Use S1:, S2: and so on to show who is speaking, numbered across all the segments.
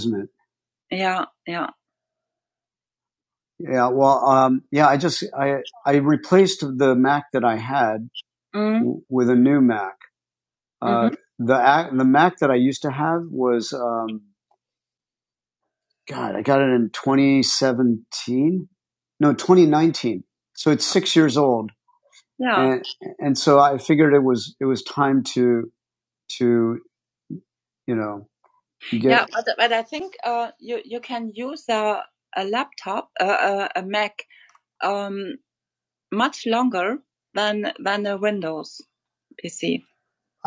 S1: isn't it? Yeah, yeah. Yeah, well, um, yeah, I just I I replaced the Mac that I had Mm-hmm. w- with a new Mac. Uh, mm-hmm. the ac- the Mac that I used to have was um, God, I got it in 2017, no 2019. So it's six years old, Yeah. and and so I figured it was it was time to to you know Yeah, get Yeah, but, but I think uh, you you can use a a laptop, uh, a a Mac. Um, much longer than than a Windows PC.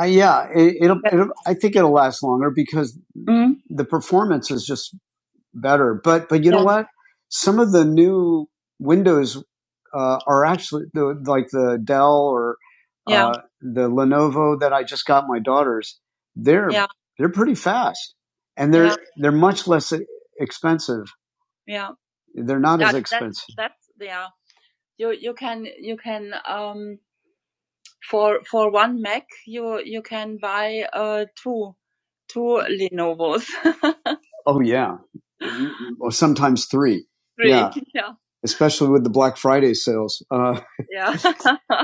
S1: Uh, yeah, it, it'll, it'll. I think it'll last longer because Mm, the performance is just better. But but you yeah. know yeah. what? Some of the new Windows uh, are actually the, like the Dell or Yeah. uh, the Lenovo that I just got my daughters. They're Yeah. they're pretty fast, and they're Yeah. they're much less e, expensive. Yeah. They're not as That that expensive. that's that's yeah. You you can you can um for for one Mac, you you can buy uh, two two Lenovo's, Oh yeah, Mm-hmm. or sometimes three. three. Yeah, Yeah, especially with the Black Friday sales. Uh, yeah. all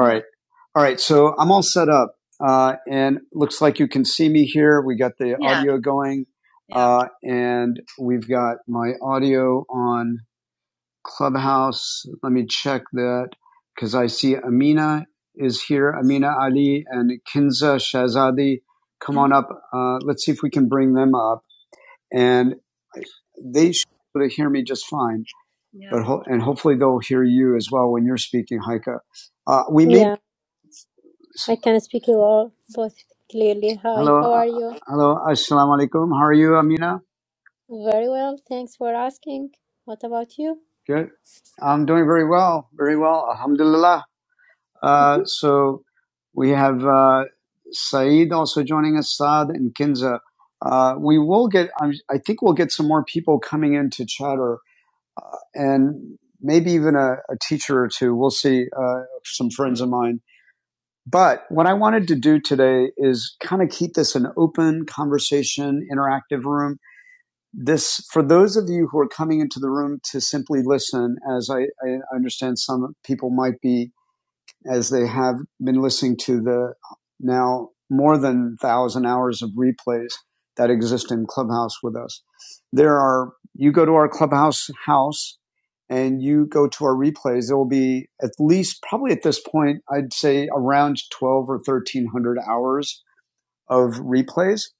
S1: right, all right. So I'm all set up, uh, and looks like you can see me here. We got the yeah, audio going, yeah. uh, and we've got my audio on. Clubhouse. Let me check that because I see Amina is here. Amina Ali and Kinza Shazadi. Come on up. Uh, let's see if we can bring them up. And they should be able to hear me just fine. Yeah. But ho- and hopefully they'll hear you as well when you're speaking, Haika. Uh, we may.
S2: Yeah, I can speak you all both clearly. Hi,
S1: Hello,
S2: how
S1: uh,
S2: are you?
S1: hello. Assalamu alaikum. How are you, Amina?
S2: Very well, thanks for asking. What about you?
S1: Good. I'm doing very well, very well. Alhamdulillah. Uh,
S2: Mhm.
S1: so we have uh, Saeed also joining us, Saad and Kinza. Uh, we will get, I'm, I think we'll get some more people coming into chatter and maybe even a, a teacher or two. We'll see uh, some friends of mine. But what I wanted to do today is kind of keep this an open conversation, interactive room. This, for those of you who are coming into the room to simply listen, as I, I understand some people might be as they have been listening to the now more than 1,000 hours of replays that exist in Clubhouse with us. There are, you go to our Clubhouse house and you go to our replays, there will be at least, probably at this point, I'd say around 12 or 1300 hours of replays.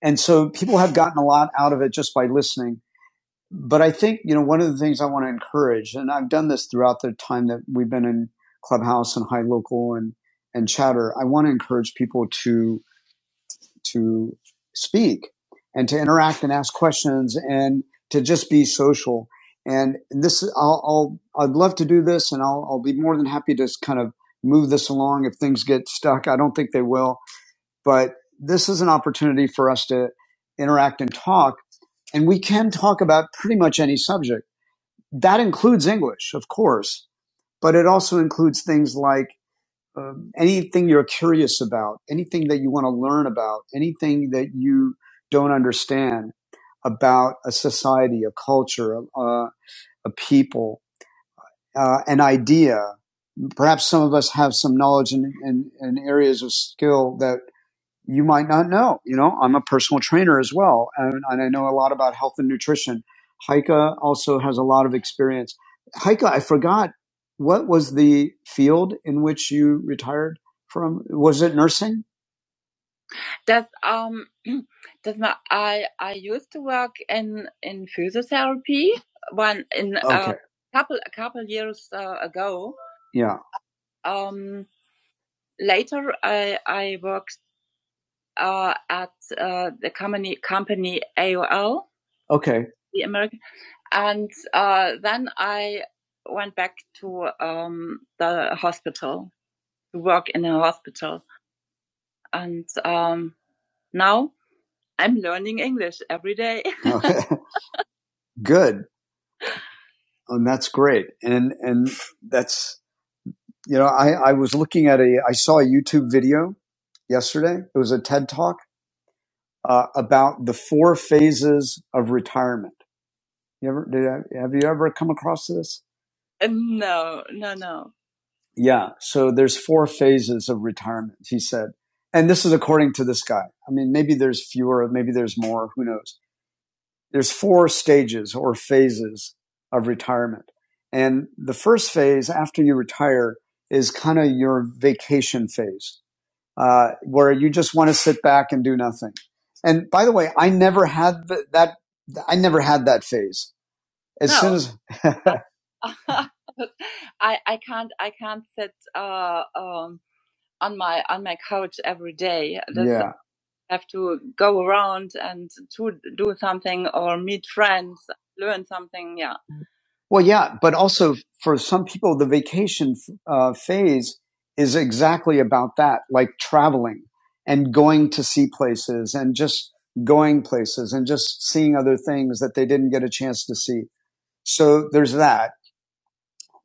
S1: And so people have gotten a lot out of it just by listening but I think you know one of the things I want to encourage, and I've done this throughout the time that we've been in Clubhouse and High Local and and Chatter. I want to encourage people to to speak and to interact and ask questions and to just be social. And this, I'll, I'll I'd love to do this, and I'll I'll be more than happy to kind of move this along if things get stuck. I don't think they will, but this is an opportunity for us to interact and talk, and we can talk about pretty much any subject that includes English, of course, but it also includes things like um, anything you're curious about, anything that you want to learn about, anything that you don't understand about a society, a culture, a, a people, uh, an idea. Perhaps some of us have some knowledge in, in, in areas of skill that you might not know. You know, I'm a personal trainer as well, and, and I know a lot about health and nutrition. Heike also has a lot of experience. Heike, I forgot what was the field in which you retired from? Was it nursing? Does um does my I I used to work in in physiotherapy one in okay. uh, a Okay, couple a couple years uh, ago. yeah, Um, later I I worked. uh, at uh, the company company AOL, Okay. the American, and uh, then I went back to um, the hospital to work in a hospital, and um, now I'm learning English every day. Okay, Good. Oh, And that's great. And and that's you know I I was looking at a I saw a YouTube video yesterday. It was a TED talk uh, about the four phases of retirement. You ever did? I- Have you ever come across this? Uh, No, no, no. Yeah. So there's four phases of retirement, he said. And this is according to this guy. I mean, maybe there's fewer, maybe there's more, who knows? There's four stages or phases of retirement. And the first phase after you retire is kind of your vacation phase, uh, where you just want to sit back and do nothing. And by the way, I never had that, I never had that phase as No. soon as I I can't I can't sit uh, um, on my on my couch every day. That's, yeah I have to go around and to do something or meet friends, learn something. Yeah, well yeah but also for some people the vacation uh, phase is exactly about that like traveling and going to see places and just going places and just seeing other things that they didn't get a chance to see so there's that.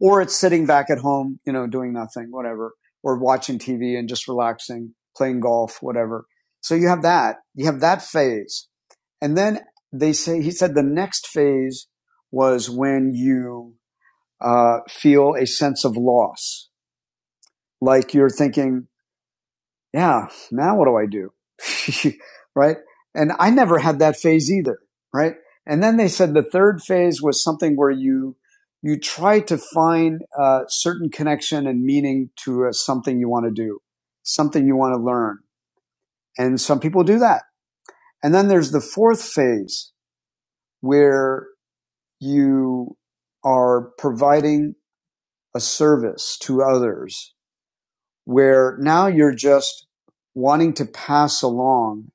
S1: Or it's sitting back at home, you know, doing nothing, whatever, or watching TV and just relaxing, playing golf, whatever. So you have that. You have that phase. And then they say, he said the next phase was when you uh, feel a sense of loss, like you're thinking, yeah, now what do I do? right? And I never had that phase either, right? And then they said the third phase was something where you you try to find a certain connection and meaning to uh something you want to do, something you want to learn. And some people do that. And then there's the fourth phase where you are providing a service to others where now you're just wanting to pass along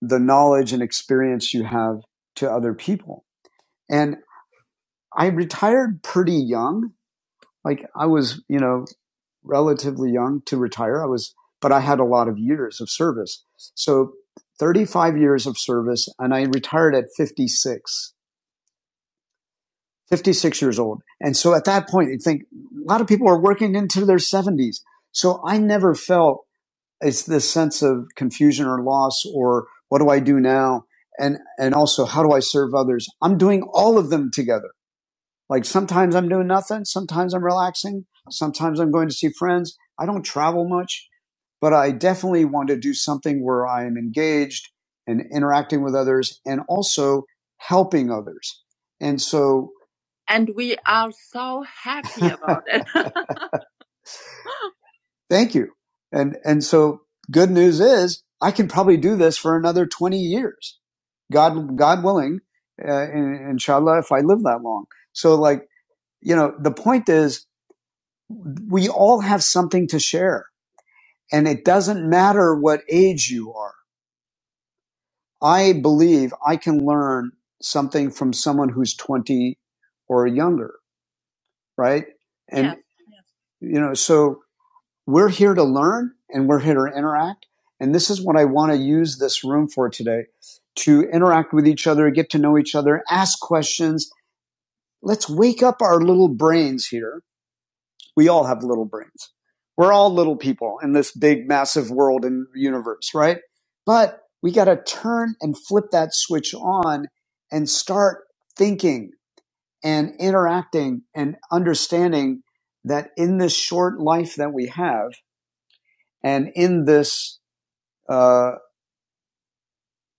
S1: the knowledge and experience you have to other people. And I retired pretty young. Like I was, you know, relatively young to retire. I was, but I had a lot of years of service. So 35 years of service and I retired at 56, 56 years old. And so at that point, you think a lot of people are working into their seventies. So I never felt it's this sense of confusion or loss or what do I do now? And, and also how do I serve others? I'm doing all of them together. Like sometimes I'm doing nothing. Sometimes I'm relaxing. Sometimes I'm going to see friends. I don't travel much, but I definitely want to do something where I am engaged and interacting with others and also helping others. And so, and we are so happy about it. Thank you. And and so good news is I can probably do this for another 20 years. God God willing, uh, in- inshallah if I live that long. So like, you know, the point is we all have something to share and it doesn't matter what age you are. I believe I can learn something from someone who's 20 or younger, right? And yeah. Yeah. you know so we're here to learn and we're here to interact. And this is what I want to use this room for today to interact with each other, get to know each other, ask questions. Let's wake up our little brains here. We all have little brains. We're all little people in this big, massive world and universe, right? But we got to turn and flip that switch on and start thinking and interacting and understanding that in this short life that we have and in this uh,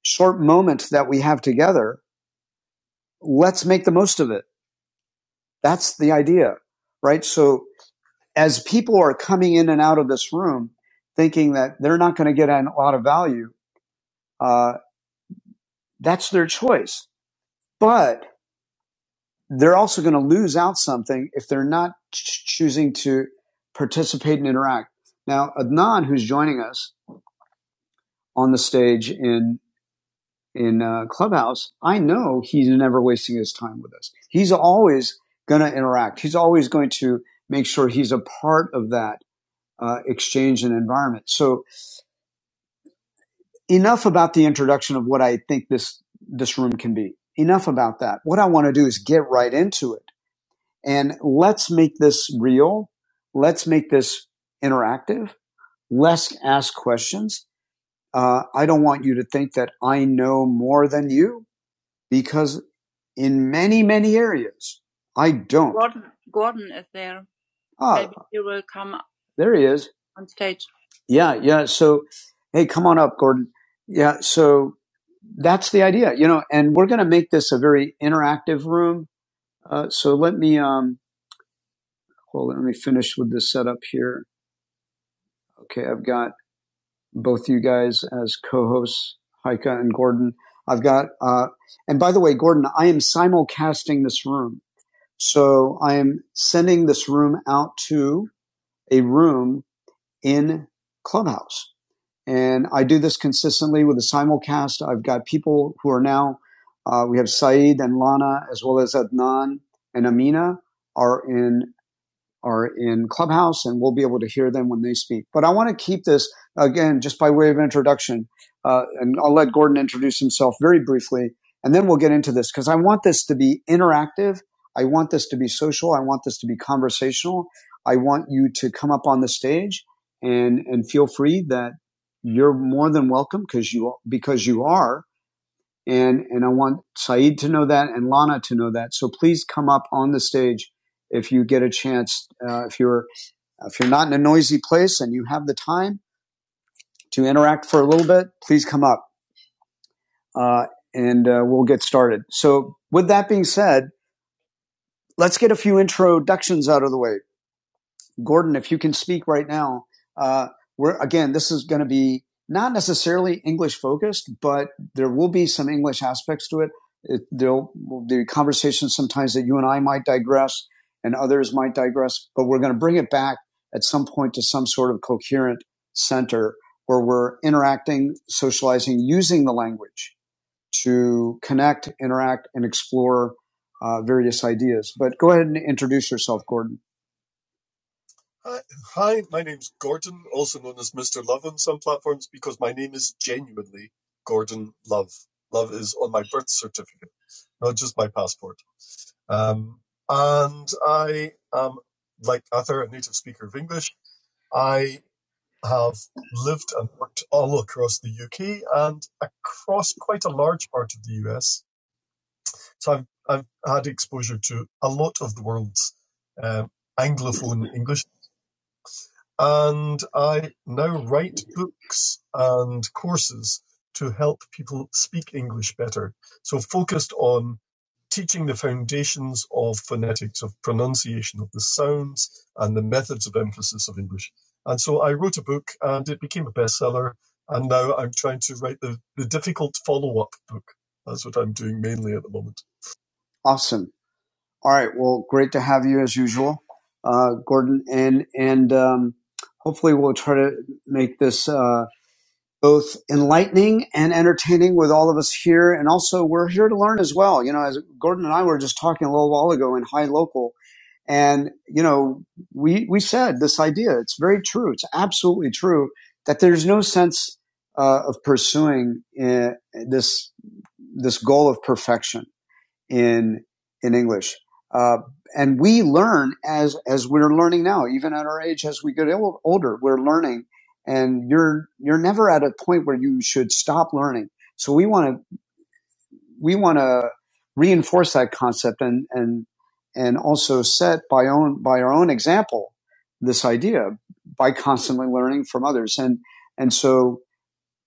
S1: short moment that we have together, let's make the most of it. That's the idea, right? So as people are coming in and out of this room thinking that they're not going to get a lot of value, uh, that's their choice. But they're also going to lose out something if they're not ch- choosing to participate and interact. Now, Adnan, who's joining us on the stage in in uh, Clubhouse, I know he's never wasting his time with us. He's always going to interact. He's always going to make sure he's a part of that uh, exchange and environment. So enough about the introduction of what I think this this room can be. Enough about that. What I want to do is get right into it and let's make this real. Let's make this interactive. Let's ask questions. Uh, I don't want you to think that I know more than you because in many, many areas. I don't. Gordon, Gordon is there. Ah, Maybe he will come there he is. on stage. Yeah, yeah. So, hey, come on up, Gordon. Yeah. So that's the idea, you know. And we're going to make this a very interactive room. Uh, so let me um, hold. on, Let me finish with this setup here. Okay, I've got both you guys as co-hosts, Heike and Gordon. I've got. Uh, and by the way, Gordon, I am simulcasting this room. So I am sending this room out to a room in Clubhouse. And I do this consistently with a simulcast. I've got people who are now, uh, we have Saeed and Lana, as well as Adnan and Amina are in are in Clubhouse and we'll be able to hear them when they speak. But I want to keep this again, just by way of introduction, uh, and I'll let Gordon introduce himself very briefly, and then we'll get into this because I want this to be interactive. I want this to be social. I want this to be conversational. I want you to come up on the stage and and feel free that you're more than welcome because you because you are and, and I want Saeed to know that and Lana to know that. So please come up on the stage if you get a chance. Uh, if you're, if you're not in a noisy place and you have the time to interact for a little bit, please come up. Uh, and uh, we'll get started. So with that being said, let's get a few introductions out of the way. Gordon, if you can speak right now, uh, we're again, this is going to be not necessarily English focused, but there will be some English aspects to it. it there'll the conversations sometimes that you and I might digress, and others might digress, but we're going to bring it back at some point to some sort of coherent center where we're interacting, socializing, using the language to connect, interact, and explore uh, various ideas. But go ahead and introduce yourself, Gordon. Awesome. All right. Well, great to have you as usual, uh, Gordon, and and um, hopefully we'll try to make this uh, both enlightening and entertaining with all of us here, and also we're here to learn as well. You know, as Gordon and I were just talking a little while ago in High Local, and you know, we we said this idea. It's very true. It's absolutely true that there's no sense uh, of pursuing uh, this this goal of perfection in in English. Uh, and we learn as as we're learning now, even at our age, as we get old, older, we're learning, and you're you're never at a point where you should stop learning. So we want to we want to reinforce that concept and and and also set by own by our own example this idea by constantly learning from others and and so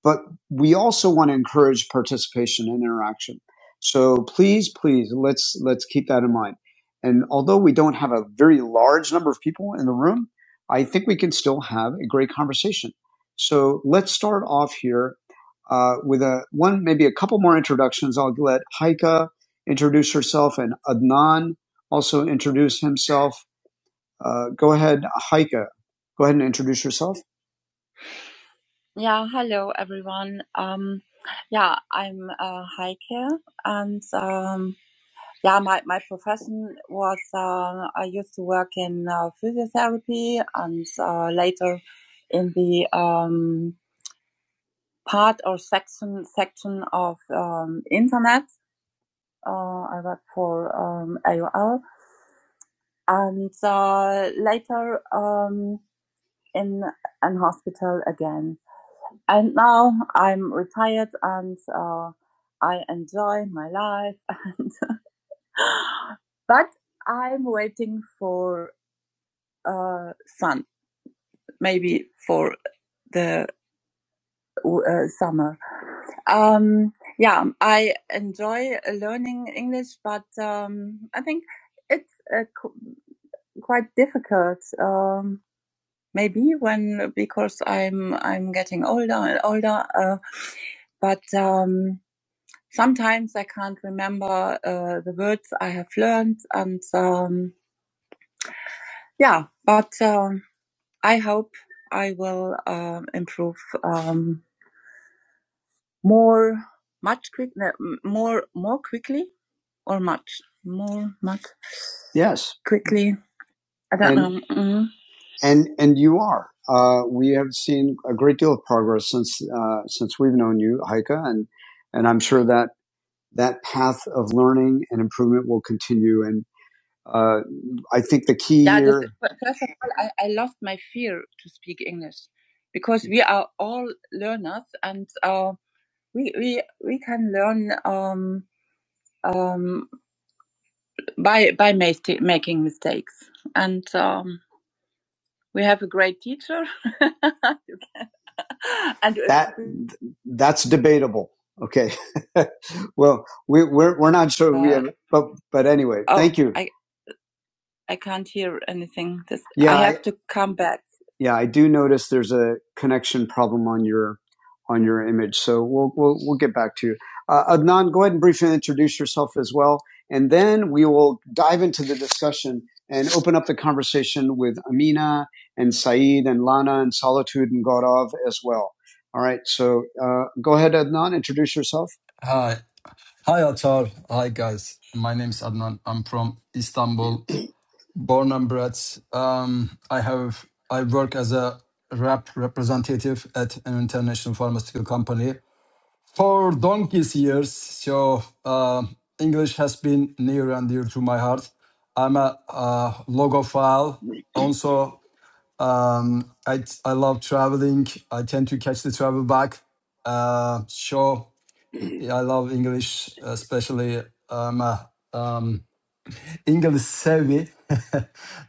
S1: but we also want to encourage participation and interaction. So please, please, let's let's keep that in mind. And although we don't have a very large number of people in the room, I think we can still have a great conversation. So let's start off here uh, with a one, maybe a couple more introductions. I'll let Haika introduce herself, and Adnan also introduce himself. Uh, go ahead, Haika. Go ahead and introduce yourself. Yeah, hello everyone. Um, yeah, I'm uh, Heike, and um, yeah, my, my profession was uh, I used to work in uh, physiotherapy and uh, later in the um, part or section section of um, internet. Uh, I worked for um, AOL, and uh, later um, in an hospital again. And now I'm retired and uh, I enjoy my life. And but I'm waiting for uh, sun, maybe for the uh, summer. Um, yeah, I enjoy learning English, but um, I think it's uh, qu- quite difficult. Um, maybe when because I'm I'm getting older and older. Uh, but um, Sometimes I can't remember uh, the words I have learned, and um, yeah, but um, I hope I will um improve um, more, much quick, no, more, more quickly, or much, more, much Yes, quickly. I don't and know. Mm. and and you are. Uh, we have seen a great deal of progress since uh, since we've known you, Heike, and and I'm sure that that path of learning and improvement will continue. and. Uh, I think the key Yeah, this, here, Is, first of all, I, I loved my fear to speak English because we are all learners and uh, we, we, we can learn um, um, by, by masti- making mistakes. And um, we have a great teacher. and that that's debatable. Okay. well, we, we're we're not sure uh, we uh, have, but but anyway, oh, thank you. I, I can't hear anything. This Yeah, I I, have I, to come back. yeah, I do notice there's a connection problem on your on your image. So we'll we'll we'll get back to you. Uh, Adnan, go ahead and briefly introduce yourself as well, and then we will dive into the discussion and open up the conversation with Amina and Saeed and Lana and Solitude and Gaurav as well. All right, so uh, go ahead, Adnan, introduce yourself.
S3: Hi. Hi, Atar. Hi, guys. My name is Adnan. I'm from Istanbul, born and bred. Um, I have I work as a rep representative at an international pharmaceutical company for donkey's years. So uh, English has been near and dear to my heart. I'm a, uh logophile. Also, um, I I love traveling. I tend to catch the travel bug. Uh, show. Yeah, I love English, especially um, uh, um, English savvy,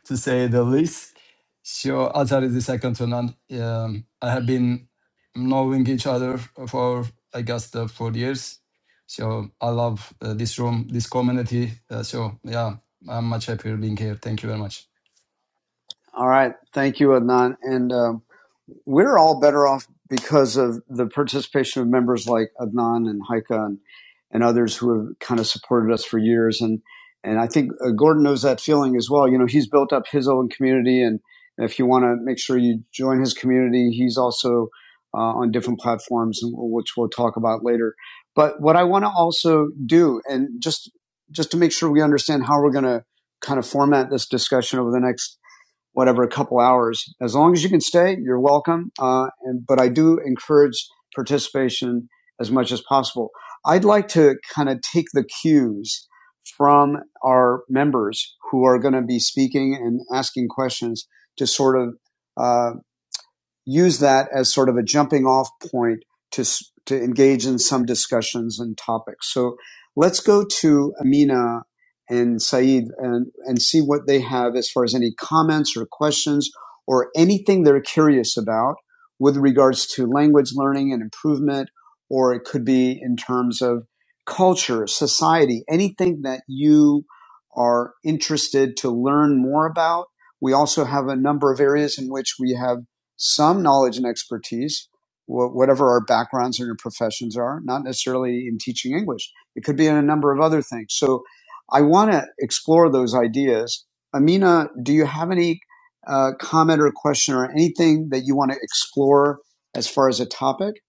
S3: to say the least. So Atar is the second to none. Um, I have been knowing each other for, I guess, the four years. So I love uh, this room, this community. Uh, so yeah, I'm much happier being here. Thank you very much.
S1: All right. Thank you, Adnan. And um, we're all better off because of the participation of members like Adnan and Haika and, and others who have kind of supported us for years. And, and I think uh, Gordon knows that feeling as well. You know, he's built up his own community. And if you want to make sure you join his community, he's also uh, on different platforms, which we'll talk about later. But what I want to also do, and just just to make sure we understand how we're going to kind of format this discussion over the next whatever, a couple hours. As long as you can stay, you're welcome. Uh, and, but I do encourage participation as much as possible. I'd like to kind of take the cues from our members who are going to be speaking and asking questions to sort of uh, use that as sort of a jumping off point to, to engage in some discussions and topics. So let's go to Amina and Saeed and, and see what they have as far as any comments or questions or anything they're curious about with regards to language learning and improvement, or it could be in terms of culture, society, anything that you are interested to learn more about. We also have a number of areas in which we have some knowledge and expertise, whatever our backgrounds and our professions are, not necessarily in teaching English. It could be in a number of other things. So I want to explore those ideas. Amina, do you have any uh, comment or question or anything that you want to explore as far as a topic?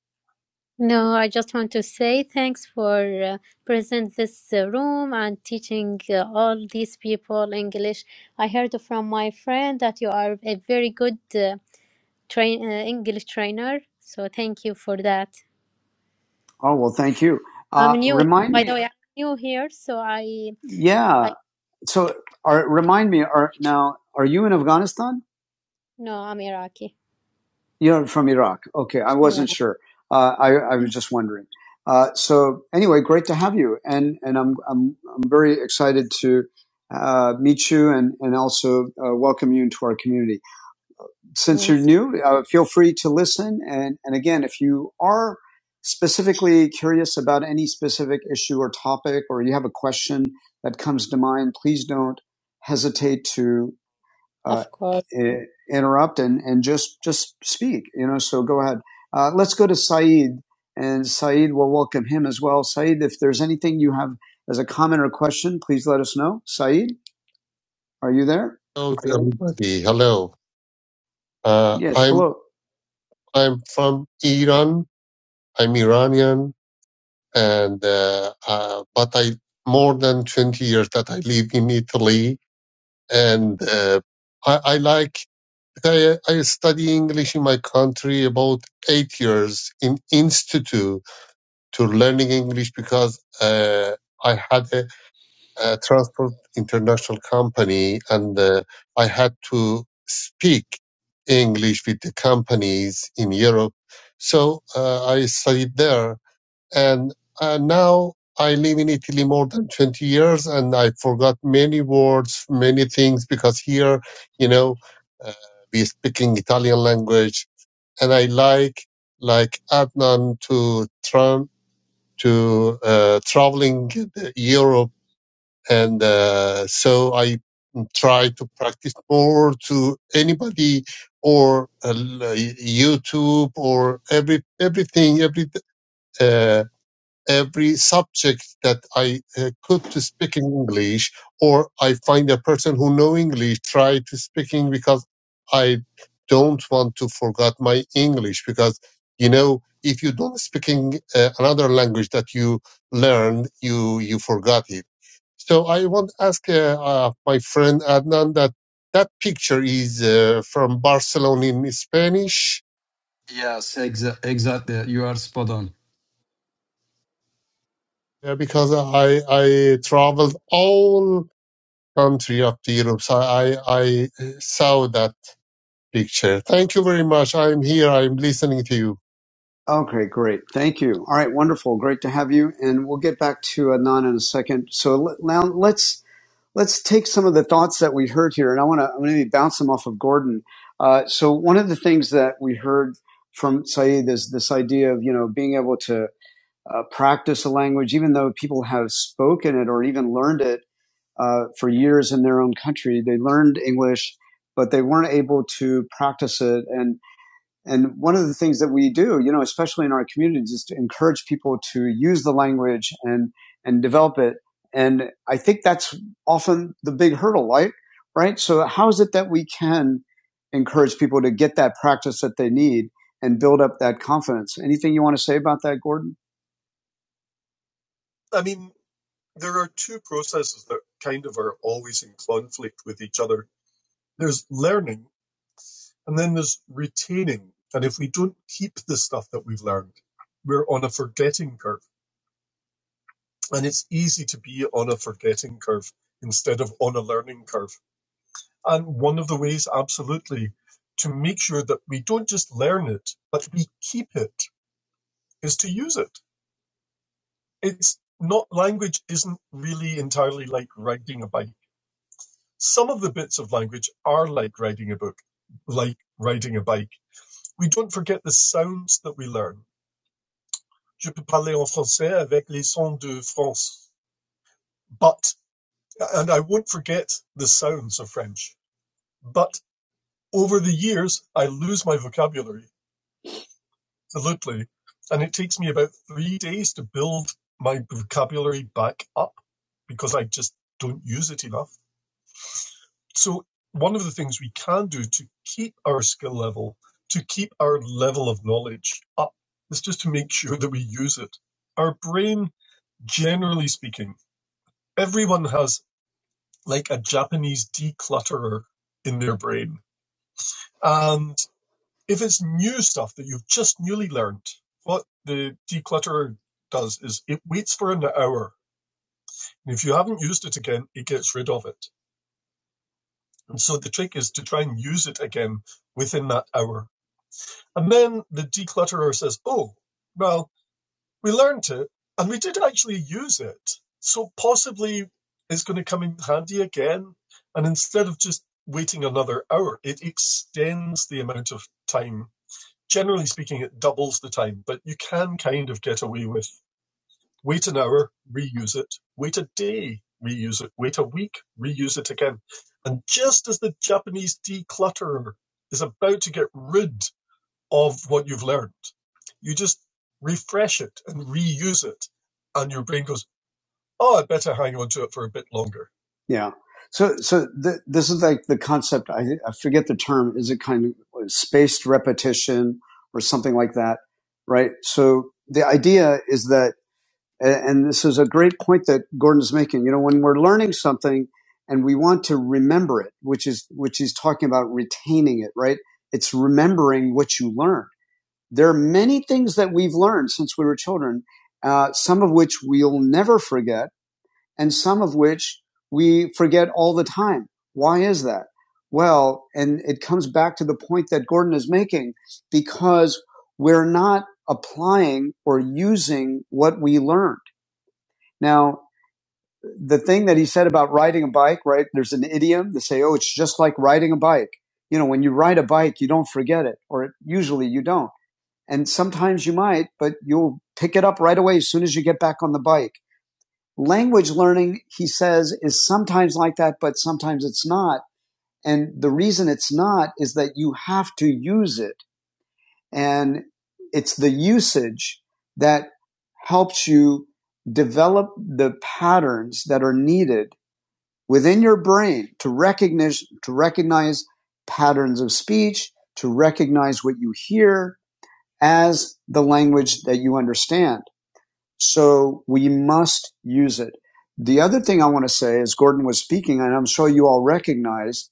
S2: No, I just want to say thanks for uh, present this uh, room and teaching uh, all these people English. I heard from my friend that you are a very good uh, train uh, English trainer, so thank you for that.
S1: Oh, well, thank you.
S2: I'm
S1: Uh,
S2: new,
S1: remind
S2: by the
S1: me,
S2: way, I'm new here, so I I
S1: yeah. So, are, remind me, are, now, are you in Afghanistan?
S2: no, I'm Iraqi.
S1: You're from Iraq. Okay, I
S2: Yeah,
S1: wasn't sure. Uh, I, I was just wondering. Uh, so anyway, great to have you, and and I'm I'm I'm very excited to uh, meet you and and also uh, welcome you into our community. Since you're
S2: thanks.
S1: new, uh, feel free to listen, and and again, if you are specifically curious about any specific issue or topic, or you have a question that comes to mind, please don't hesitate to uh,
S2: Of course.
S1: interrupt and, and just just speak. You know, so go ahead. Uh, let's go to Saeed, and Saeed will welcome him as well. Saeed, if there's anything you have as a comment or question, please let us know. Saeed, are you there?
S4: Hello to everybody. Hello. Uh,
S1: Yes.
S4: I'm
S1: Hello.
S4: I'm from Iran. I'm Iranian, and uh, uh, but I more than twenty years that I live in Italy, and uh, I, I like I, I study English in my country about eight years in institute to learning English because uh, I had a a transport international company and uh, I had to speak English with the companies in Europe. So uh, I studied there and uh, now I live in Italy more than 20 years and I forgot many words, many things because here, you know, uh, we speaking Italian language and I like, like Adnan to tran to uh, traveling Europe and uh, so I try to practice more to anybody or uh, YouTube or every everything every uh, every subject that I uh, could to speak in English or I find a person who know English try to speaking because I don't want to forget my English because you know if you don't speaking uh, another language that you learned you you forgot it so I want to ask uh, uh, my friend Adnan that that picture is uh, from Barcelona in Spanish
S3: Yes, exa- exactly. You are spot on.
S4: uh, because I I traveled all country of the Europe. So I I uh, saw that picture. Thank you very much. I'm here. I'm listening to you.
S1: Okay, great. Thank you. All right, wonderful. Great to have you. And we'll get back to Adnan in a second. So le- now let's let's take some of the thoughts that we heard here, and I want to I'm going to bounce them off of Gordon. Uh, so one of the things that we heard from Saeed is this idea of you know being able to uh, practice a language, even though people have spoken it or even learned it uh, for years in their own country. They learned English, but they weren't able to practice it, and and one of the things that we do, you know, especially in our community, is to encourage people to use the language and and develop it. And I think that's often the big hurdle, right? Right. So how is it that we can encourage people to get that practice that they need and build up that confidence? Anything you want to say about that, Gordon? Yeah. So, so th- this is like the concept. I, I forget the term. Is it kind of spaced repetition or something like that? Right. So the idea is that And, this is a great point that Gordon's making. You know, when we're learning something and we want to remember it, which is, which he's talking about retaining it, right? It's remembering what you learned. There are many things that we've learned since we were children, uh, some of which we'll never forget and some of which we forget all the time. Why is that? Well, and it comes back to the point that Gordon is making because we're not applying or using what we learn. Now, the thing that he said about riding a bike, right? There's an idiom to say, oh, it's just like riding a bike. You know, when you ride a bike, you don't forget it, or it, usually you don't. And sometimes you might, but you'll pick it up right away as soon as you get back on the bike. Language learning, he says, is sometimes like that, but sometimes it's not. And the reason it's not is that you have to use it. And it's the usage that helps you develop the patterns that are needed within your brain to recognize to recognize patterns of speech, to recognize what you hear as the language that you understand. So we must use it. The other thing I want to say as Gordon was speaking, and I'm sure you all recognize,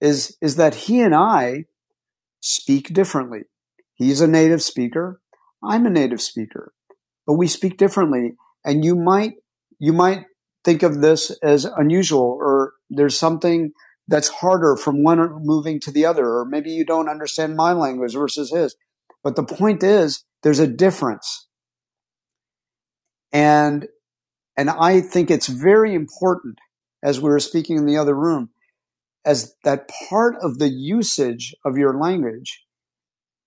S1: is, is that he and I speak differently. He's a native speaker. I'm a native speaker but we speak differently. And you might, you might think of this as unusual or there's something that's harder from one moving to the other, or maybe you don't understand my language versus his. But the point is there's a difference. And, and I think it's very important as we were speaking in the other room as that part of the usage of your language,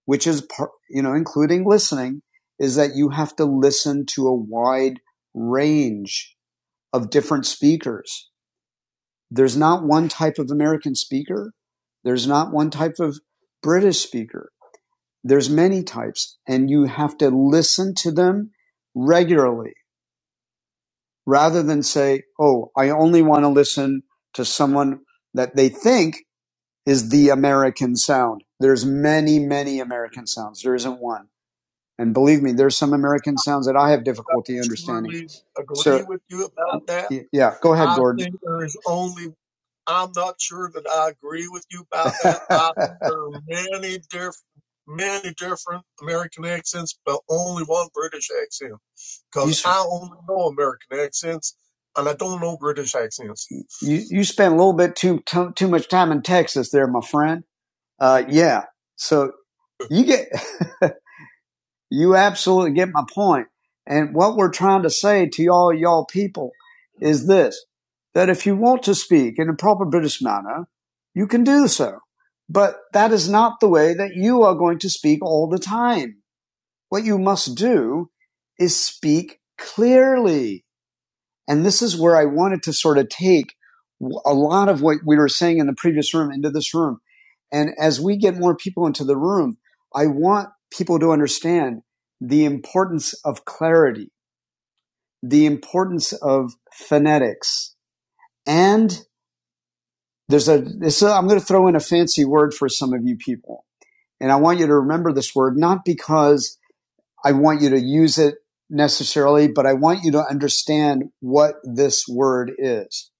S1: which is part, you know, including listening, is that you have to listen to a wide range of different speakers. There's not one type of American speaker. There's not one type of British speaker. There's many types and you have to listen to them regularly rather than say, Oh, I only want to listen to someone that they think is the American sound. There's many, many American sounds. There isn't one. And believe me, there's some American sounds that I have difficulty. Yeah, go ahead. You, you spent a little bit too, too, too much time in Texas there, my friend. Uh, yeah. So you get, you absolutely get my point. And what we're trying to say to y'all, y'all people is this, that if you want to speak in a proper British manner, you can do so. But that is not the way that you are going to speak all the time. What you must do is speak clearly. And this is where I wanted to sort of take a lot of what we were saying in the previous room into this room. And as we get more people into the room, I want people to understand the importance of clarity, the importance of phonetics. And there's a, this, uh, I'm going to throw in a fancy word for some of you people. And I want you to remember this word, not because I want you to use it necessarily, but I want you to understand what this word is.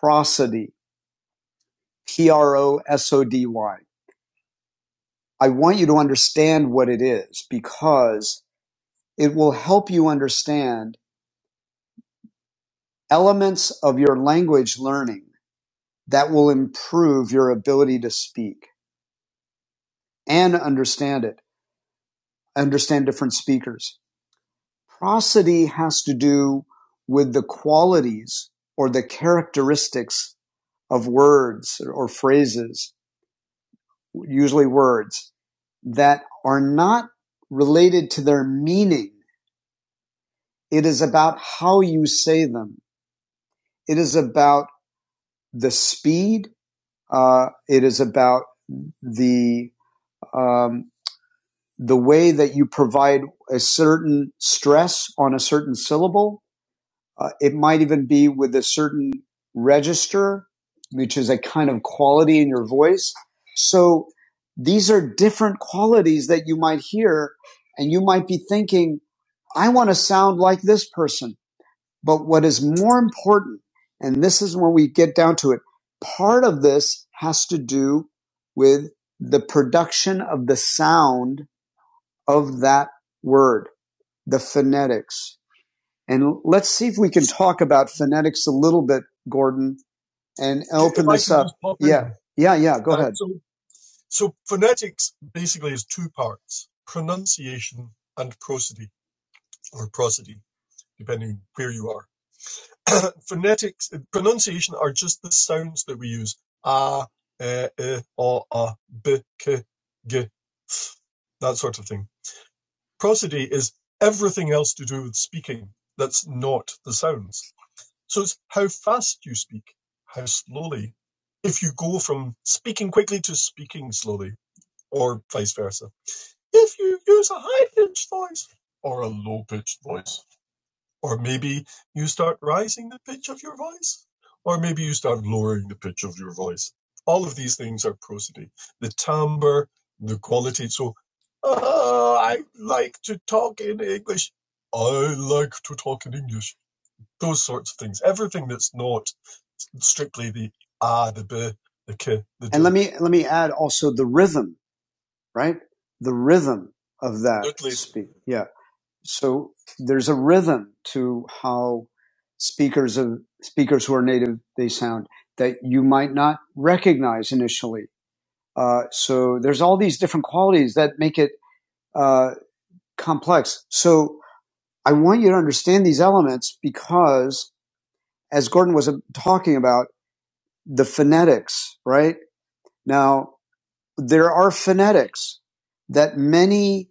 S1: Prosody. P R O S O D Y. I want you to understand what it is because it will help you understand elements of your language learning that will improve your ability to speak and understand it, understand different speakers. Prosody has to do with the qualities or the characteristics of words or phrases, usually words, that are not related to their meaning It is about how you say them. It is about the speed. Uh, it is about the um, the way that you provide a certain stress on a certain syllable. Uh, it might even be with a certain register, which is a kind of quality in your voice. So these are different qualities that you might hear, and you might be thinking, "I want to sound like this person." But what is more important, and this is when we get down to it, part of this has to do with the production of the sound of that word, the phonetics. And let's see if we can talk about phonetics a little bit, Gordon. And yeah, yeah. Let me let me add also the rhythm, right? The rhythm of that. Yeah. so there's a rhythm to how speakers of speakers who are native they sound that you might not recognize initially. Uh, so there's all these different qualities that make it uh, complex. So I want you to understand these elements because, as Gordon was uh, talking about, the phonetics. Right now, there are phonetics that many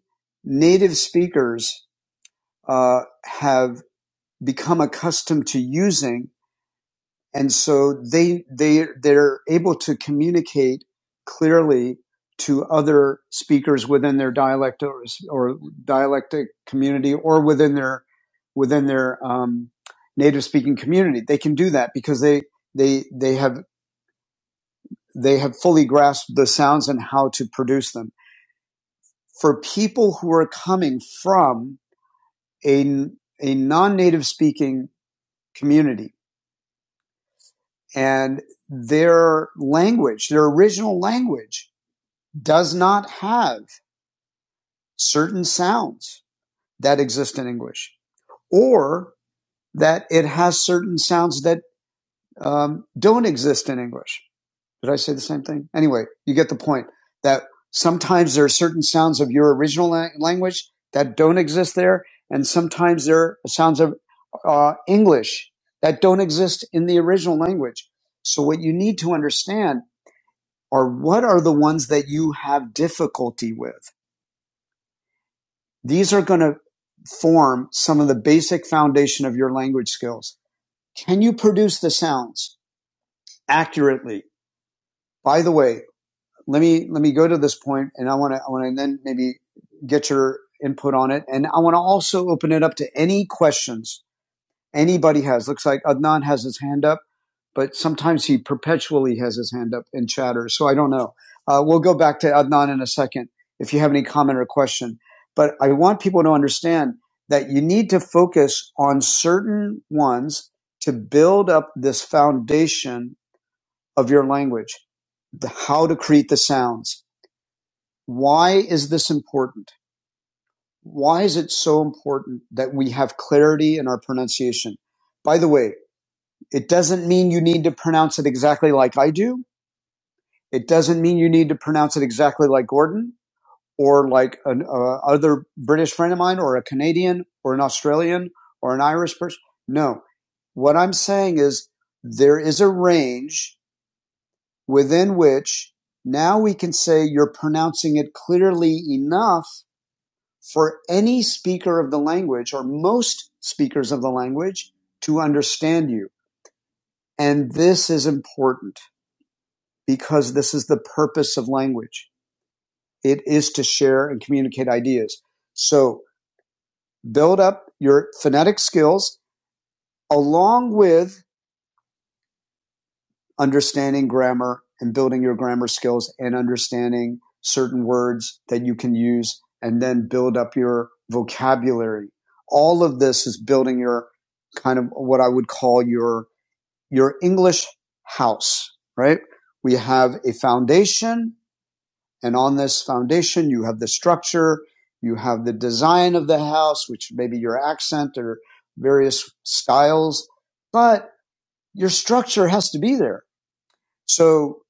S1: native speakers uh, have become accustomed to using. And so they, they, they're able to communicate clearly to other speakers within their dialect or, or dialectic community or within their, within their, um, native speaking community. They can do that because they, they, they have, they have fully grasped the sounds and how to produce them. For people who are coming from a, a non-native speaking community, and their language, their original language does not have certain sounds that exist in English or that it has certain sounds that um, don't exist in English. Did I say the same thing? Anyway, you get the point that sometimes there are certain sounds of your original la- language that don't exist there, and sometimes there are sounds of uh, English that don't exist in the original language. So, what you need to understand are what are the ones that you have difficulty with? These are going to form some of the basic foundation of your language skills. Can you produce the sounds accurately? By the way, let me let me go to this point and I want to I want to then maybe get your input on it and I want to also open it up to any questions Anybody has. Looks like Adnan has his hand up, but sometimes he perpetually has his hand up and chatters. So I don't know. Uh, we'll go back to Adnan in a second if you have any comment or question. But I want people to understand that you need to focus on certain ones to build up this foundation of your language the, how to create the sounds. Why is this important? Why is it so important that we have clarity in our pronunciation? By the way, it doesn't mean you need to pronounce it exactly like I do. It doesn't mean you need to pronounce it exactly like Gordon or like an uh, other British friend of mine or a Canadian or an Australian or an Irish person. No. What I'm saying is there is a range within which now we can say you're pronouncing it clearly enough for any speaker of the language or most speakers of the language to understand you. And this is important. because this is the purpose of language. It is to share and communicate ideas. So build up your phonetic skills along with understanding grammar and building your grammar skills and understanding certain words that you can use and then build up your vocabulary. All of this is building your kind of what I would call your, your English house, right? We have a foundation And on this foundation, you have the structure, you have the design of the house, which may be your accent or various styles, but your structure has to be there. So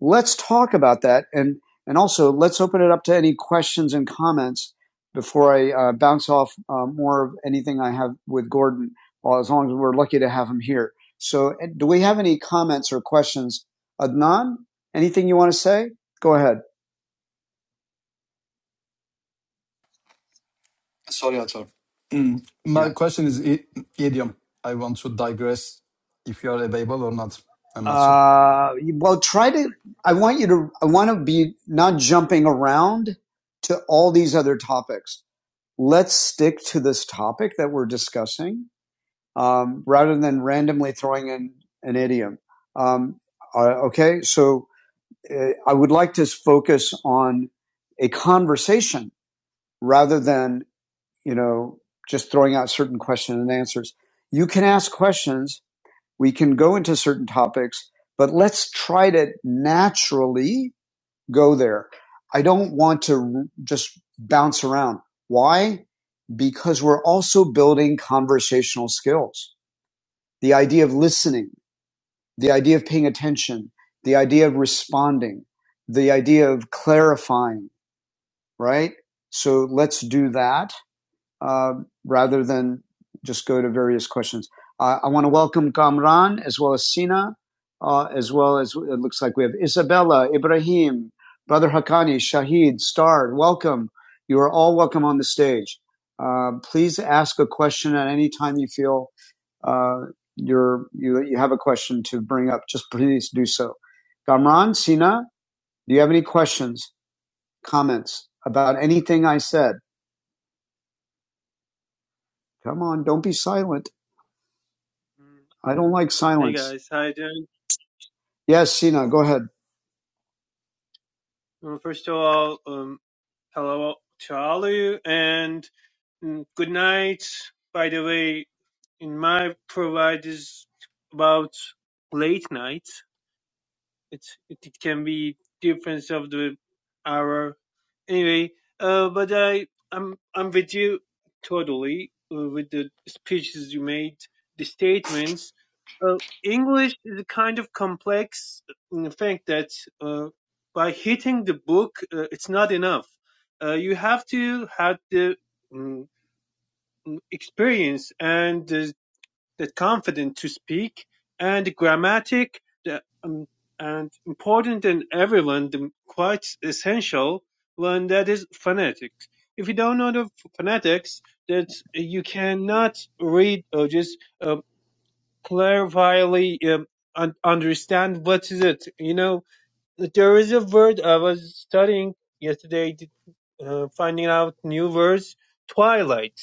S1: let's talk about that. And, and also let's open it up to any questions and comments before I uh, bounce off uh, more of anything I have with Gordon, well, as long as we're lucky to have him here. So uh, do we have any comments or questions? Adnan, anything you want to say? Go ahead.
S3: Sorry, Atar. Mm.
S1: Yeah.
S3: My question is i- idiom. I want to digress if you are available or not. I'm not sure.
S1: Uh, well, try to. I want you to. I want to be not jumping around to all these other topics. Let's stick to this topic that we're discussing um, rather than randomly throwing in an idiom. Um, uh, okay, so uh, I would like to focus on a conversation rather than you know just throwing out certain questions and answers. You can ask questions we can go into certain topics, but let's try to naturally go there. I don't want to just bounce around. Why? because we're also building conversational skills. The idea of listening, the idea of paying attention, the idea of responding, the idea of clarifying, right? So let's do that uh, rather than just go to various questions. Uh, I want to welcome Kamran as well as Sina, uh, as well as it looks like we have Isabella, Ibrahim, Brother Hakani, Shahid, Star. Welcome. You are all welcome on the stage. Uh, please ask a question at any time you feel uh, you're, you you have a question to bring up. Just please do so. Kamran, Sina, do you have any questions, comments about anything I said? Come on, don't be silent.
S5: Mm.
S1: I don't like
S5: Hey
S1: silence.
S5: guys, hi Jen.
S1: Yes, Sina, go ahead.
S5: Uh, First of all, um, hello to all of you and mm, good night. By the way, in my provide is about late night. it's it it can be difference of the hour anyway uh but i i'm i'm with you totally uh, with the speeches you made the statements uh, english is a kind of complex in the fact that uh, by hitting the book uh, it's not enough uh, you have to have the mm, experience and the the confident to speak, and grammatic, the, um, and important and everyone, the quite essential one that is phonetics. If you don't know the phonetics, that you cannot read or just uh, clarifyly um, un- understand what is it. You know, there is a word I was studying yesterday, uh, finding out new words. Twilight.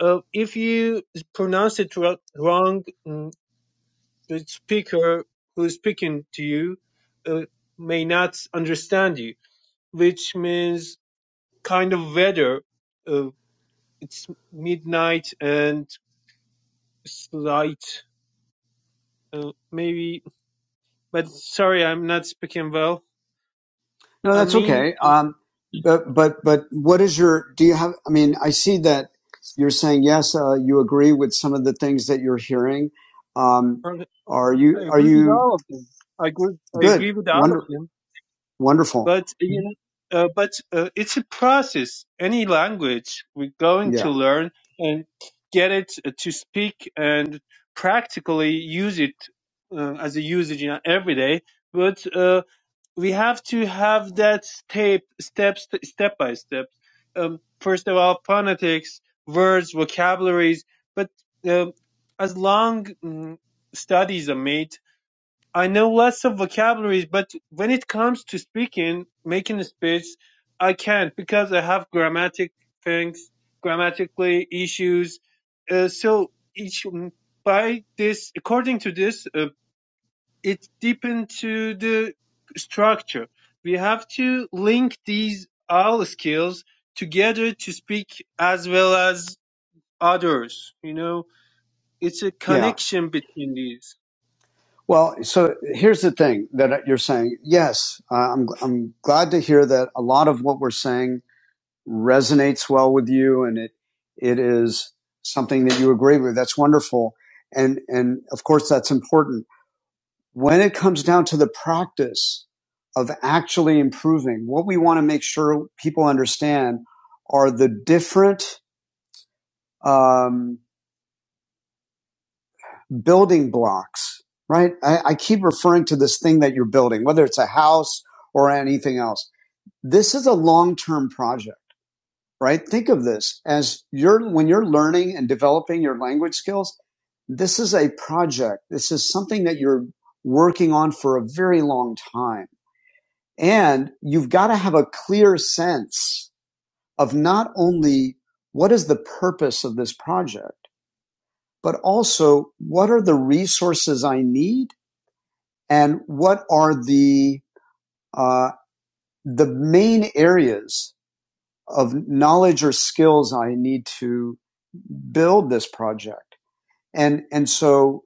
S5: Uh, if you pronounce it wr- wrong, mm, the speaker who is speaking to you uh, may not understand you, which means kind of weather. Uh, it's midnight and it's light, uh, maybe. But sorry, I'm not speaking well.
S1: No,
S5: I
S1: that's
S5: mean,
S1: okay. Um, but but but what is your? Do you have? I mean, I see that you're saying yes. Uh, you agree with some of the things that you're hearing. Um,
S5: I
S1: are you are
S5: agree with
S1: you
S5: all of them. I agree. I
S1: good?
S5: agree with all of
S1: Wonder
S5: them.
S1: wonderful.
S5: but you know, uh, but uh, it's a process. Any language we're going to
S1: Yeah
S5: learn and get it uh, to speak and practically use it uh, as a usage in our everyday. But uh, we have to have that step, step, step by step. Um, first of all, phonetics, words, vocabularies. But um as long mm, studies are made I know lots of vocabularies, but when it comes to speaking, making a speech, I can't because I have grammatic things, grammatically issues. Uh, so each by this, according to this, uh, it deep to the structure. We have to link these all skills together to speak as well as others. You know, it's a
S1: yeah.
S5: connection between these.
S1: Well, so here's the thing that you're saying. Yes, uh, I'm I'm glad to hear that a lot of what we're saying resonates well with you and it, it is something that you agree with. That's wonderful. And, and of course that's important. When it comes down to the practice of actually improving, what we want to make sure people understand are the different, um, building blocks, right? I, I keep referring to this thing that you're building, whether it's a house or anything else. This is a long-term project right? Think of this as you're, when you're learning and developing your language skills, this is a project. This is something that you're working on for a very long time. And you've got to have a clear sense of not only what is the purpose of this project, but also what are the resources I need and what are the, uh, the main areas of knowledge or skills I need to build this project. And, and so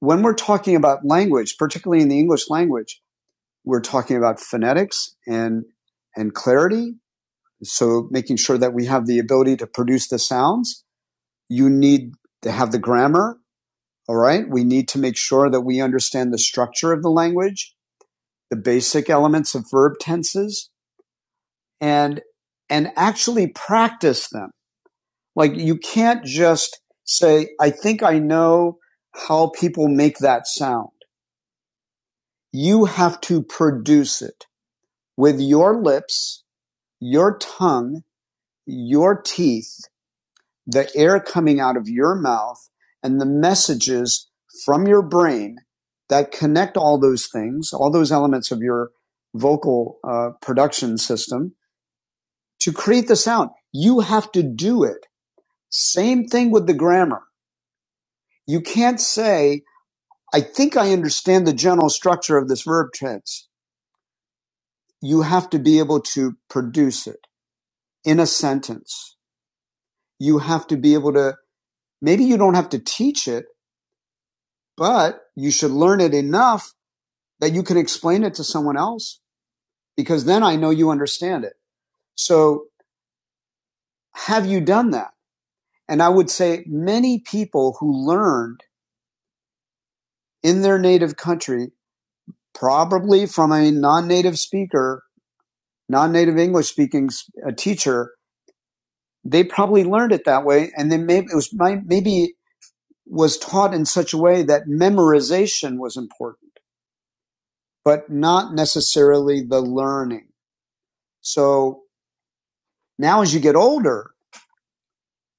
S1: when we're talking about language, particularly in the English language, we're talking about phonetics and, and clarity. So making sure that we have the ability to produce the sounds. You need to have the grammar. All right. We need to make sure that we understand the structure of the language, the basic elements of verb tenses and, and actually practice them Like you can't just say, I think I know how people make that sound. You have to produce it with your lips, your tongue, your teeth, the air coming out of your mouth, and the messages from your brain that connect all those things, all those elements of your vocal uh, production system to create the sound. You have to do it. Same thing with the grammar. You can't say, I think I understand the general structure of this verb tense. You have to be able to produce it in a sentence. You have to be able to, maybe you don't have to teach it, but you should learn it enough that you can explain it to someone else because then I know you understand it. So have you done that? And I would say many people who learned in their native country, probably from a non-native speaker, non-native English speaking teacher, they probably learned it that way, and then maybe it was maybe was taught in such a way that memorization was important, but not necessarily the learning. So now, as you get older,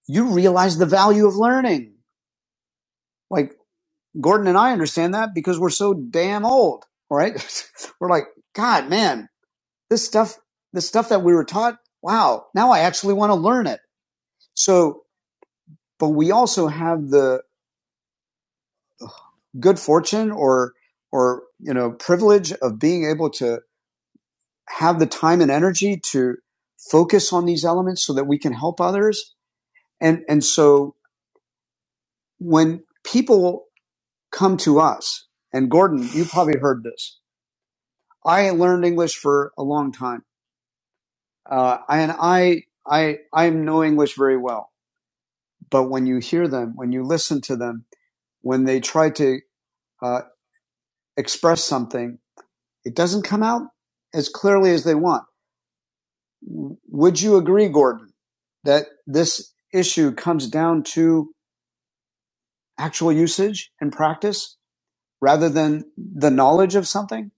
S1: you realize the value of learning. Like Gordon and I understand that because we're so damn old, right? we're like, God, man, this stuff, this stuff that we were taught. Wow, now I actually want to learn it. So, but we also have the good fortune or or you know privilege of being able to have the time and energy to focus on these elements so that we can help others and and so when people come to us and gordon you probably heard this i learned english for a long time uh, and i i i know english very well but when you hear them when you listen to them when they try to uh, express something it doesn't come out as clearly as they want Would you agree, Gordon, that this issue comes down to actual usage and practice rather than the knowledge of something?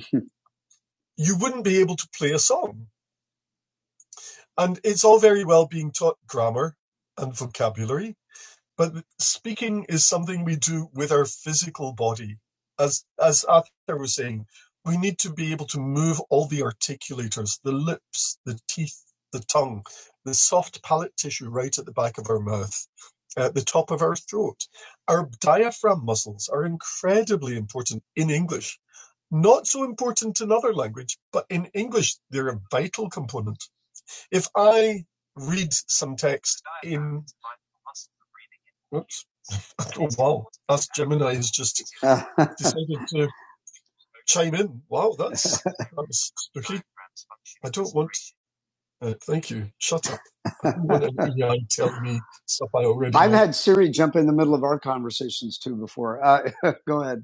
S1: Uh, I had Siri jump in the middle of our conversations too before. Uh, go ahead.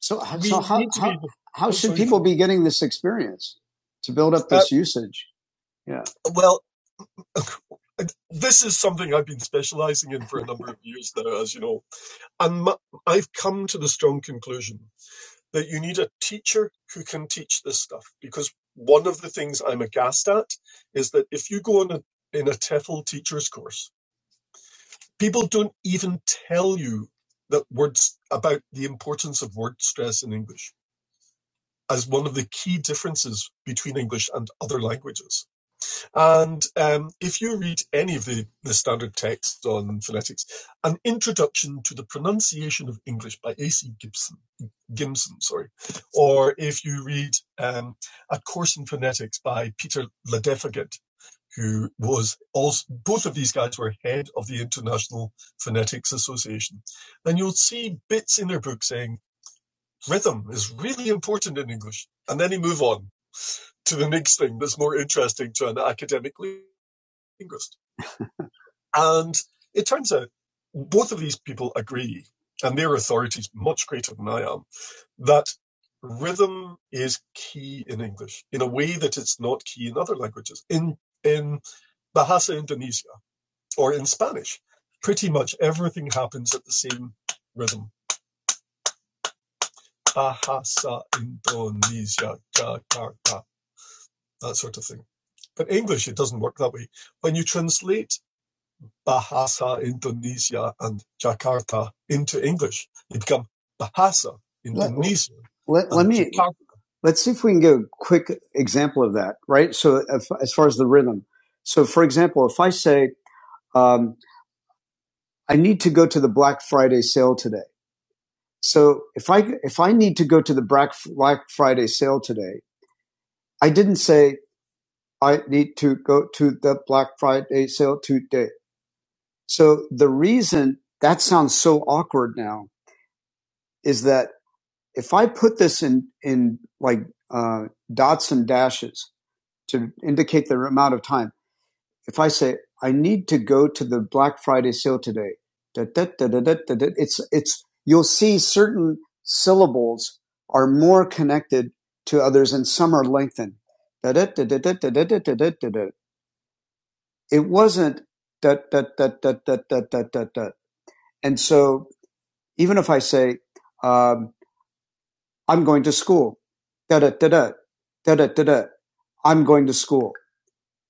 S1: So, how will we be getting this experience to build up this usage? Yeah. Let Let's see if we can get a quick example of that. Right. So, if, as far as the rhythm, so for example, if I say um, I need to go to the Black Friday sale today So if I if I need to go to the Black Friday sale today, I didn't say I need to go to the Black Friday sale today. So the reason that sounds so awkward now is that if I put this in in like uh, dots and dashes to indicate the amount of time if I say I need to go to the Black Friday sale today, da, da, da, da, da, da, da, it's it's you'll see certain syllables are more connected to others and some are lengthened. Da, da, da, da, da, da, da, da, da, da, da, It wasn't da, da, da, da, da, da, da, da, da. And so even if I say um, I'm going to school, da da da da da da da, I'm going to school,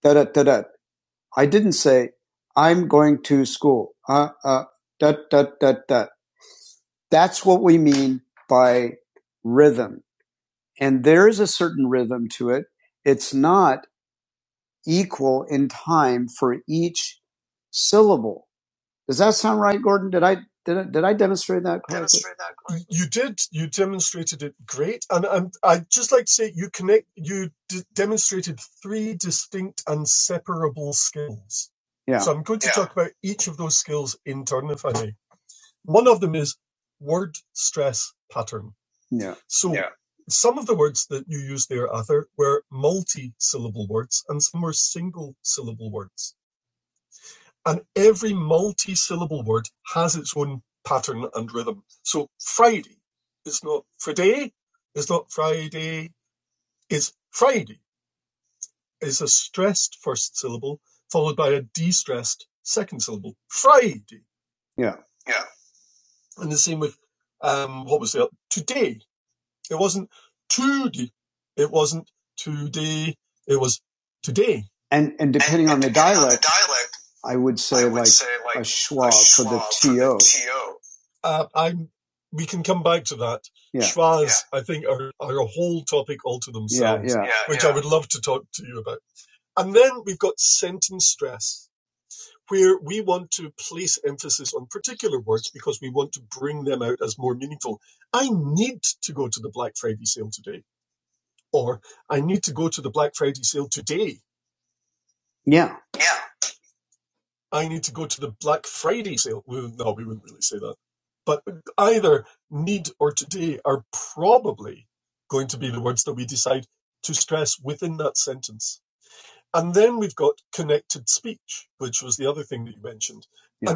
S1: da da da da I didn't say, I'm going to school. Uh, uh, da, da, da, da. That's what we mean by rhythm. And there is a certain rhythm to it. It's not equal in time for each syllable. Does that sound right, Gordon? Did I, did I, did I demonstrate that? Yeah. Yeah. Yeah. Yeah. And, and depending and, and on the depending dialect, on the dialect, I would say, I would like, say like a schwa, for the TO. TO. Yeah. Yeah. Yeah. Yeah.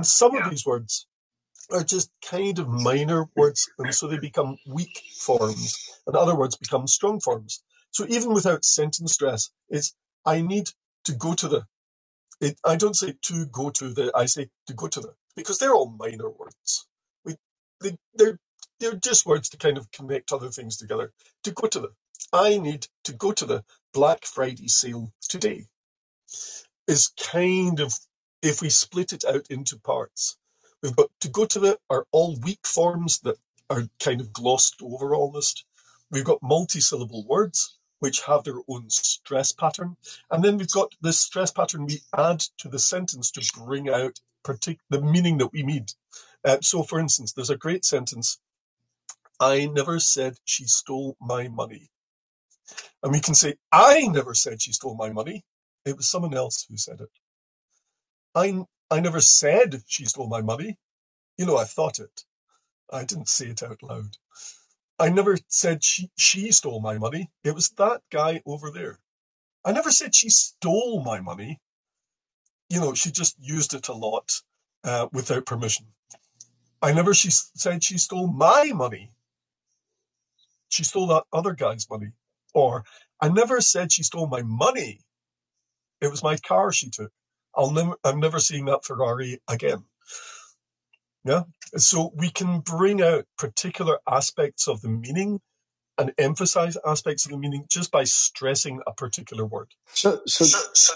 S1: So, so, so, so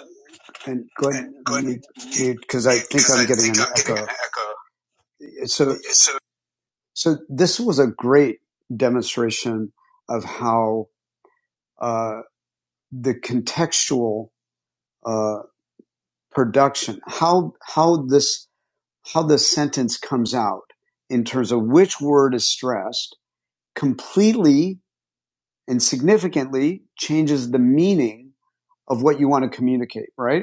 S1: And go ahead And mute, dude, because I think I'm getting an echo. So, So so this was a great demonstration of how uh, the contextual uh, production, how how this how the sentence comes out in terms of which word is stressed, completely and significantly changes the meaning of what you want to communicate. Right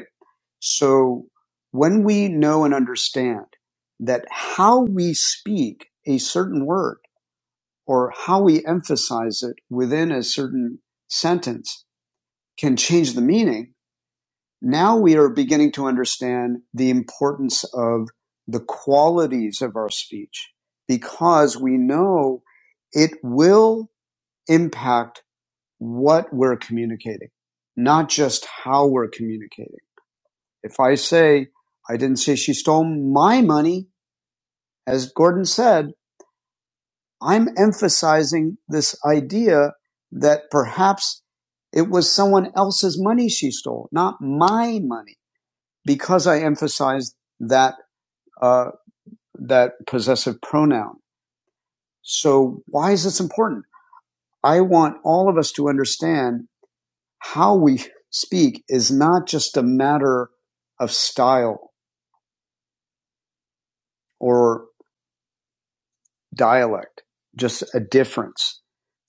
S1: So when we know and understand that how we speak a certain word or how we emphasize it within a certain sentence can change the meaning, now we are beginning to understand the importance of the qualities of our speech because we know it will impact what we're communicating, not just how we're communicating. If I say, I didn't say she stole my money, as Gordon said, I'm emphasizing this idea that perhaps it was someone else's money she stole, not my money, because I emphasized that, uh, that possessive pronoun. So why is this important? I want all of us to understand how we speak is not just a matter of style or dialect, just a difference.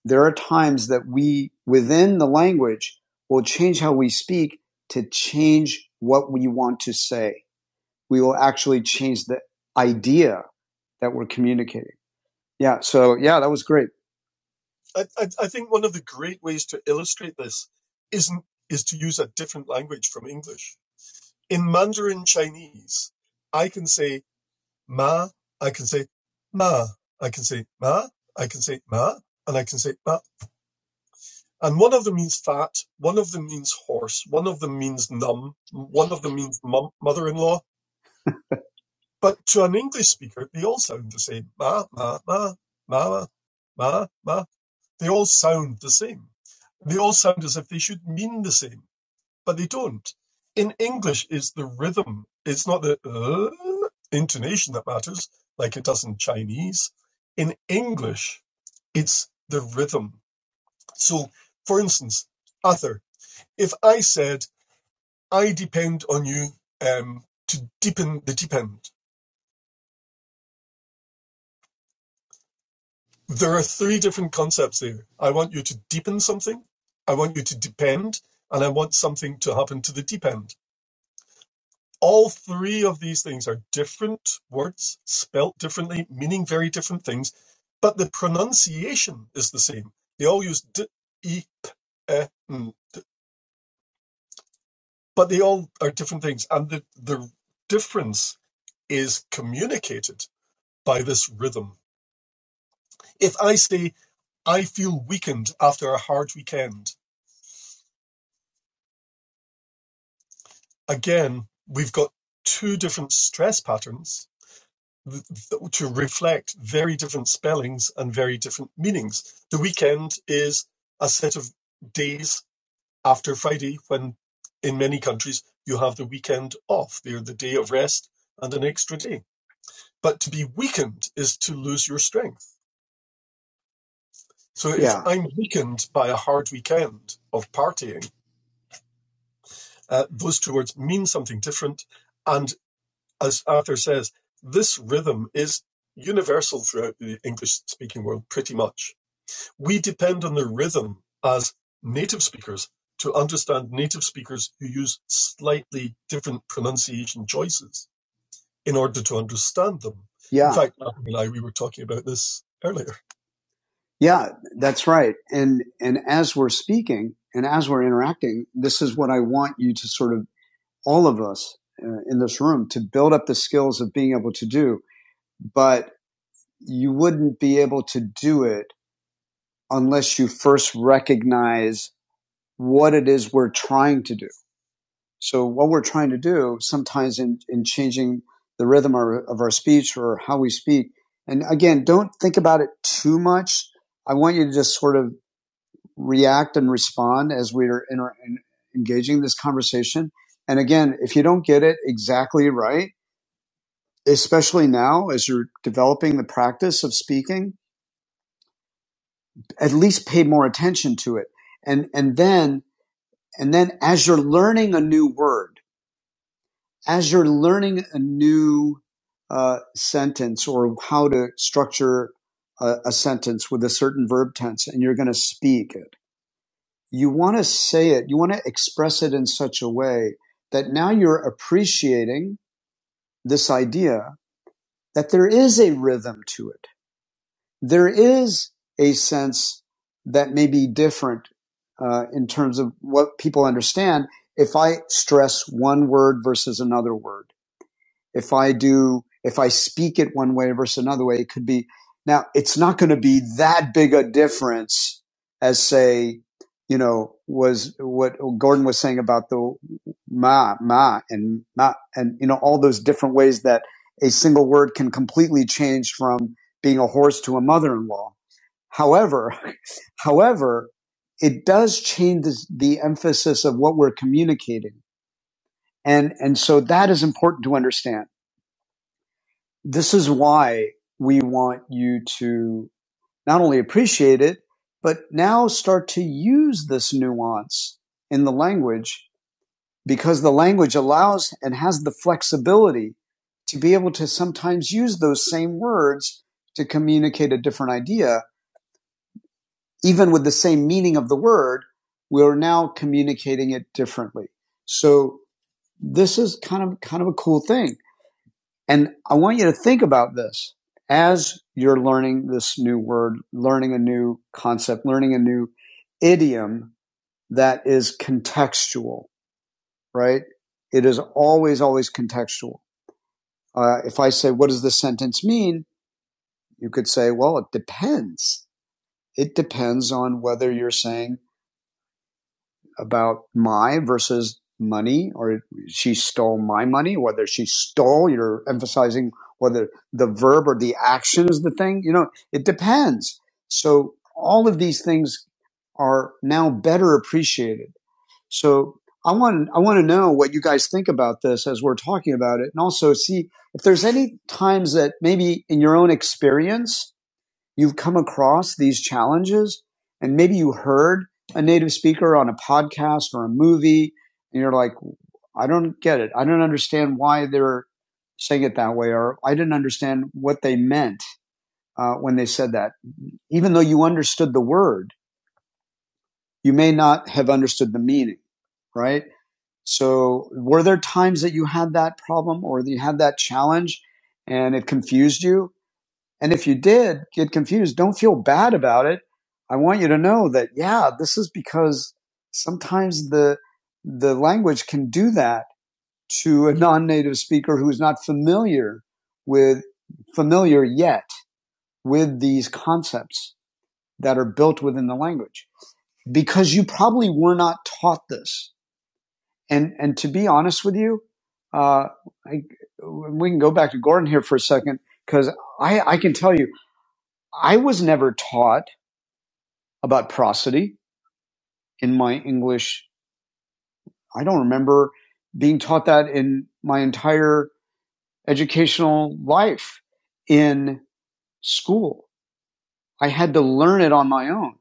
S1: There are times that we, within the language, will change how we speak to change what we want to say. We will actually change the idea that we're communicating. Yeah. So yeah, that was great. Yeah. Yeah. That's right. And, and as we're speaking and as we're interacting, this is what I want you to sort of all of us uh, in this room to build up the skills of being able to do. But you wouldn't be able to do it unless you first recognize what it is we're trying to do. So what we're trying to do sometimes in, in changing the rhythm or, of our speech or how we speak. And again, don't think about it too much. I want you to just sort of react and respond as we are inter- engaging this conversation. And again, if you don't get it exactly right, especially now as you're developing the practice of speaking, at least pay more attention to it. And, and then, and then as you're learning a new word, as you're learning a new uh, sentence or how to structure a, a sentence with a certain verb tense and you're going to speak it, you want to say it, you want to express it in such a way that now you're appreciating this idea that there is a rhythm to it there is a sense that may be different uh, in terms of what people understand if I stress one word versus another word if I do, if I speak it one way versus another way, it could be. Now, it's not going to be that big a difference as say, you know, was what Gordon was saying about the ma, ma, and ma, and you know, all those different ways that a single word can completely change from being a horse to a mother-in-law. However, however, it does change the emphasis of what we're communicating. And, and so that is important to understand this is why we want you to not only appreciate it, but now start to use this nuance in the language because the language allows and has the flexibility to be able to sometimes use those same words to communicate a different idea. Even with the same meaning of the word, we are now communicating it differently. So this is kind of, kind of a cool thing And I want you to think about this as you're learning this new word, learning a new concept, learning a new idiom that is contextual, right? It is always, always contextual. Uh, if I say, what does this sentence mean? You could say, well, it depends. It depends on whether you're saying about my versus money or she stole my money, whether she stole, you're emphasizing whether the verb or the action is the thing. You know, it depends. So all of these things are now better appreciated. So I want I want to know what you guys think about this as we're talking about it, and also see if there's any times that maybe in your own experience you've come across these challenges and maybe you heard a native speaker on a podcast or a movie and you're like, I don't get it. I don't understand why they're saying it that way, or I didn't understand what they meant uh, when they said that. Even though you understood the word, you may not have understood the meaning, right? So, were there times that you had that problem or that you had that challenge and it confused you? And if you did get confused, don't feel bad about it. I want you to know that, yeah, this is because sometimes the, the language can do that to a non-native speaker who's not familiar with, familiar yet with these concepts that are built within the language because you probably were not taught this. And, and to be honest with you, uh, I, we can go back to Gordon here for a second because I, I can tell you, I was never taught about prosody in my English. I don't remember being taught that in my entire educational life in school. I had to learn it on my own.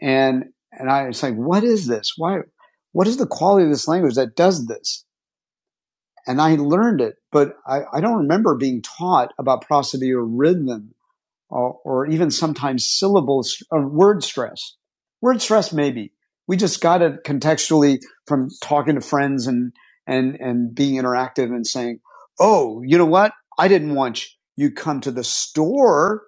S1: And, and I was like, what is this? Why, what is the quality of this language that does this? And I learned it, but I, I don't remember being taught about prosody or rhythm uh, or even sometimes syllables or word stress. Word stress, maybe. We just got it contextually from talking to friends and, and, and being interactive and saying, Oh, you know what? I didn't want you come to the store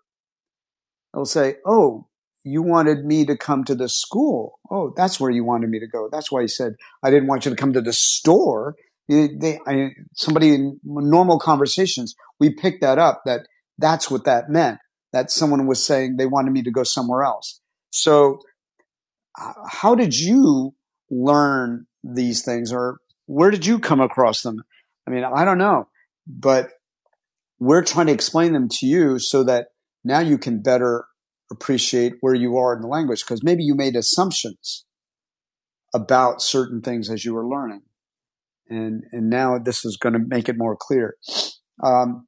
S1: They'll say, "Oh, you wanted me to come to the school. Oh, that's where you wanted me to go. That's why you said I didn't want you to come to the store." You- they, I, somebody in normal conversations, we pick that up. That that's what that meant. That someone was saying they wanted me to go somewhere else. So, h- how did you learn these things, or where did you come across them? I mean, I don't know, but we're trying to explain them to you so that now you can better appreciate where you are in the language because maybe you made assumptions about certain things as you were learning and and now this is going to make it more clear. Um,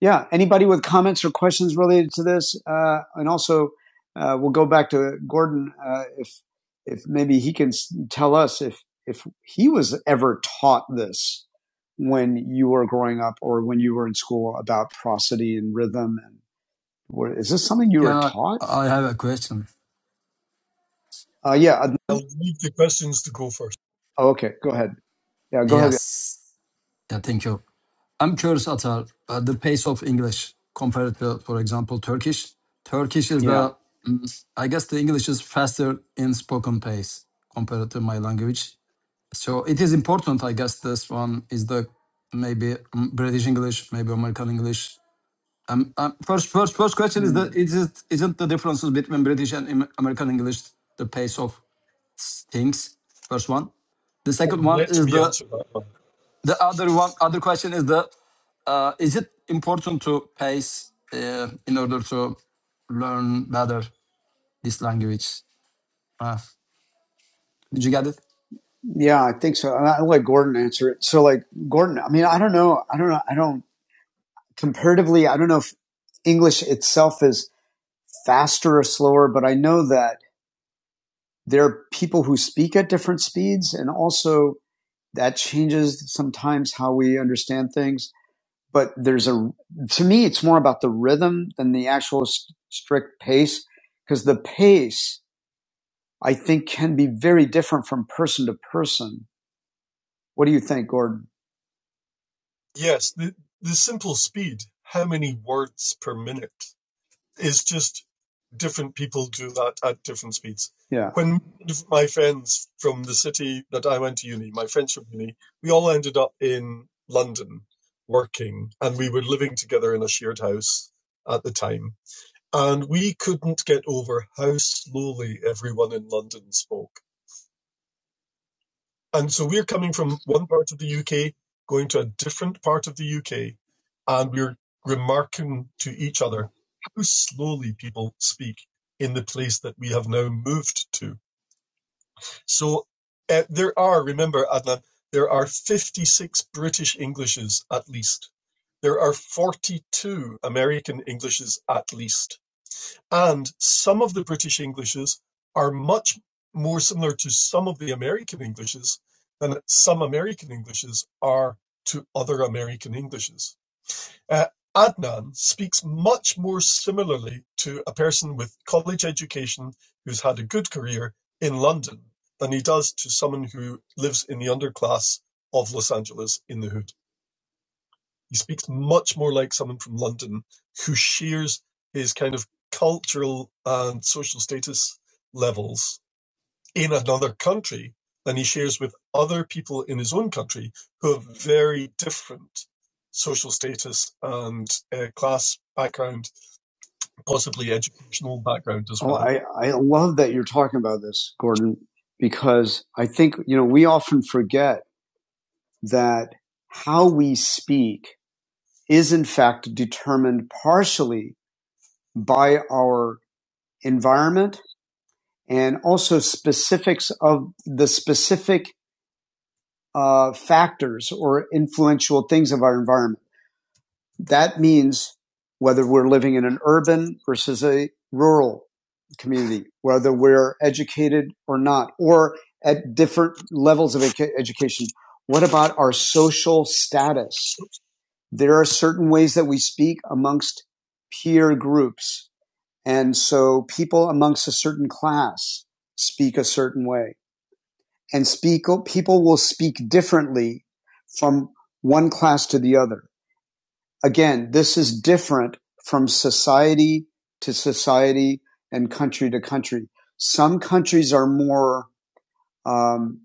S1: yeah, anybody with comments or questions related to this, uh, and also uh, we'll go back to Gordon uh, if if maybe he can tell us if if he was ever taught this when you were growing up or when you were in school about prosody and rhythm and were, is this something you were
S3: Yeah,
S1: taught?
S3: I have a question.
S1: Uh, yeah. uh, Oh, okay. Go ahead. Yeah. Go ahead.
S3: Yes. Yeah, thank you. I'm curious, Atar, uh, the pace of English compared to, for example, Turkish. Turkish is
S1: Yeah.
S3: the, mm, I guess the English is faster in spoken pace compared to my language. So it is important, I guess, this one is the maybe mm, British English, maybe American English. Um, um, first, first, first question is
S1: Mm.
S3: that is it, isn't the differences between British and Am- American English the pace of things? First one. The second one is the the other one. Other question is the uh, is it important to pace uh, in order to learn better this language? Uh, did you get it?
S1: Yeah, I think so. I'll let Gordon answer it. So, like Gordon, I mean, I don't know. I don't know. I don't comparatively. I don't know if English itself is faster or slower, but I know that there are people who speak at different speeds, and also that changes sometimes how we understand things. But there's a to me, it's more about the rhythm than the actual st- strict pace, because the pace I think can be very different from person to person. What do you think, Gordon? Yeah. I, I love that you're talking about this, Gordon, because I think, you know, we often forget that how we speak is in fact determined partially by our environment and also specifics of the specific uh, factors or influential things of our environment That means whether we're living in an urban versus a rural community, whether we're educated or not, or at different levels of edu- education. What about our social status? There are certain ways that we speak amongst peer groups. And so people amongst a certain class speak a certain way and speak, people will speak differently from one class to the other. Again, this is different from society to society and country to country. Some countries are more, um,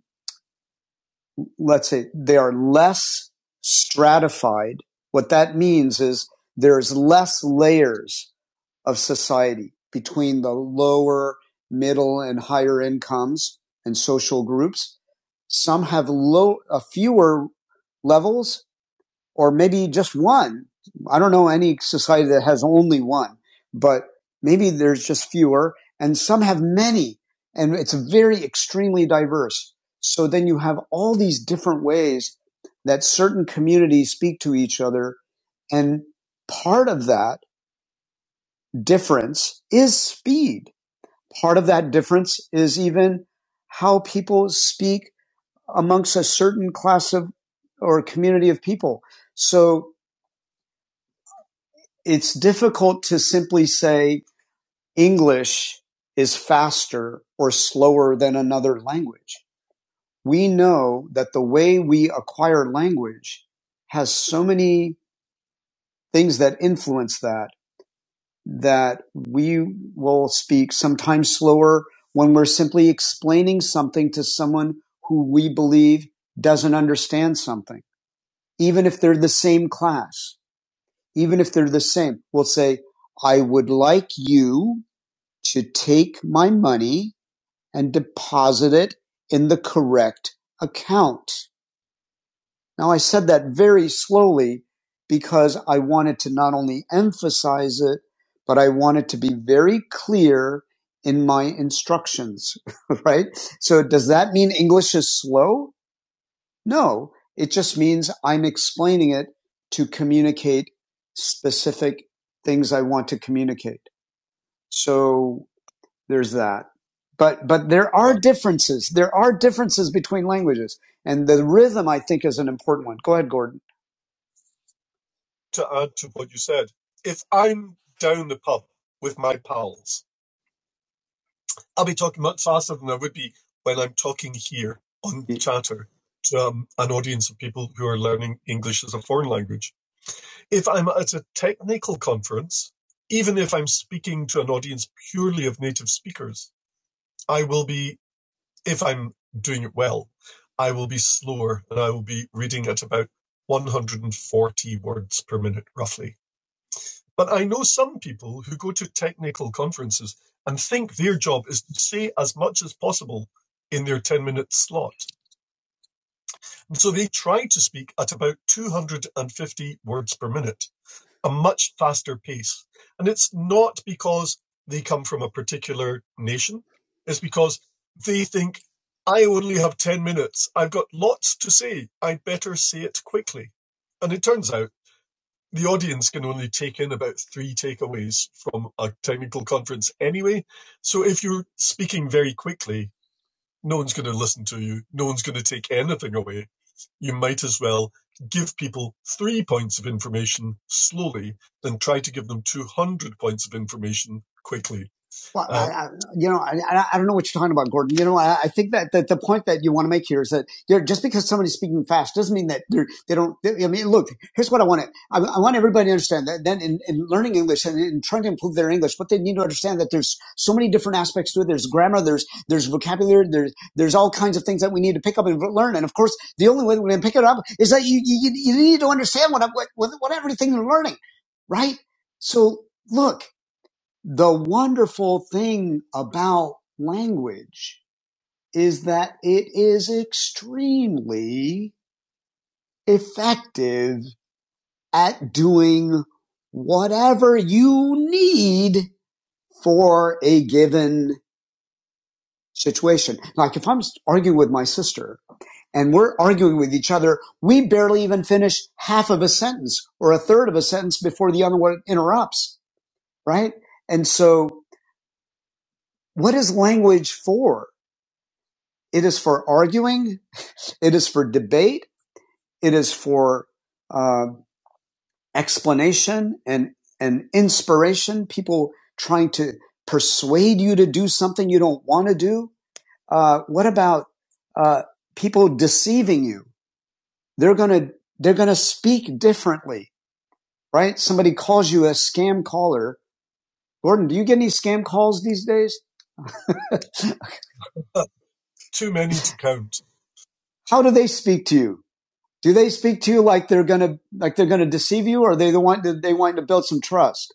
S1: let's say, they are less stratified. What that means is there's less layers of society between the lower, middle, and higher incomes and social groups. Some have low, uh, fewer levels or maybe just one. I don't know any society that has only one, but maybe there's just fewer and some have many and it's very extremely diverse. So then you have all these different ways that certain communities speak to each other. And part of that difference is speed. Part of that difference is even how people speak amongst a certain class of or community of people. So it's difficult to simply say English is faster or slower than another language. We know that the way we acquire language has so many things that influence that, that we will speak sometimes slower when we're simply explaining something to someone who we believe doesn't understand something. Even if they're the same class, even if they're the same, we'll say, I would like you to take my money and deposit it in the correct account. Now I said that very slowly because I wanted to not only emphasize it, but I wanted to be very clear in my instructions, right? So does that mean English is slow? No, it just means I'm explaining it to communicate specific things I want to communicate. So there's that. But but there are differences. There are differences between languages, and the rhythm I think is an important one. Go ahead, Gordon. I, you know, I, I don't know what you're talking about, Gordon. You know, I, I think that, that the point that you want to make here is that just because somebody's speaking fast doesn't mean that they're, they don't, they, I mean, look, here's what I want to, I, I want everybody to understand that then in, in learning English and in trying to improve their English, but they need to understand that there's so many different aspects to it. There's grammar, there's, there's vocabulary, there's, there's all kinds of things that we need to pick up and learn. And of course, the only way that we to pick it up is that you, you, you need to understand what, what, what everything you're learning, right? So look, the wonderful thing about language is that it is extremely effective at doing whatever you need for a given situation. Like if I'm arguing with my sister and we're arguing with each other, we barely even finish half of a sentence or a third of a sentence before the other one interrupts, right? And so what is language for? It is for arguing. It is for debate. It is for uh, explanation and and inspiration. People trying to persuade you to do something you don't want to do. Uh, what about uh, people deceiving you? They're gonna they're gonna speak differently, right? Somebody calls you a scam caller. Gordon, do you get any scam calls these days? How do they speak to you? Do they speak to you like they're gonna like they're gonna deceive you, or are they the one that they want to build some trust?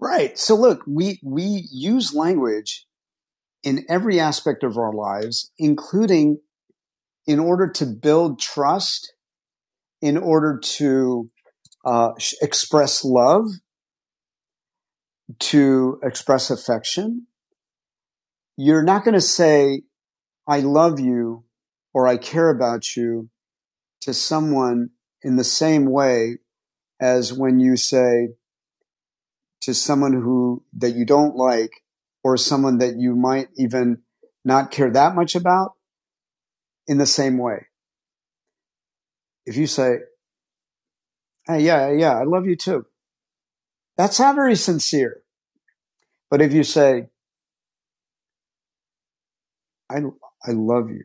S1: Right. So look, we we use language in every aspect of our lives, including in order to build trust, in order to uh, express love, to express affection. You're not going to say "I love you" or "I care about you" to someone in the same way as when you say to someone who that you don't like or someone that you might even not care that much about in the same way. If you say, Hey, yeah, yeah, yeah, I love you too. That's not very sincere. But if you say, I, I love you.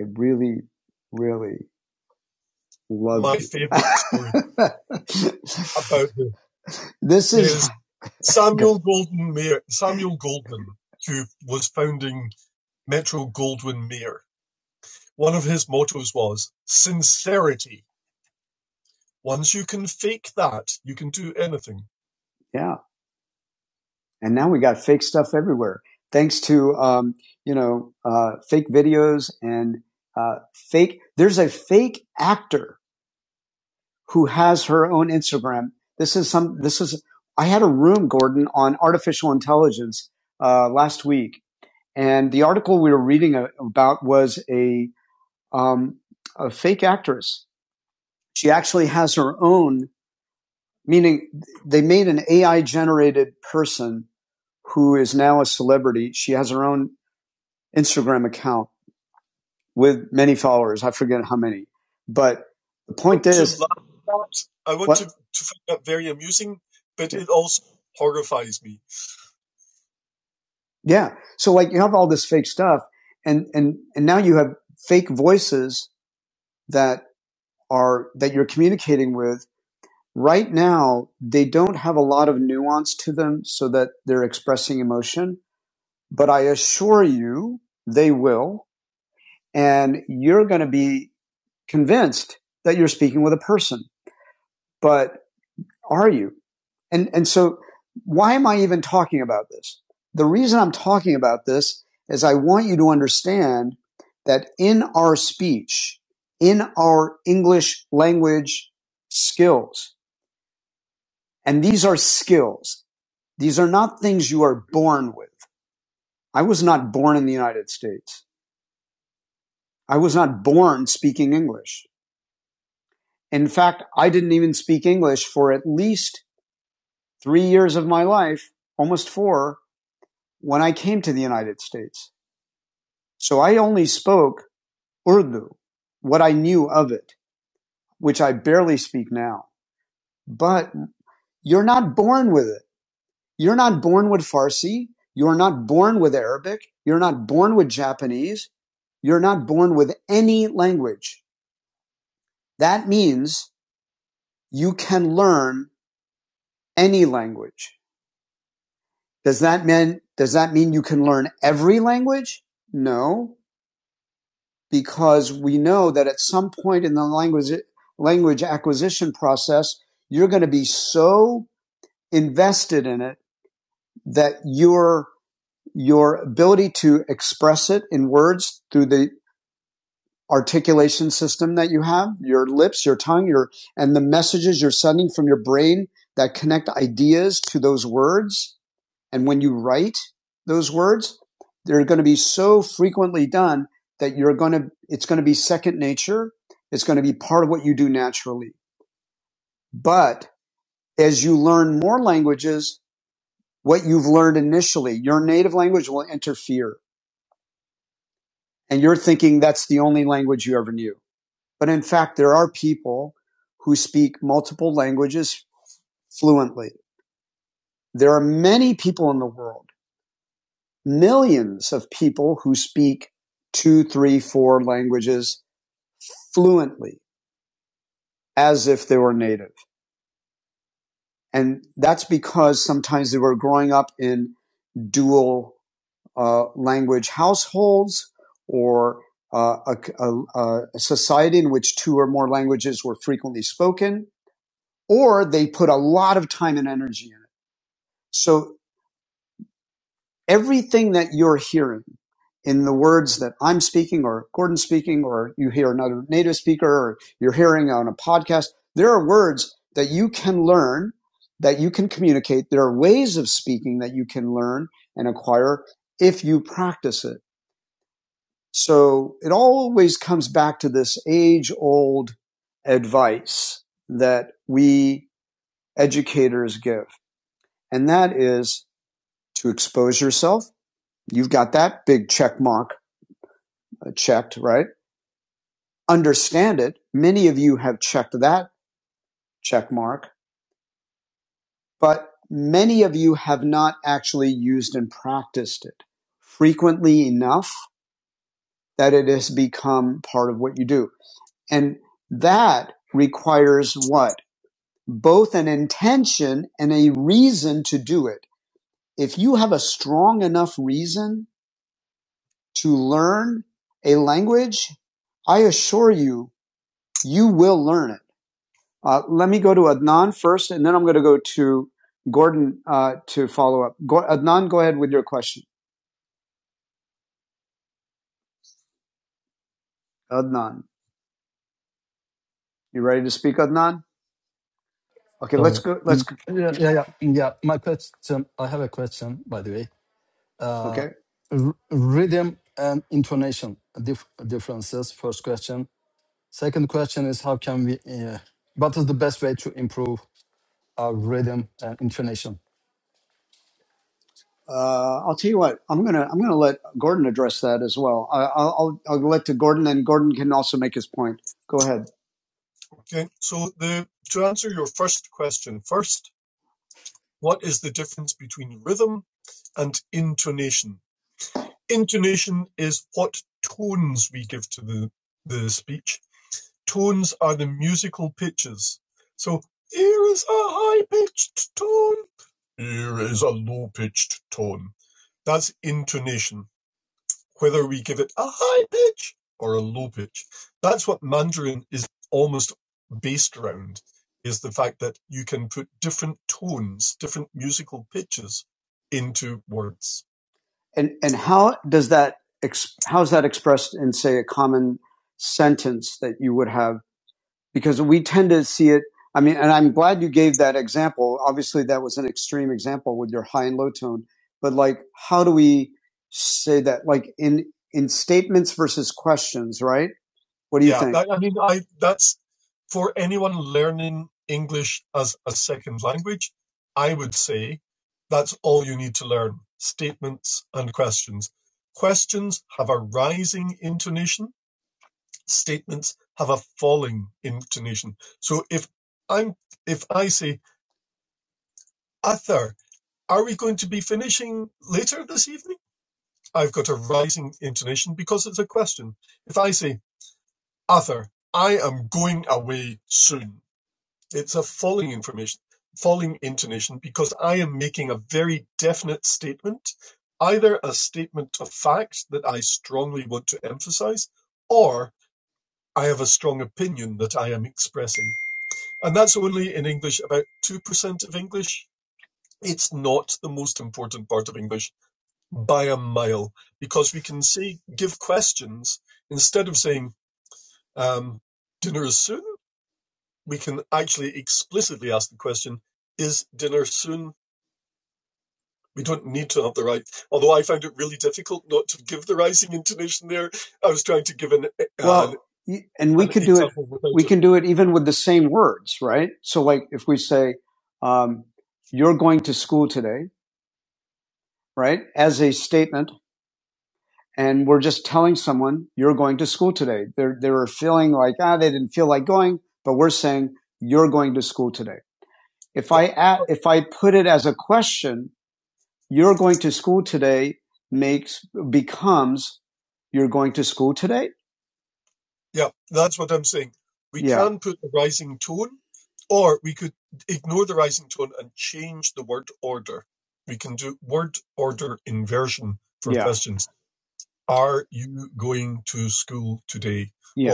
S1: I really, really love you. this. Yeah. And now we got fake stuff everywhere. Thanks to, um, you know, uh, fake videos and, uh, fake, there's a fake actor who has her own Instagram. This is some, this is, I had a room, Gordon, on artificial intelligence, uh, last week. And the article we were reading about was a, um, a fake actress. She actually has her own, meaning they made an AI generated person who is now a celebrity. She has her own Instagram account with many followers. I forget how many, but the point Yeah. So like you have all this fake stuff and and and now you have fake voices that are that you're communicating with right now they don't have a lot of nuance to them so that they're expressing emotion, but I assure you they will and you're going to be convinced that you're speaking with a person. But are you? And, and so why am I even talking about this? The reason I'm talking about this is I want you to understand that in our speech, in our English language skills, and these are skills. These are not things you are born with. I was not born in the United States. I was not born speaking English. In fact, I didn't even speak English for at least three years of my life, almost four, when I came to the United States. So I only spoke Urdu, what I knew of it, which I barely speak now. But you're not born with it. You're not born with Farsi. You're not born with Arabic. You're not born with Japanese. You're not born with any language. That means you can learn any language. Does that mean, does that mean you can learn every language? No, because we know that at some point in the language language acquisition process, you're going to be so invested in it that your your ability to express it in words through the articulation system that you have, your lips, your tongue, your and the messages you're sending from your brain that connect ideas to those words and when you write those words, they're going to be so frequently done that you're going to, it's going to be second nature. It's going to be part of what you do naturally. But as you learn more languages, what you've learned initially, your native language will interfere and you're thinking that's the only language you ever knew. But in fact, there are people who speak multiple languages fluently. There are many people in the world millions of people who speak two, three, four languages fluently as if they were native. And that's because sometimes they were growing up in dual uh, language households or uh, a, a, a society in which two or more languages were frequently spoken, or they put a lot of time and energy in it. So everything that you're hearing in the words that I'm speaking or Gordon's speaking or you hear another native speaker or you're hearing on a podcast, there are words that you can learn, that you can communicate. There are ways of speaking that you can learn and acquire if you practice it. So it always comes back to this age old advice that we educators give. And that is to expose yourself. You've got that big check mark uh, checked, right? Understand it. Many of you have checked that check mark, but many of you have not actually used and practiced it frequently enough that it has become part of what you do. And that requires what? Both an intention and a reason to do it. If you have a strong enough reason to learn a language, I assure you, you will learn it Uh, let me go to Adnan first, and then I'm going to go to Gordon uh, to follow up. Go, Adnan, go ahead with your question. Adnan, you ready to speak, Adnan? Okay, let's
S3: Sorry.
S1: go. Let's
S3: Mm.
S1: go.
S3: Yeah,
S1: Yeah,
S3: yeah, yeah. yeah. My question. I have a question, by the way. Uh,
S1: okay.
S3: r- rhythm and intonation dif- differences. First question. Second question is how can we, uh, what is the best way to improve our rhythm and intonation?
S1: Uh, I'll tell you what. I'm gonna I'm gonna let Gordon address that as well. I, I'll I'll I'll let to Gordon, and Gordon can also make his point. Go ahead. And and how does that ex- how is that expressed in say a common sentence that you would have because we tend to see it. I mean, and I'm glad you gave that example. Obviously, that was an extreme example with your high and low tone, but like, how do we say that? Like in in statements versus questions, right? What do you- and can do it even with the same words, right? So, like, if we say, um, "You're going to school today," right, as a statement, and we're just telling someone, "You're going to school today." They're they're feeling like ah, they didn't feel like going, but we're saying, "You're going to school today." If I add, if I put it as a question, you're going to school today makes becomes you're going to school today. Yeah.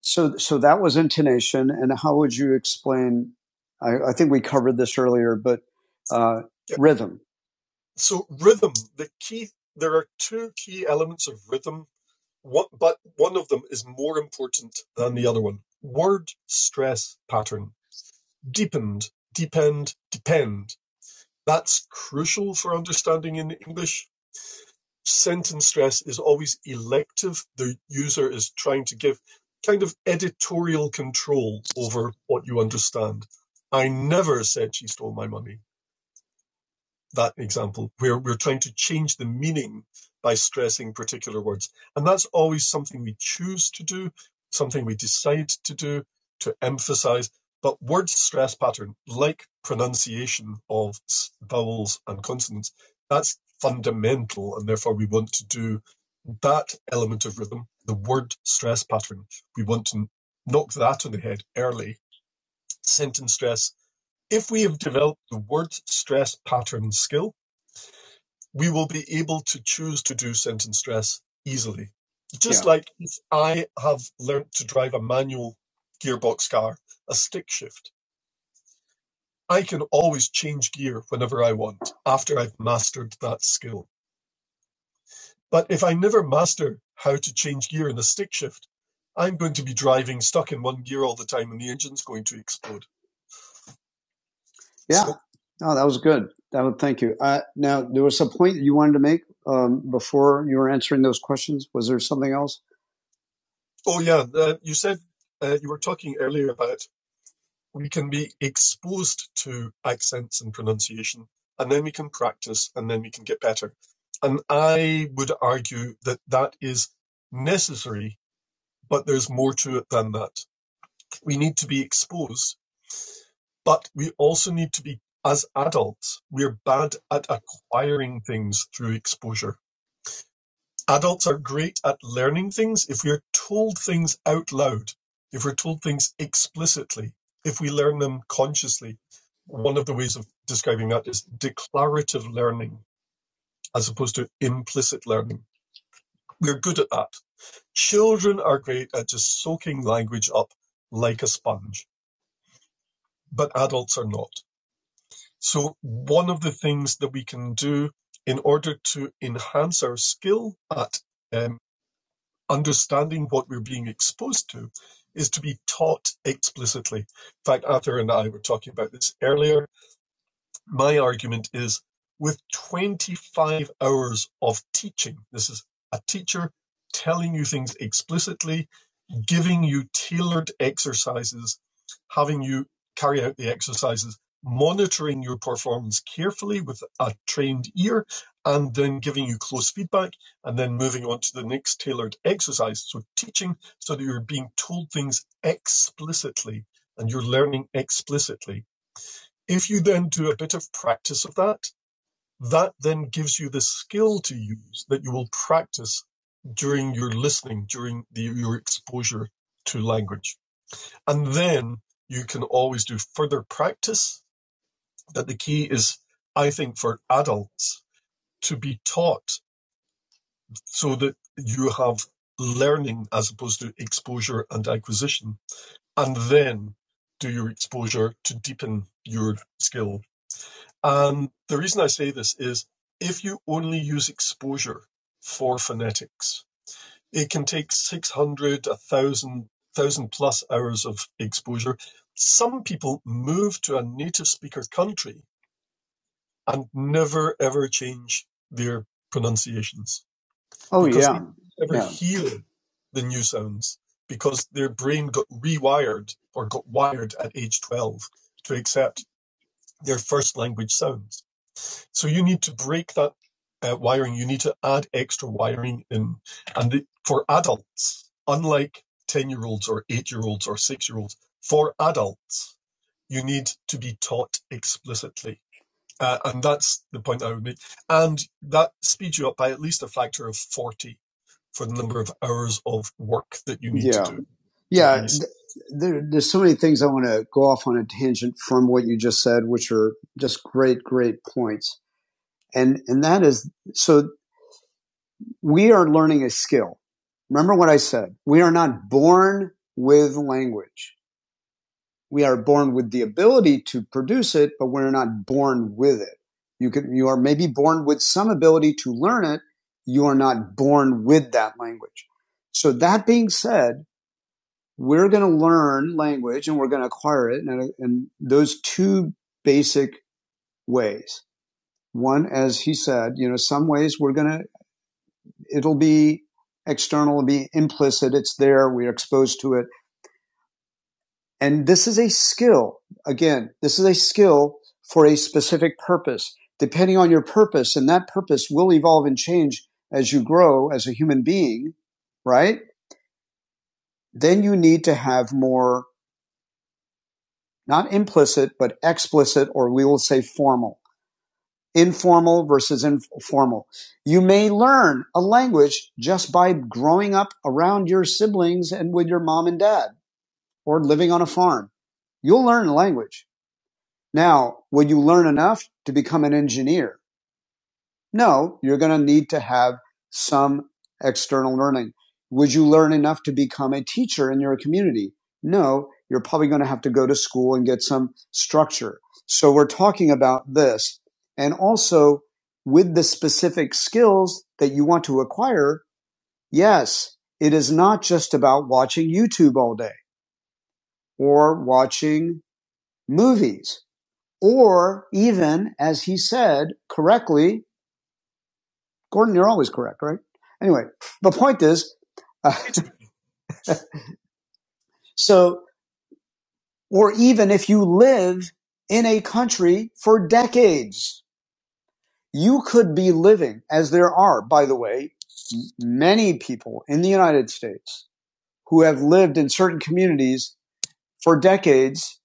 S1: So so that was intonation, and how would you explain? I, I think we covered this earlier, but uh, rhythm. Oh, that was good. That would thank you. Uh, now there was a point you wanted to make um, before you were answering those questions. Was there something else? Oh, There, there's so many things I want to go off on a tangent from what you just said, which are just great, great points. And, and that is, so we are learning a skill. Remember what I said. We are not born with language. We are born with the ability to produce it, but we're not born with it. You can, you are maybe born with some ability to learn it. You are not born with that language. So that being said, we're going to learn language and we're going to acquire it in, in those two basic ways. One, as he said, you know, some ways we're going to, it'll be external, it'll be implicit. It's there. We're exposed to it. And this is a skill. Again, this is a skill for a specific purpose, depending on your purpose. And that purpose will evolve and change as you grow as a human being, right? Then you need to have more not implicit, but explicit, or we will say formal. Informal versus informal. You may learn a language just by growing up around your siblings and with your mom and dad or living on a farm. You'll learn a language. Now, will you learn enough to become an engineer? No, you're going to need to have some external learning. Would you learn enough to become a teacher in your community? No, you're probably going to have to go to school and get some structure. So we're talking about this. And also with the specific skills that you want to acquire, yes, it is not just about watching YouTube all day or watching movies or even, as he said correctly, Gordon, you're always correct, right? Anyway, the point is, uh, so, or even if you live in a country for decades, you could be living, as there are, by the way, many people in the United States who have lived in certain communities for decades.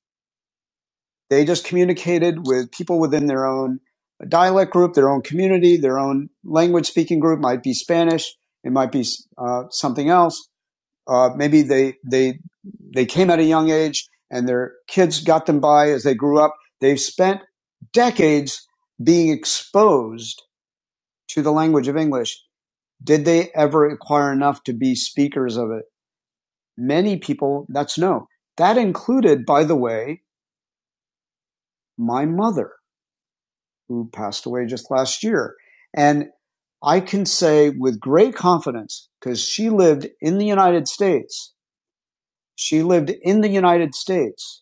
S1: They just communicated with people within their own dialect group, their own community, their own language speaking group, might be Spanish, it might be uh, something else Uh, maybe they they they came at a young age, and their kids got them by as they grew up. They've spent decades being exposed to the language of English. Did they ever acquire enough to be speakers of it? Many people, that's no. That included, by the way, my mother, who passed away just last year. And I can say with great confidence, because she lived in the United States, she lived in the United States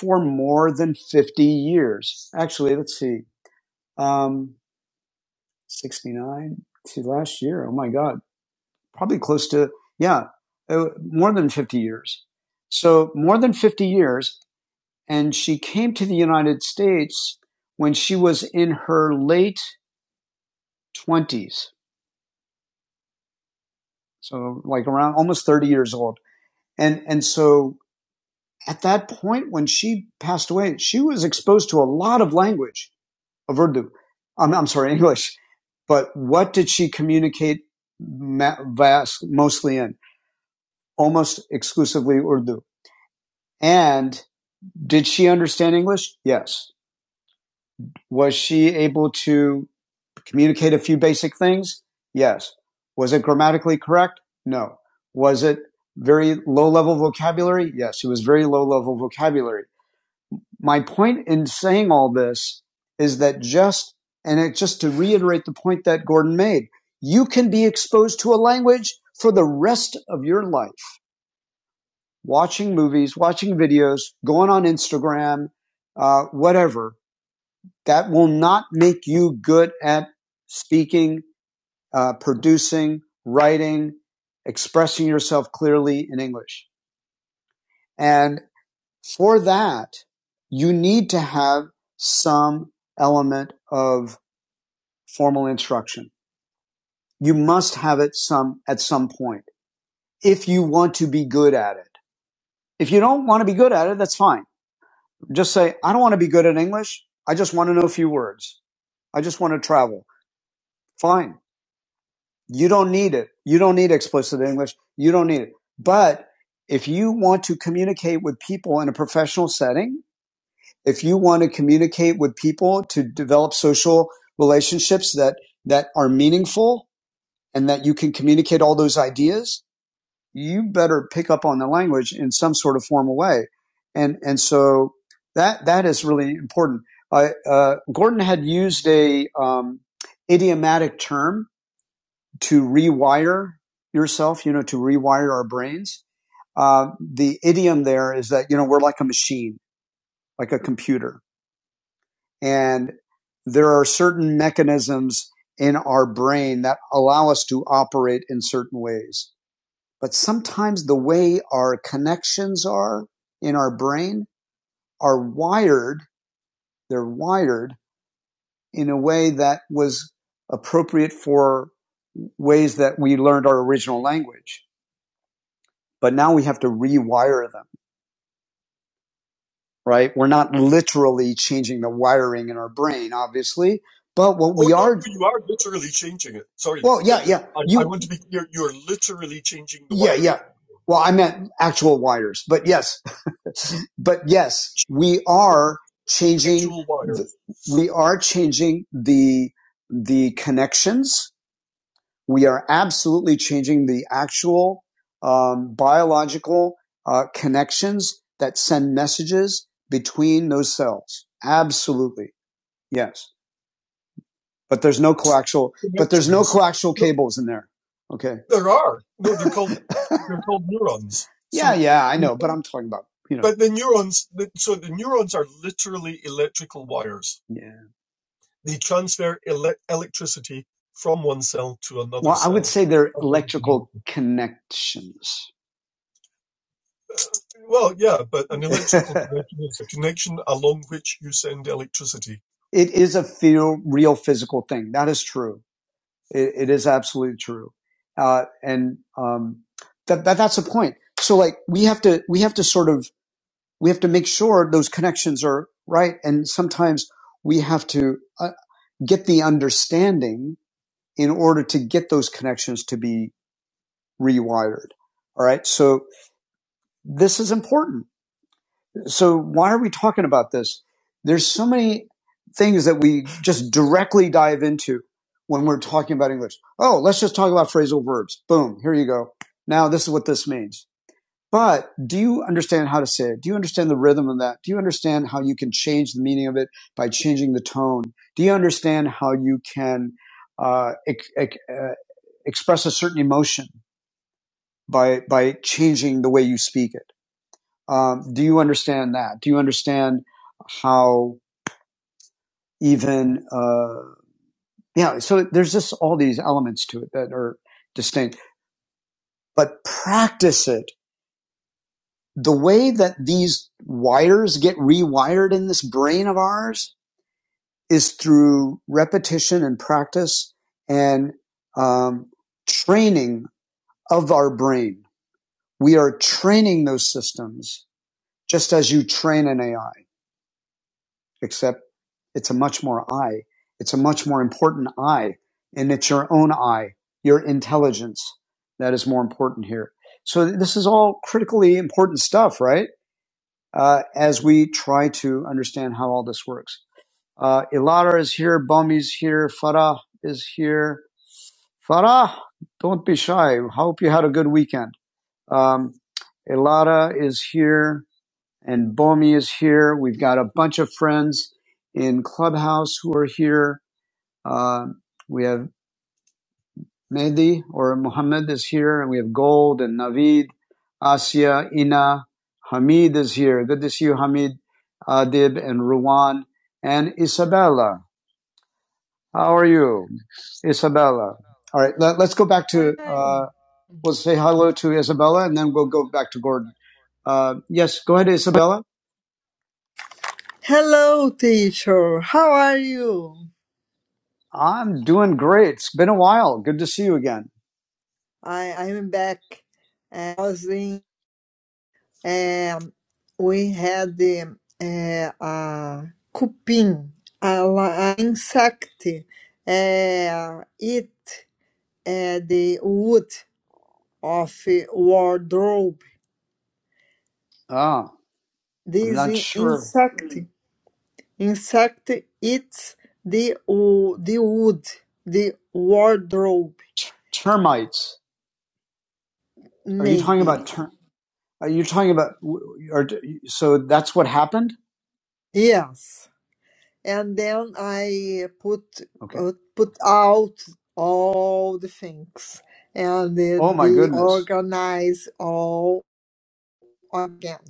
S1: for more than 50 years. Actually, let's see, um, 69 to last year. Oh my God. Probably close to, yeah, uh, more than 50 years. So more than 50 years. And she came to the United States when she was in her late 20s. So like around almost 30 years old. And, and so at that point, when she passed away, she was exposed to a lot of language of Urdu. I'm, I'm sorry, English. But what did she communicate vast, mostly in? Almost exclusively Urdu. And did she understand English? Yes. Was she able to communicate a few basic things? Yes. Was it grammatically correct? No. Was it very low level vocabulary? Yes, it was very low level vocabulary. my point in saying all this is that just, and it, just to reiterate the point that Gordon made, you can be exposed to a language for the rest of your life, watching movies, watching videos, going on Instagram, uh, whatever. That will not make you good at speaking, uh, producing, writing, expressing yourself clearly in English. And for that, you need to have some element of formal instruction. You must have it some at some point if you want to be good at it. If you don't want to be good at it, that's fine. Just say, I don't want to be good at English. I just want to know a few words. I just want to travel. Fine. You don't need it. You don't need explicit English. You don't need it. But if you want to communicate with people in a professional setting, if you want to communicate with people to develop social relationships that that are meaningful and that you can communicate all those ideas you better pick up on the language in some sort of formal way and and so that that is really important I, uh, gordon had used a um, idiomatic term to rewire yourself you know to rewire our brains uh, the idiom there is that you know we're like a machine like a computer And there are certain mechanisms in our brain that allow us to operate in certain ways. But sometimes the way our connections are in our brain are wired, they're wired in a way that was appropriate for ways that we learned our original language. But now we have to rewire them, right? We're not literally changing the wiring in our brain, obviously, but well, yeah, Well, I meant actual wires, but yes, but yes, we are changing. We are changing the the connections. We are absolutely changing the actual um, biological uh, connections that send messages between those cells. Absolutely, yes. But there's no coaxial coaxial cables in there. Okay. Yeah, I know, but I'm talking about you Yeah. Say they're connections. It is a feel, real physical thing. That is true. It, it is absolutely true. Uh, and, um, that, that, that's the point. So like we have to, we have to sort of, we have to make sure those connections are right. And sometimes we have to uh, get the understanding in order to get those connections to be rewired. All right. So this is important. So why are we talking about this? There's so many things that we just directly dive into when we're talking about English. Oh, let's just talk about phrasal verbs. Boom, here you go. Now this is what this means. But do you understand how to say it? Do you understand the rhythm of that? Do you understand how you can change the meaning of it by changing the tone? Do you understand how you can uh, ex- ex- uh, express a certain emotion by by changing the way you speak it? Um, do you understand that? Do you understand how even, uh, yeah, so there's just all these elements to it that are distinct, but practice it. The way that these wires get rewired in this brain of ours is through repetition and practice and um, training of our brain. We are training those systems just as you train an AI. except it's a much more I. It's a much more important I, and it's your own I, your intelligence that is more important here. So this is all critically important stuff, right? Uh, as we try to understand how all this works. Uh, Ilara is here, Bami's here, Farah is here. Farah, don't be shy. Hope you had a good weekend. Um, Ilara is here and Bomi is here. We've got a bunch of friends in Clubhouse who are here. Uh, we have Mehdi or Muhammad is here, and we have Gold and Navid, Asya, Ina, Hamid is here. Good to see you, Hamid, Adib, and Ruwan, and Isabella. How are you, Isabella? All right, let, us go back
S6: I'm
S1: to.
S6: tiny.
S1: Uh, we'll say hello to Isabella, and then we'll go back to Gordon. Uh, yes, go ahead, Isabella.
S6: Hello, teacher. How are you?
S1: I'm doing great. It's been a while. Good to see you again.
S6: I I'm back. Uh, I was in. Um, we had the uh, uh, cupim, a, li- a insect, uh, eat uh, the wood of a wardrobe.
S1: Ah, oh, I'm
S6: This
S1: not
S6: in-
S1: sure.
S6: insect Insect eats the wo- the wood, the wardrobe,
S1: Ter- termites. Are you talking about
S6: maybe.
S1: ter- Are you talking about? Or so that's what happened.
S6: Yes. And then I put
S1: Okay.
S6: put, put out all the things and uh,
S1: Oh my
S6: the
S1: goodness.
S6: organize all again.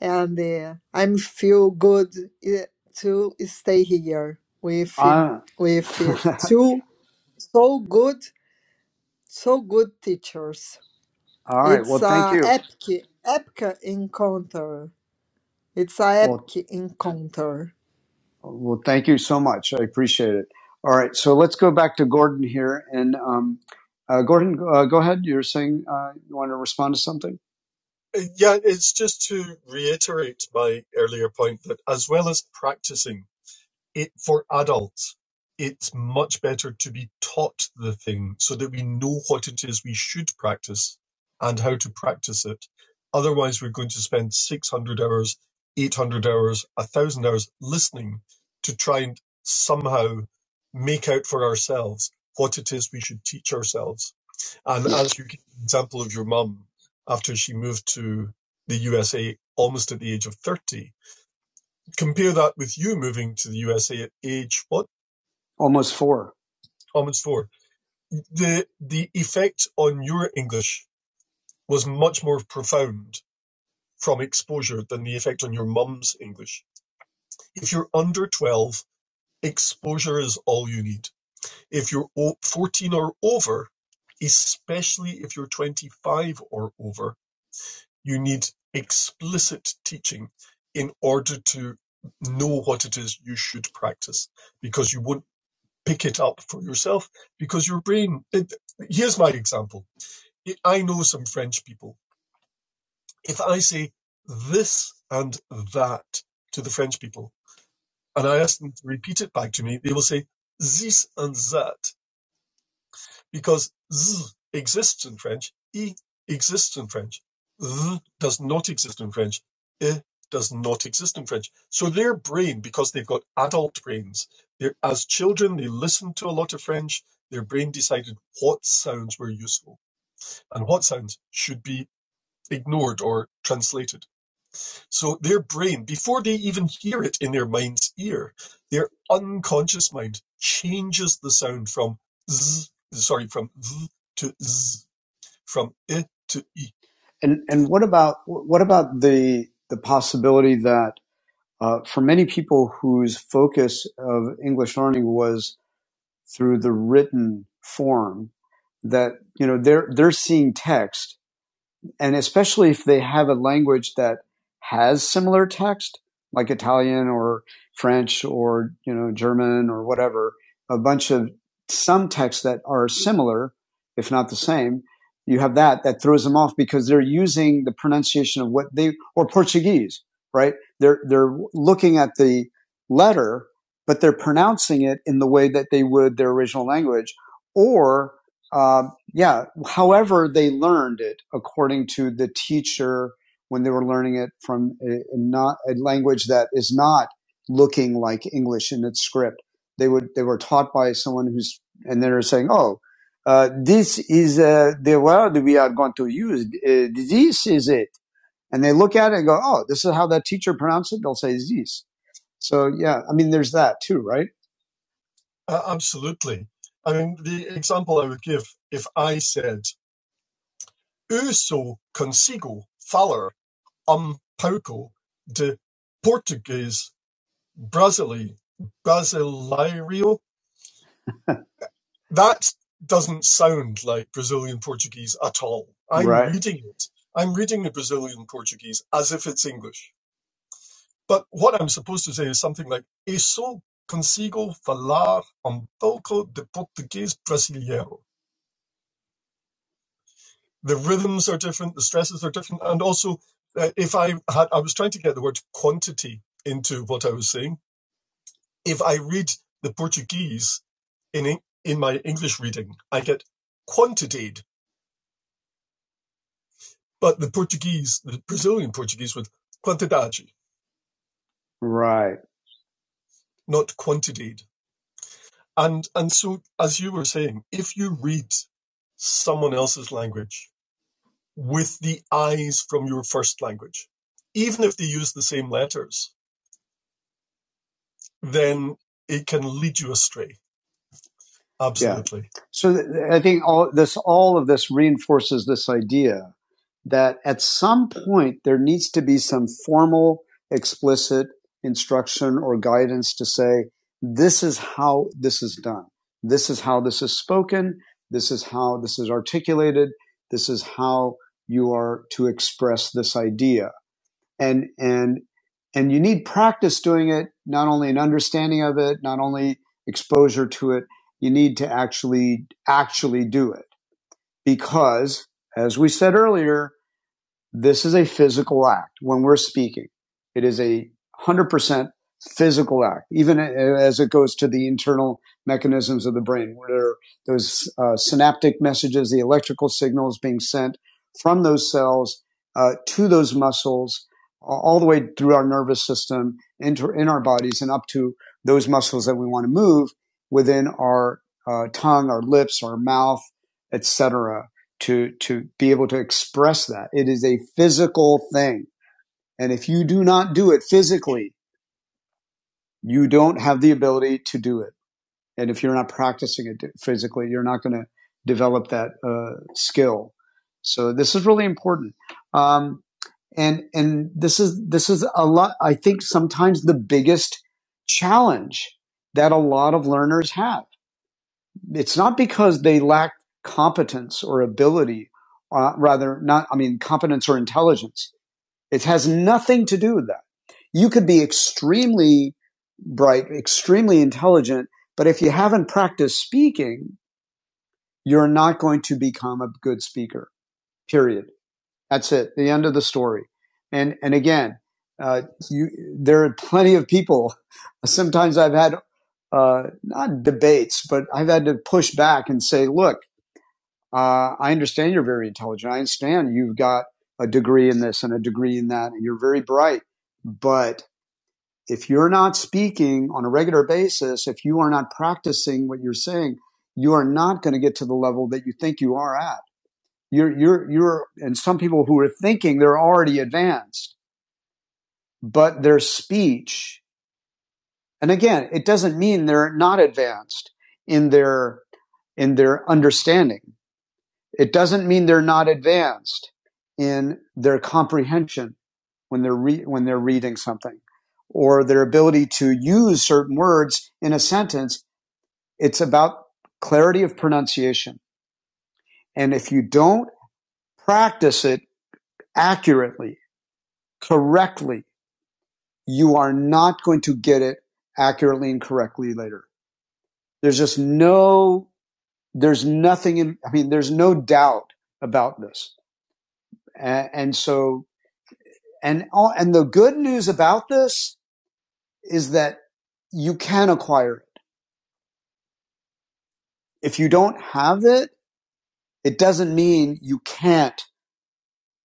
S6: And uh, I'm feel good uh, to stay here with him
S1: I,
S6: with uh, two so good so good teachers.
S1: all right.
S6: It's
S1: Well, thank
S6: a
S1: you.
S6: epic, epic encounter. It's a
S1: Well,
S6: epic encounter.
S1: well, thank you so much. I appreciate it. All right. So let's go back to Gordon here, and um, uh, Gordon, uh, go ahead. You're saying uh, you want to respond to something. Almost four. And and what about what about the the possibility that uh, for many people whose focus of English learning was through the written form, that you know they're they're seeing text and especially if they have a language that has similar text, like Italian or French or you know German or whatever, a bunch of some texts that are similar, if not the same. You have that that throws them off because they're using the pronunciation of what they or Portuguese, right? They're they're looking at the letter, but they're pronouncing it in the way that they would their original language, or uh, yeah. However, they learned it according to the teacher when they were learning it from a, not a language that is not looking like English in its script. They would they were taught by someone who's and they were saying, "Oh, uh, this is uh, the word we are going to use. Uh, this is it." And they look at it and go, "Oh, this is how that teacher pronounced it." They'll say "this." So yeah, I mean, there's that too, right? Right. So th- I think all this, all of this reinforces this idea that at some point there needs to be some formal, explicit instruction or guidance to say, this is how this is done. This is how this is spoken. This is how this is articulated. This is how you are to express this idea and and and you need practice doing it not only an understanding of it not only exposure to it you need to actually actually do it because as we said earlier this is a physical act when we're speaking. It is a 100% physical act, even as it goes to the internal mechanisms of the brain, where those uh, synaptic messages, the electrical signals being sent from those cells uh, to those muscles, all the way through our nervous system, into in our bodies, and up to those muscles that we want to move within our uh, tongue, our lips, our mouth, etc to to be able to express that. It is a physical thing. And if you do not do it physically, you don't have the ability to do it. And if you're not practicing it physically, you're not going to develop that uh, skill. So this is really important. Um, and and this is this is a lot. I think sometimes the biggest challenge that a lot of learners have it's not because they lack competence or ability, uh, rather not, I mean, competence or intelligence. It has nothing to do with that. You could be extremely bright, extremely intelligent, but if you haven't practiced speaking, you're not going to become a good speaker. Period. That's it. The end of the story. And and again, uh, you there are plenty of people. Sometimes I've had uh, not debates, but I've had to push back and say, look uh, I understand you're very intelligent. I understand you've got a degree in this and a degree in that, and you're very bright. But if you're not speaking on a regular basis, if you are not practicing what you're saying, you are not going to get to the level that you think you are at. You're, you're, you're, and some people who are thinking they're already advanced, but their speech, and again, it doesn't mean they're not advanced in their, in their understanding It doesn't mean they're not advanced in their comprehension when they're re- when they're reading something or their ability to use certain words in a sentence. It's about clarity of pronunciation. And if you don't practice it accurately, correctly, you are not going to get it accurately and correctly later. There's just no, there's nothing in, I mean, there's no doubt about this. And, and so And all, and the good news about this is that you can acquire it. If you don't have it, it doesn't mean you can't.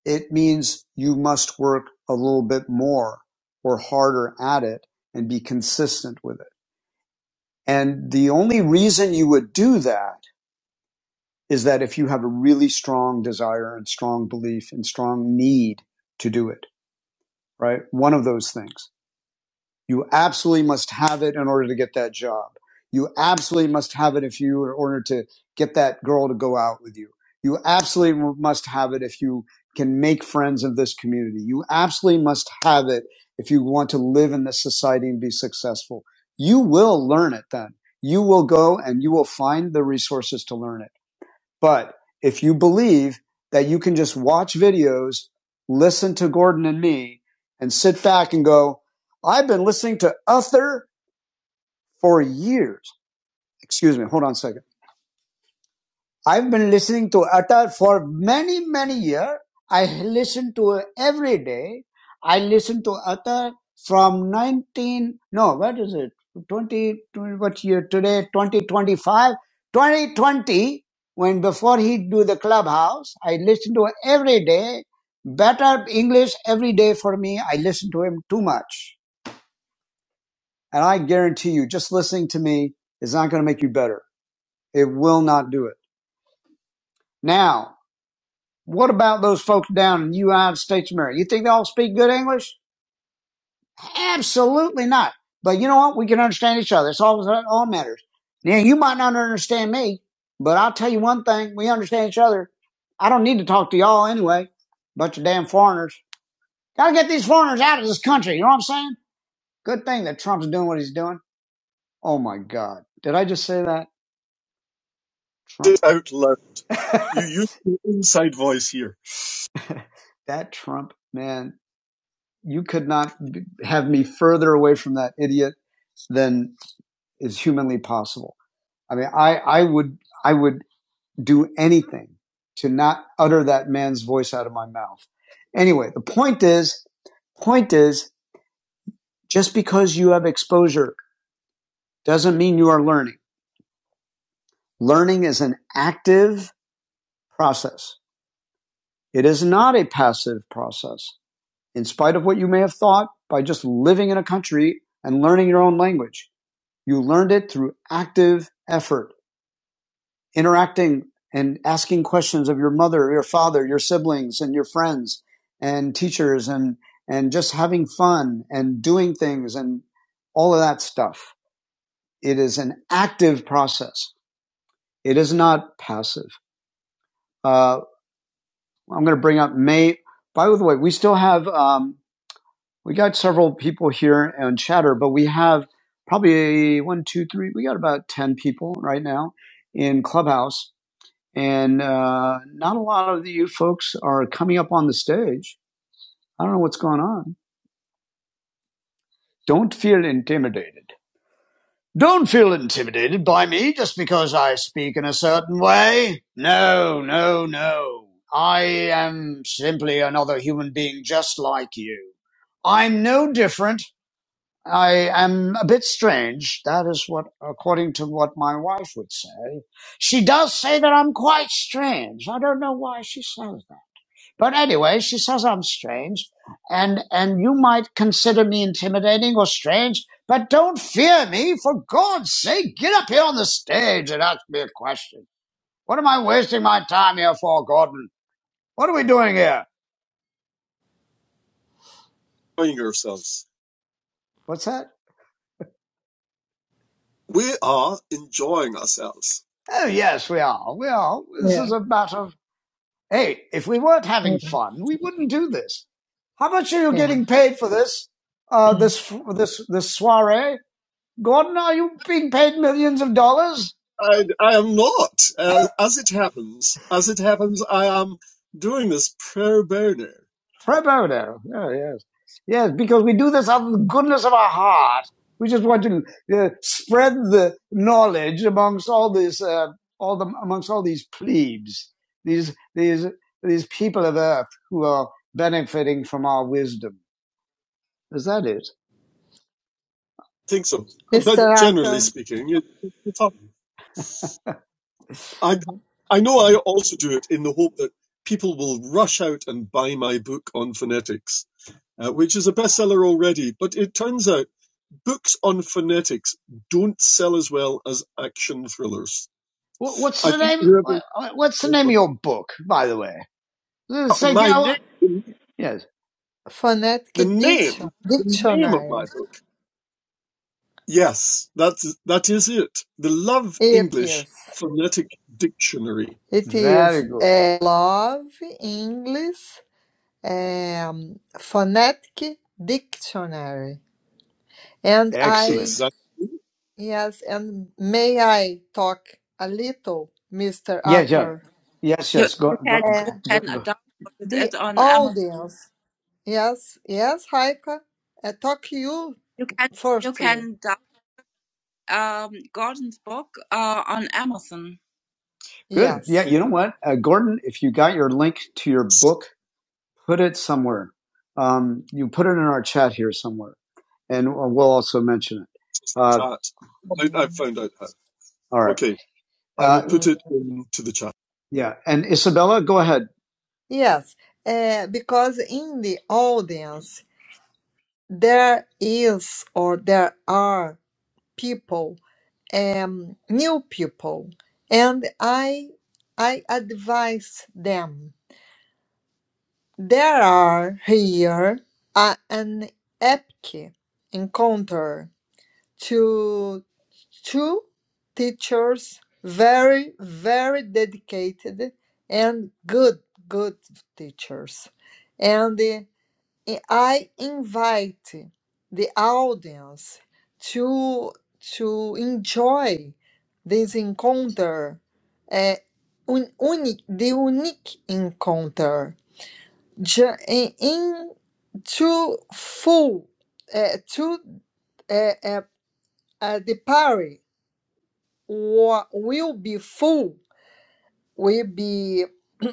S1: It means you must work a little bit more or harder at it and be consistent with it. And the only reason you would do that is that if you have a really strong desire and strong belief and strong need to do it, right? One of those things. You absolutely must have it in order to get that job. You absolutely must have it if you, in order to get that girl to go out with you. You absolutely must have it if you can make friends of this community. You absolutely must have it if you want to live in this society and be successful. You will learn it then. You will go and you will find the resources to learn it. But if you believe that you can just watch videos, listen to Gordon and me, and sit back and go, I've been listening to Uther for years. Excuse me, hold on a second. I've been listening to Atar for many, many years. I listen to her every day. I listen to Atar from 19, no, what is it? 20, twenty what year today? 2025? 2020, when before he do the clubhouse, I listen to her every day. Better English every day for me. I listen to him too much. And I guarantee you, just listening to me is not going to make you better. It will not do it. Now, What about those folks down in the United States of America? You think they all speak good English? Absolutely not. But you know what? We can understand each other. It's all, all matters. Now, you might not understand me, but I'll tell you one thing. We understand each other. I don't need to talk to y'all anyway. Bunch of damn foreigners. Gotta get these foreigners out of this country. You know what I'm saying? Good thing that Trump's doing what he's doing. Oh my God. Did I just say that? Trump. that Trump, man, you could not have me further away from that idiot than is humanly possible. I mean, I, I would, I would do anything to not utter that man's voice out of my mouth. Anyway, the point is, point is, just because you have exposure doesn't mean you are learning. Learning is an active process. It is not a passive process. In spite of what you may have thought by just living in a country and learning your own language, you learned it through active effort. interacting and asking questions of your mother, your father, your siblings, and your friends and teachers, and and just having fun and doing things and all of that stuff. It is an active process. It is not passive. Uh, I'm going to bring up May. By the way, we still have um, we got several people here on chatter, but we have probably one, two, three. We got about ten people right now in Clubhouse and uh, not a lot of you folks are coming up on the stage. I don't know what's going on. Don't feel intimidated. Don't feel intimidated by me just because I speak in a certain way. No, no, no. I am simply another human being just like you. I'm no different. I am a bit strange. That is what, according to what my wife would say. She does say that I'm quite strange. I don't know why she says that. But anyway, she says I'm strange, and and you might consider me intimidating or strange, but don't fear me. For God's sake, get up here on the stage and ask me a question. What am I wasting my time here for, Gordon? What are we doing here? What's that? Oh yes, we are. We are. This is
S6: Yeah.
S1: a matter of hey. If we weren't having
S6: Mm.
S1: fun, we wouldn't do this. How much are you
S6: Yeah.
S1: getting paid for this? Uh, this this this soiree, Gordon? Are you being paid millions of dollars? Prepoto. Oh, yes. Yes, because we do this out of the goodness of our heart. We just want to uh, spread the knowledge amongst all these, uh, all the, amongst all these plebes, these, these, these people of earth who are benefiting from our wisdom. Is that it?
S6: Mr. Arthur, Mhm.
S1: What, what's, what's the name of your book, by the way? This is- yes.
S6: phonetic diction, dictionary. It is. It is
S1: Very good.
S6: a love English um, phonetic dictionary. And
S1: Excellent.
S6: I, yes, and may I talk a little, Mr.
S1: Yes, yes.
S6: Arthur?
S1: Yes, You, yes. You, Go, you go, can you go,
S6: Uh,
S1: can go. download
S6: the
S1: it on Amazon.
S6: audience Yes, yes, Haika. I talk you
S1: You can you
S6: firstly.
S1: can down- um Gordon's book uh on Amazon. Good. Yeah,
S6: Yes.
S1: you know what, uh, Gordon, if you got your link to your book, put it somewhere. Um, you put it in our chat here somewhere, and we'll also mention it. Uh,
S6: Mhm.
S1: all right.
S6: Mm.
S1: Yeah, and Isabella, go ahead.
S6: Yes, uh, because in the audience there is or there are people, um, new people, and I, I advise them. There are here uh, an epic encounter to. two teachers, very, very dedicated and good, good teachers. And eh, eh, I invite the audience to, to enjoy this encounter, eh, un- unique, the unique encounter, ju- in, in to full, uh, to uh, uh, uh, the party or will be full, will be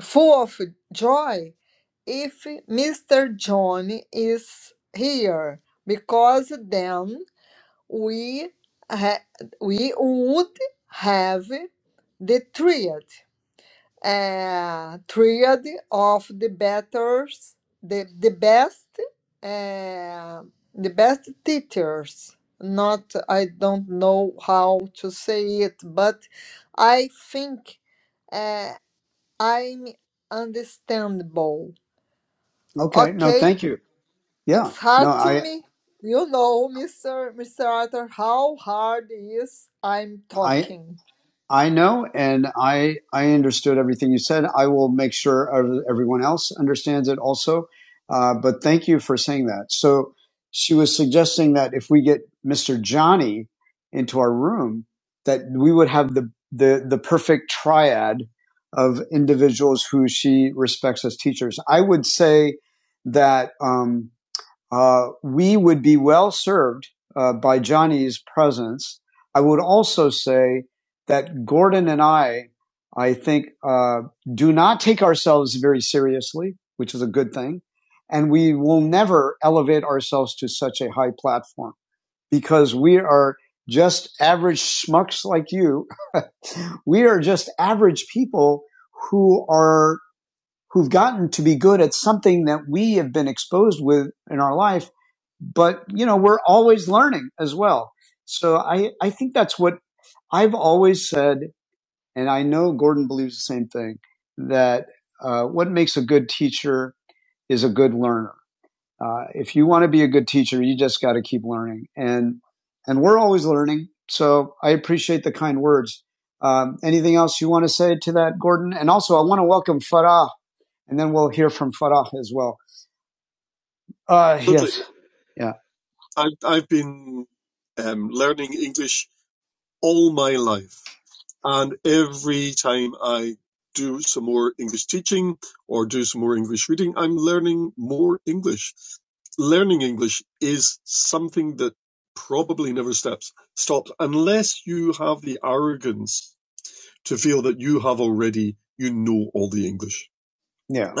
S6: full of joy if Mr. John is here, because then we ha- we would have the triad uh, triad of the betters, the the best, uh, the best teachers. Not I don't know how to say it, but I think uh, I'm understandable.
S1: Okay. No,
S6: Okay,
S1: thank you. Yeah.
S6: it's
S1: No,
S6: hard to
S1: I
S6: me. You know, Mr. Mr. Arthur, how hard is I'm
S1: I
S6: talking.
S1: I know, and I I understood everything you said. I will make sure everyone else understands it also. Uh, but thank you for saying that. So she was suggesting that if we get Mr. Johnny into our room, that we would have the the the perfect triad of individuals who she respects as teachers. I would say that. Um, uh, we would be well served uh, by Johnny's presence. I would also say that Gordon and I, I think, uh, do not take ourselves very seriously, which is a good thing. And we will never elevate ourselves to such a high platform because we are just average schmucks like you. we are just average people who are, who've gotten to be good at something that we have been exposed with in our life but you know we're always learning as well so i i think that's what i've always said and i know gordon believes the same thing that uh, what makes a good teacher is a good learner uh, if you want to be a good teacher you just got to keep learning and and we're always learning so i appreciate the kind words um, anything else you want to say to that gordon and also i want to welcome farah and then we'll hear from farah as well uh, yeah yeah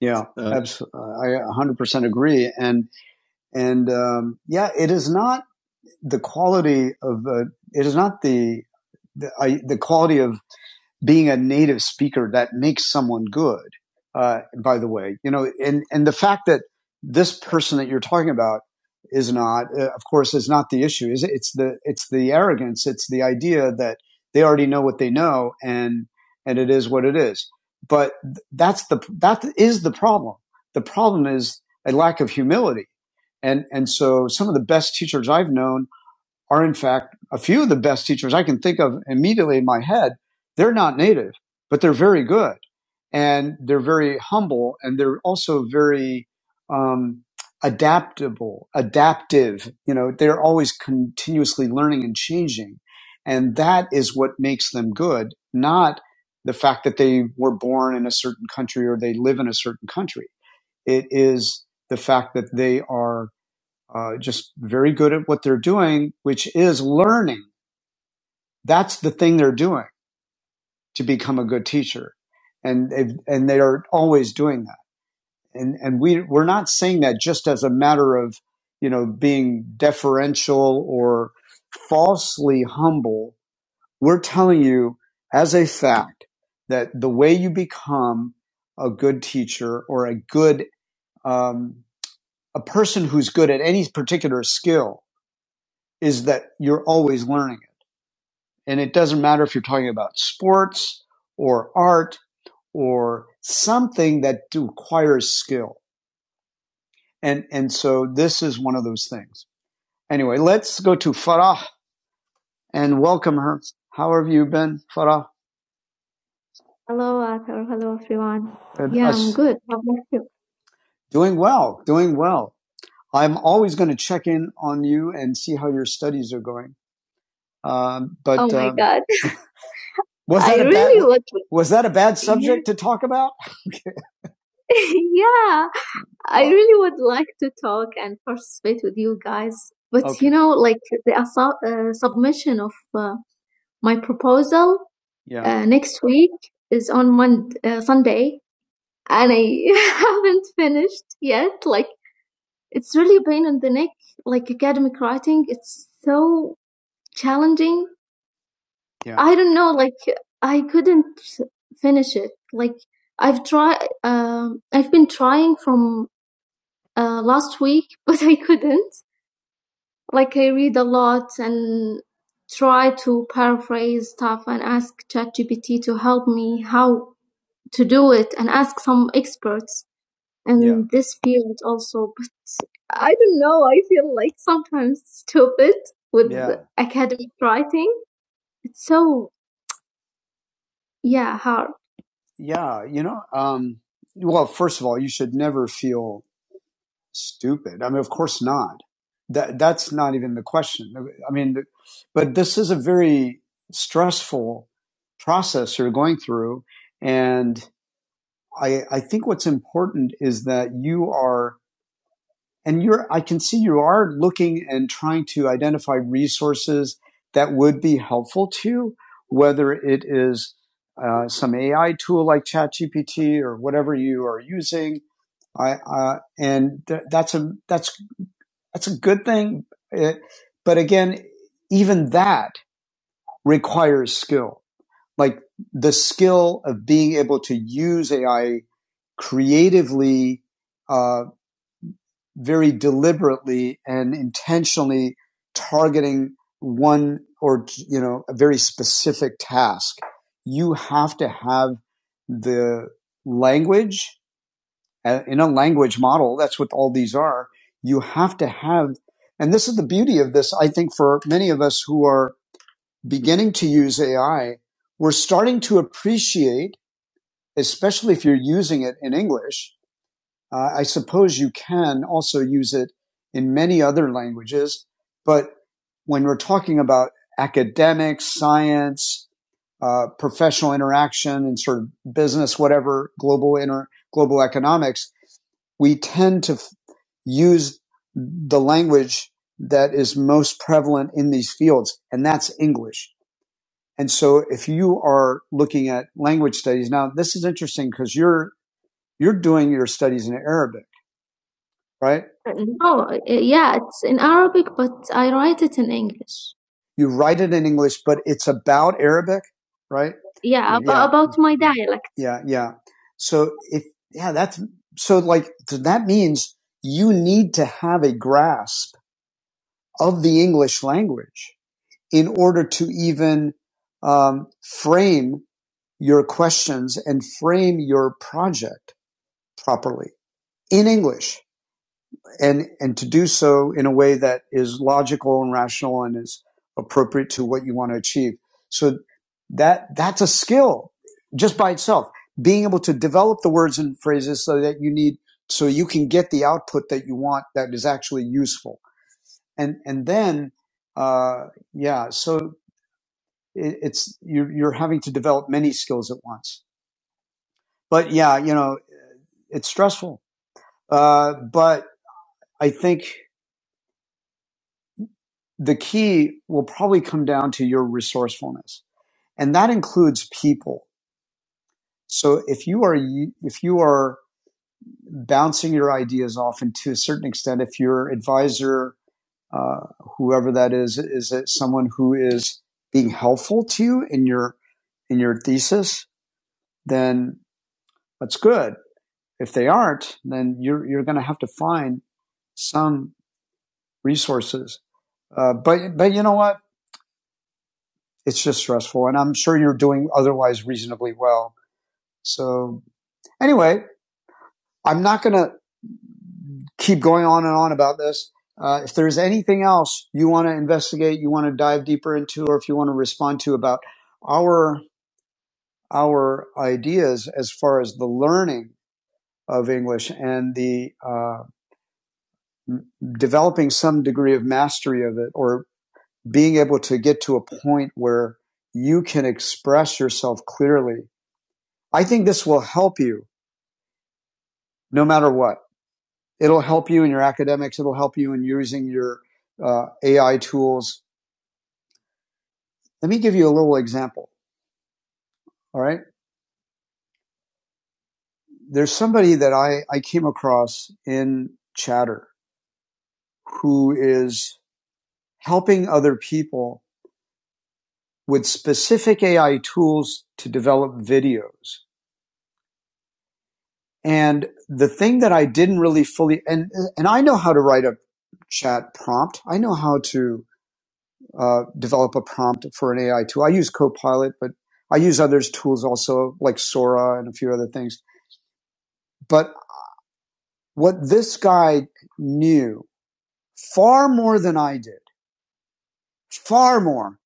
S1: yeah I 100% agree. And, and, um, yeah, it is not the quality of, uh, it is not the, the, I, the quality of being a native speaker that makes someone good. Uh, by the way, you know, and and the fact that this person that you're talking about is not, uh, of course, is not the issue. Is it's the it's the arrogance. It's the idea that they already know what they know, and and it is what it is. But that's the that is the problem. The problem is a lack of humility, and and so some of the best teachers I've known are in fact a few of the best teachers I can think of immediately in my head. They're not native, but they're very good and they're very humble and they're also very, um, adaptable, adaptive. You know, they're always continuously learning and changing. And that is what makes them good, not the fact that they were born in a certain country or they live in a certain country. It is the fact that they are uh, just very good at what they're doing, which is learning. That's the thing they're doing to become a good teacher, and they've- and they are always doing that. And and we we're not saying that just as a matter of you know being deferential or falsely humble. We're telling you as a fact that the way you become a good teacher or a good um, a person who's good at any particular skill is that you're always learning And it doesn't matter if you're talking about sports or art or something that requires skill. And, and so this is one of those things. Anyway, let's go to Farah and welcome her. How have you been, Farah? Hello, Arthur. Hello, everyone. And Yeah, us- I'm good. How about you? Doing well, doing well. I'm always going to check in on you and see how your studies are going. Um, but Oh my um, God. was I that I a really bad, was that a bad subject to talk about? yeah. I really would like to talk and participate with you guys, but Okay. you know, like the assu- uh, submission of uh, my proposal Yeah. uh, next week is on Mon- uh, Sunday, and I haven't finished yet. Like it's really a pain in the neck. Like academic writing, it's so challenging. Yeah. I don't know. Like I couldn't finish it. Like I've tried. Um, I've been trying from uh, last week, but I couldn't. like I read a lot and try to paraphrase stuff and ask ChatGPT to help me how to do it and ask some experts in Yeah. this field also. But I don't know, I feel like sometimes stupid with Yeah. academic writing. It's so, yeah, hard. Yeah. You know, um, well, first of all, you should never feel stupid. I mean, of course not. That that's not even the question. I mean, but this is a very stressful process you're going through, and I I think what's important is that you are and you're I can see you are looking and trying to identify resources that would be helpful to you, whether it is uh, some AI tool like ChatGPT or whatever you are using. I, uh, and th- that's a that's that's a good thing. It, but again, even that requires skill. Like the skill of being able to use AI creatively, uh, very deliberately and intentionally targeting one or, you know, a very specific task. You have to have the language in a language model, that's what all these are. You have to have, and this is the beauty of this, I think, for many of us who are beginning to use AI, we're starting to appreciate, especially if you're using it in English. Uh, I suppose you can also use it in many other languages, but when we're talking about academics, science, uh, professional interaction and sort of business, whatever global inter global economics, we tend to f- use the language that is most prevalent in these fields, and that's English. And so, if you are looking at language studies now, this is interesting because you're you're doing your studies in Arabic right? No, uh, yeah, it's in Arabic, but I write it in English. You write it in English, but it's about Arabic, right? Yeah, ab- Yeah. about my dialect. Yeah, yeah. So if yeah, that's so like so that means you need to have a grasp of the English language in order to even um, frame your questions and frame your project properly in English and and to do so in a way that is logical and rational and is appropriate to what you want to achieve so that that's a skill just by itself being able to develop the words and phrases so that you need so you can get the output that you want that is actually useful and and then uh yeah so it, it's you're, you're having to develop many skills at once but yeah you know it's stressful uh but i think the key will probably come down to your resourcefulness and that includes people so if you are if you are bouncing your ideas off and to a certain extent if your advisor uh, whoever that is is it someone who is being helpful to you in your in your thesis then that's good if they aren't then you're you're going to have to find some resources uh, but but you know what it's just stressful. And I'm sure you're doing otherwise reasonably well. So anyway, I'm not going to keep going on and on about this. Uh, if there's anything else you want to investigate, you want to dive deeper into, or if you want to respond to about our our ideas as far as the learning of English and the uh, developing some degree of mastery of it, or being able to get to a point where you can express yourself clearly, I think this will help you no matter what. It'll help you in your academics. It'll help you in using your uh, AI tools. Let me give you a little example. All right. There's somebody that I, I came across in Chatter who is helping other people with specific AI tools to develop videos. And the thing that I didn't really fully, and, and I know how to write a chat prompt. I know how to uh, develop a prompt for an AI tool. I use Copilot, but I use others tools also like Sora and a few other things. But what this guy knew far more than I did, far more,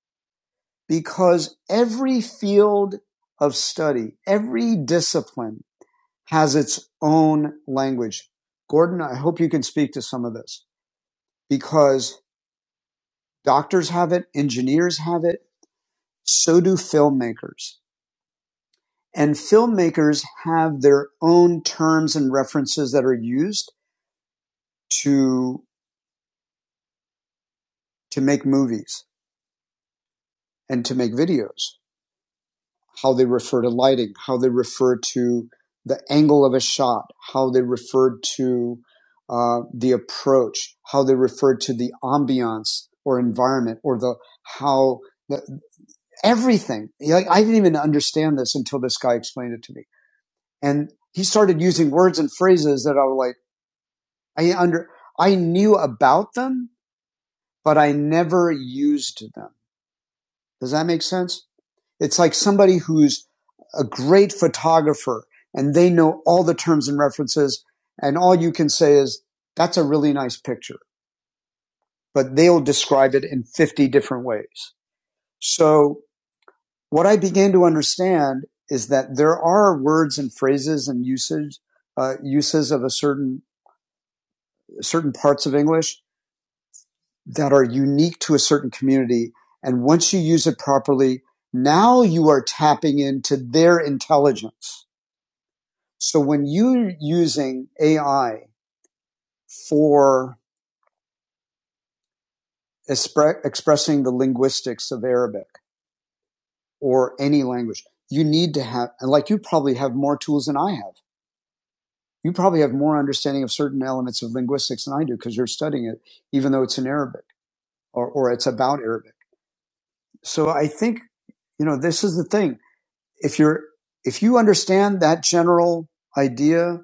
S1: because every field of study, every discipline has its own language. Gordon, I hope you can speak to some of this because doctors have it, engineers have it, so do filmmakers And filmmakers have their own terms and references that are used to, to make movies and to make videos. How they refer to lighting, how they refer to the angle of a shot, how they refer to uh, the approach, how they refer to the ambiance or environment or the how the, everything. Like, I didn't even understand this until this guy explained it to me, and he started using words and phrases that I was like I under I knew about them, but I never used them. Does that make sense? It's like somebody who's a great photographer and they know all the terms and references and all you can say is that's a really nice picture, but they'll describe it in 50 different ways. So what I began to understand is that there are words and phrases and usage, uh, uses of a certain, certain parts of English that are unique to a certain community. And once you use it properly, now you are tapping into their intelligence. So when you're using AI for expre- expressing the linguistics of Arabic or any language, you need to have, and like you probably have more tools than I have. You probably have more understanding of certain elements of linguistics than I do because you're studying it, even though it's in Arabic or, or it's about Arabic. So I think, you know, this is the thing if you're, if you understand that general idea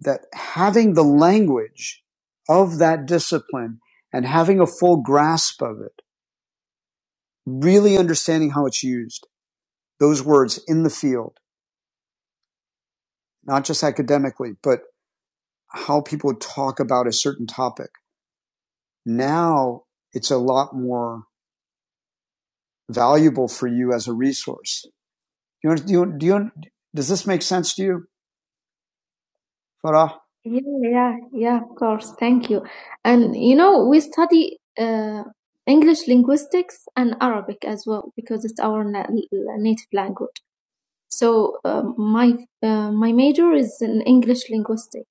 S1: that having the language of that discipline and having a full grasp of it, really understanding how it's used, those words in the field, not just academically, but how people talk about a certain topic. Now it's a lot more valuable for you as a resource. Do you, do you, do you, does this make sense to you? Farah? Yeah, yeah, yeah, of course. Thank you. And you know, we study uh, English linguistics and Arabic as well because it's our na l- native language. So uh, my uh, my major is in English linguistics,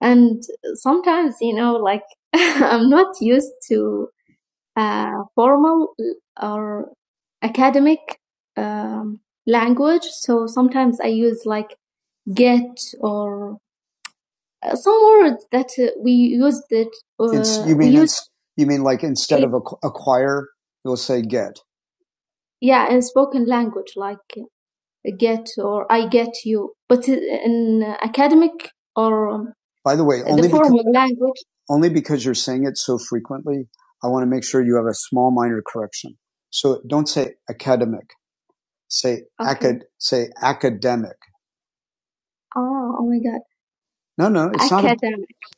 S1: and sometimes you know, like I'm not used to uh, formal or academic um, language, so sometimes I use like get or uh, some words that uh, we used it. Uh, you mean used, you mean like instead it, of acquire, you'll say get. yeah, in spoken language like uh, get or I get you, but uh, in academic or um, By the way, the only because, formal because, language, only because you're saying it so frequently, I want to make sure you have a small minor correction. So don't say academic, say okay. acad, say academic. Oh, oh my God. No, no, it's not. A,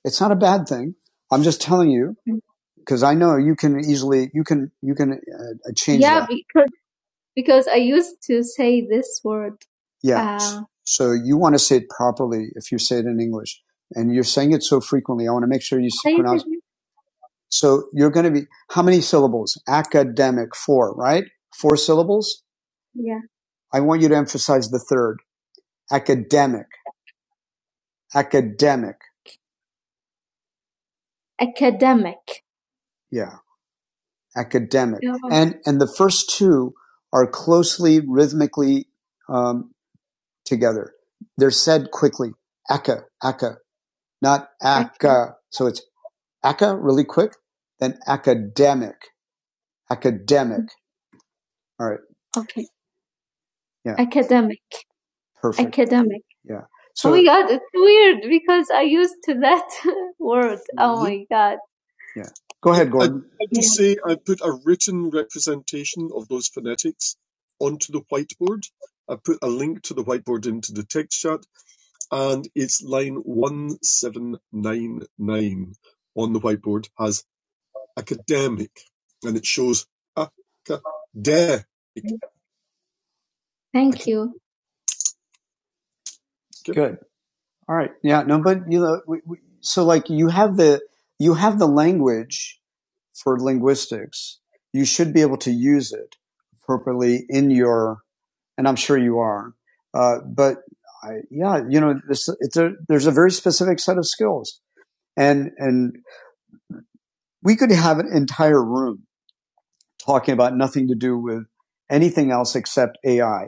S1: it's not a bad thing. I'm just telling you Mm. because I know you can easily you can you can uh, uh, change Yeah, that. Yeah, because because I used to say this word. Yeah. Uh, So you want to say it properly if you say it in English, and you're saying it so frequently. I want to make sure you pronounce it So you're going to be how many syllables? Academic four, right? Four syllables. Yeah, I want you to emphasize the third academic, academic. academic. Yeah. academic. Yeah. And, and the first two are closely rhythmically um, together. They're said quickly, Aca aca, not aca. So it's aca really quick, then academic, academic. All right, Okay. Yeah. Academic. perfect. Academic. Yeah. So oh my god, it's weird because I used to that word. my god. Yeah. go ahead, Gordon. I Thank you. Good. All right. Yeah. No, but you know, we, we, so like you have the you have the language for linguistics. You should be able to use it appropriately in your, and I'm sure you are. Uh, but I, yeah, you know, this, it's a, there's a very specific set of skills, and and we could have an entire room talking about nothing to do with anything else except AI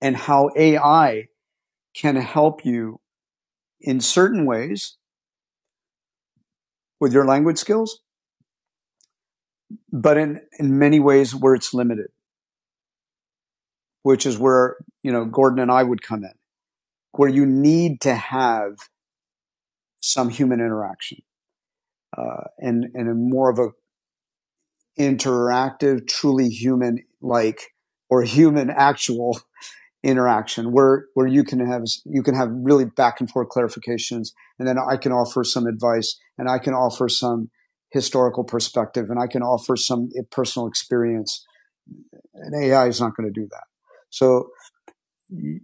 S1: and how AI can help you in certain ways with your language skills, but in, in many ways where it's limited, which is where, you know, Gordon and I would come in, where you need to have some human interaction, uh, and, and a more of a interactive, truly human like or human actual interaction where, where you can have, you can have really back and forth clarifications. And then I can offer some advice and I can offer some historical perspective and I can offer some personal experience and AI is not going to do that. So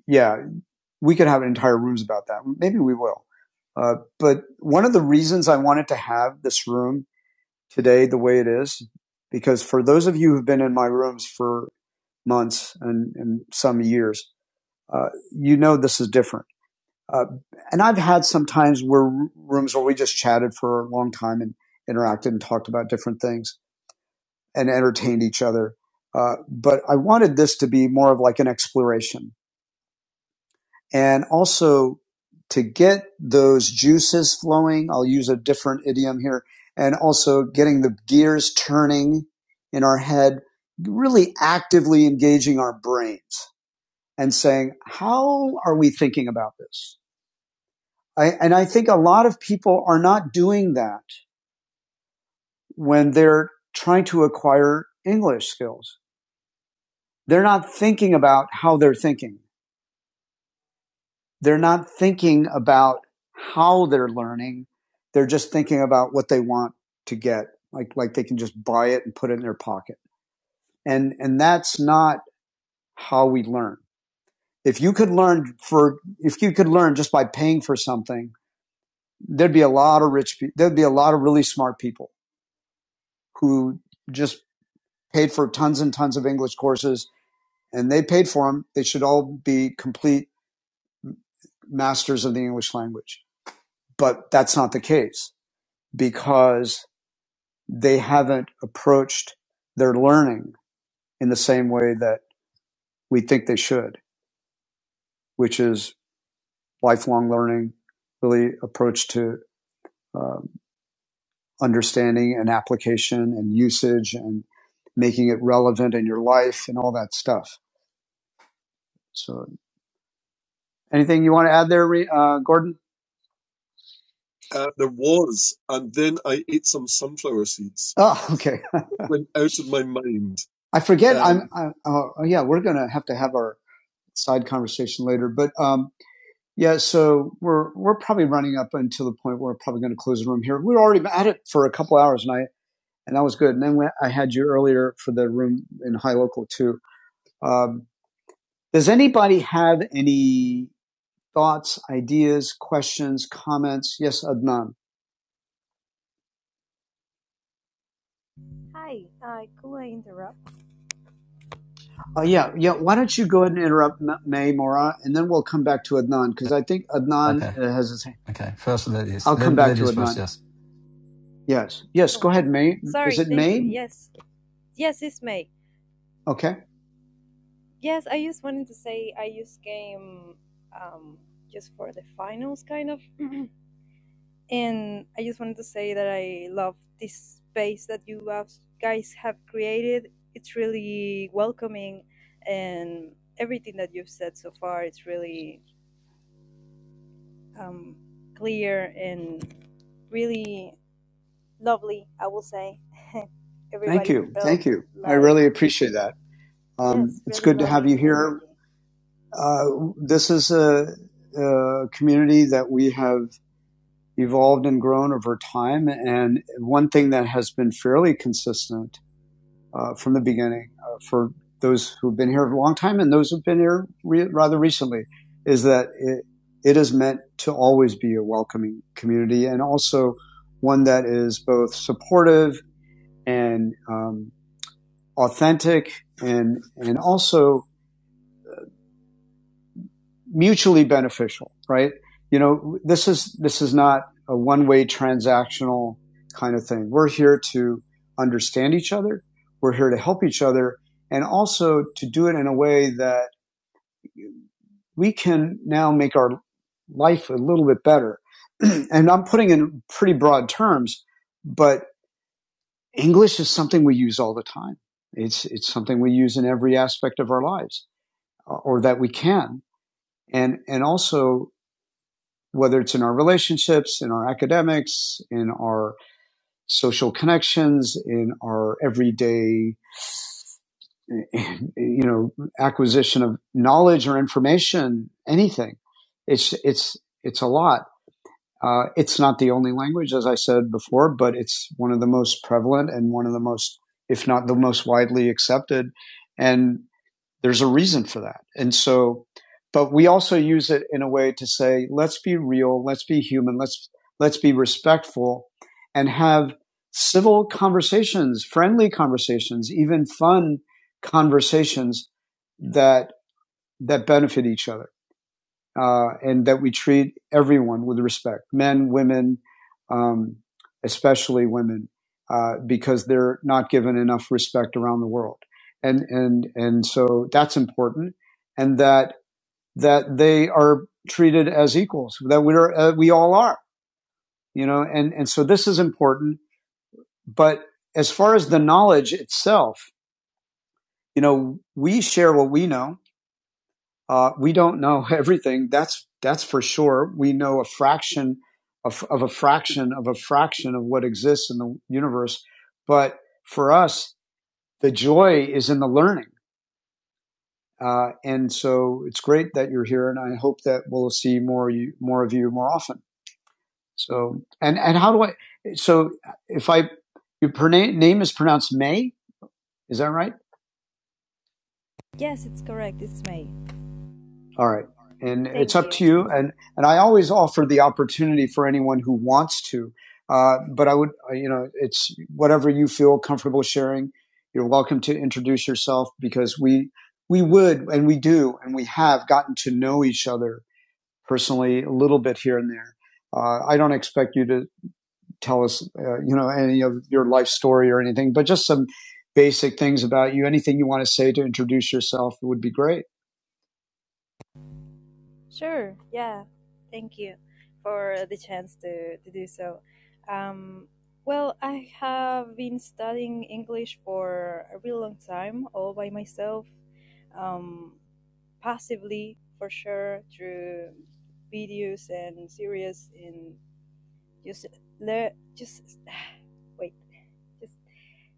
S1: yeah, we could have entire rooms about that. Maybe we will. Uh, but one of the reasons I wanted to have this room today the way it is, because for those of you who've been in my rooms for months and, and some years, uh, you know this is different. Uh, and I've had some times where rooms where we just chatted for a long time and interacted and talked about different things and entertained each other. Uh, but I wanted this to be more of like an exploration And also to get those juices flowing, I'll use a different idiom here, and also getting the gears turning in our head, really actively engaging our brains and saying, how are we thinking about this? I, and I think a lot of people are not doing that when they're trying to acquire English skills. They're not thinking about how they're thinking. They're not thinking about how they're learning. They're just thinking about what they want to get. Like, like they can just buy it and put it in their pocket. And, and that's not how we learn. If you could learn for, if you could learn just by paying for something, there'd be a lot of rich people. There'd be a lot of really smart people who just paid for tons and tons of English courses and they paid for them. They should all be complete masters of the English language. But that's not the case because they haven't approached their learning in the same way that we think they should, which is lifelong learning, really approach to um, understanding and application and usage and making it relevant in your life and all that stuff. So, anything you want to add there, uh, Gordon? Oh, okay. I forget. I, oh, yeah, we're going to have to have our side conversation later, but um, Yeah, so we're we're probably running up until the point where we're probably going to close the room here. We were already at it for a couple hours, and I and that was good. And then when I had you earlier for the room in High Local too. Um, does anybody have any thoughts, ideas, questions, comments? Yes, Adnan.
S7: Hi, I could I interrupt?
S1: Uh, yeah, yeah. Why don't you go ahead and interrupt May Mora, and then we'll come back to Adnan because I think Adnan
S3: Okay.
S1: uh, has his hand.
S3: Okay. First ladies.
S1: I'll
S3: La-
S1: come back to
S3: Ladies first,
S1: Adnan.
S3: yes.
S1: Yes, yes.
S7: Oh,
S1: Go ahead, May. Is
S7: sorry.
S1: it
S7: Thank you.
S1: May?
S7: Yes, yes, it's May.
S1: Okay.
S7: Yes, I just wanted to say I just came um, just for the finals, kind of, and I just wanted to say that I love this space that you have, guys have created. It's really welcoming, and everything that you've said so far, it's really um, clear and really lovely, I will say.
S1: Thank
S7: Everybody
S1: you.
S7: felt
S1: Thank you. I
S7: like,
S1: really appreciate that. Um,
S7: yes,
S1: it's
S7: really
S1: good to have you
S7: loving
S1: here.
S7: energy.
S1: Uh, this is a, a community that we have evolved and grown over time. And one thing that has been fairly consistent uh, from the beginning uh, for those who've been here a long time and those who've been here re- rather recently is that it, it is meant to always be a welcoming community and also one that is both supportive and um, authentic and and also mutually beneficial, right? You know, this is this is not a one-way transactional kind of thing. We're here to understand each other. We're here to help each other and also to do it in a way that we can now make our life a little bit better. and I'm putting in pretty broad terms, but English is something we use all the time. It's, it's something we use in every aspect of our lives or that we can. And, and also whether it's in our relationships, in our academics, in our social connections, in our everyday, you know, acquisition of knowledge or information, anything. It's, it's, it's a lot. Uh, it's not the only language, as I said before, but it's one of the most prevalent and one of the most, if not the most widely accepted. And there's a reason for that. And so, but we also use it in a way to say, let's be real, let's be human, let's, let's be respectful and have civil conversations, friendly conversations, even fun conversations that, that benefit each other uh, and that we treat everyone with respect, men, women, um, especially women, uh, because they're not given enough respect around the world. And, and, and so that's important and that, that they are treated as equals, that we are, uh, we all are, you know, and, and so this is important. But as far as the knowledge itself, you know, we share what we know Uh, we don't know everything. That's that's for sure. We know a fraction of, of a fraction of a fraction of what exists in the universe. But for us, the joy is in the learning. Uh, and so it's great that you're here, and I hope that we'll see more you, more of you more often. So and and how do I? So if I your name, name is pronounced May, is that right?
S7: Yes, it's correct. It's May.
S1: All right. And it's
S7: Thank
S1: up
S7: you.
S1: to you. And, and I always offer the opportunity for anyone who wants to. Uh, but I would, uh, you know, it's whatever you feel comfortable sharing. You're welcome to introduce yourself because we, we would and we do and we have gotten to know each other personally a little bit here and there. Uh, I don't expect you to tell us, uh, you know, any of your life story or anything, but just some basic things about you. Anything you want to say to introduce yourself would be great.
S7: Sure. Yeah. Thank you for the chance to, to do so. Um, well, I have been studying English for a real long time, all by myself, um, passively for sure, through videos and series, and just le- just wait, just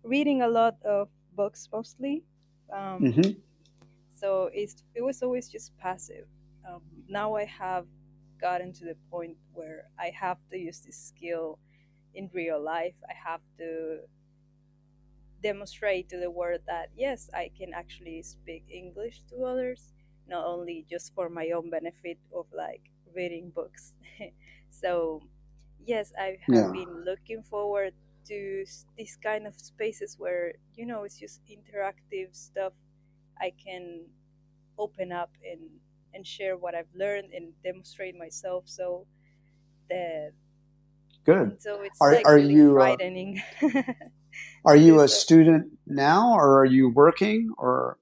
S7: reading a lot of books mostly.
S1: hmm
S7: Um, so it's, it was always just passive. Um, now I have gotten to the point where I have to use this skill in real life. I have to demonstrate to the world that yes, I can actually speak English to others, not only just for my own benefit of like reading books. so, yes, I have
S1: Yeah.
S7: been looking forward to s- this kind of spaces where you know it's just interactive stuff. I can open up and and share what I've learned and demonstrate myself. So that
S1: Good.
S7: even though it's
S1: Are
S7: like
S1: are
S7: really
S1: you uh,
S7: frightening to
S1: are
S7: do
S1: you a
S7: so,
S1: student now, or are you working, or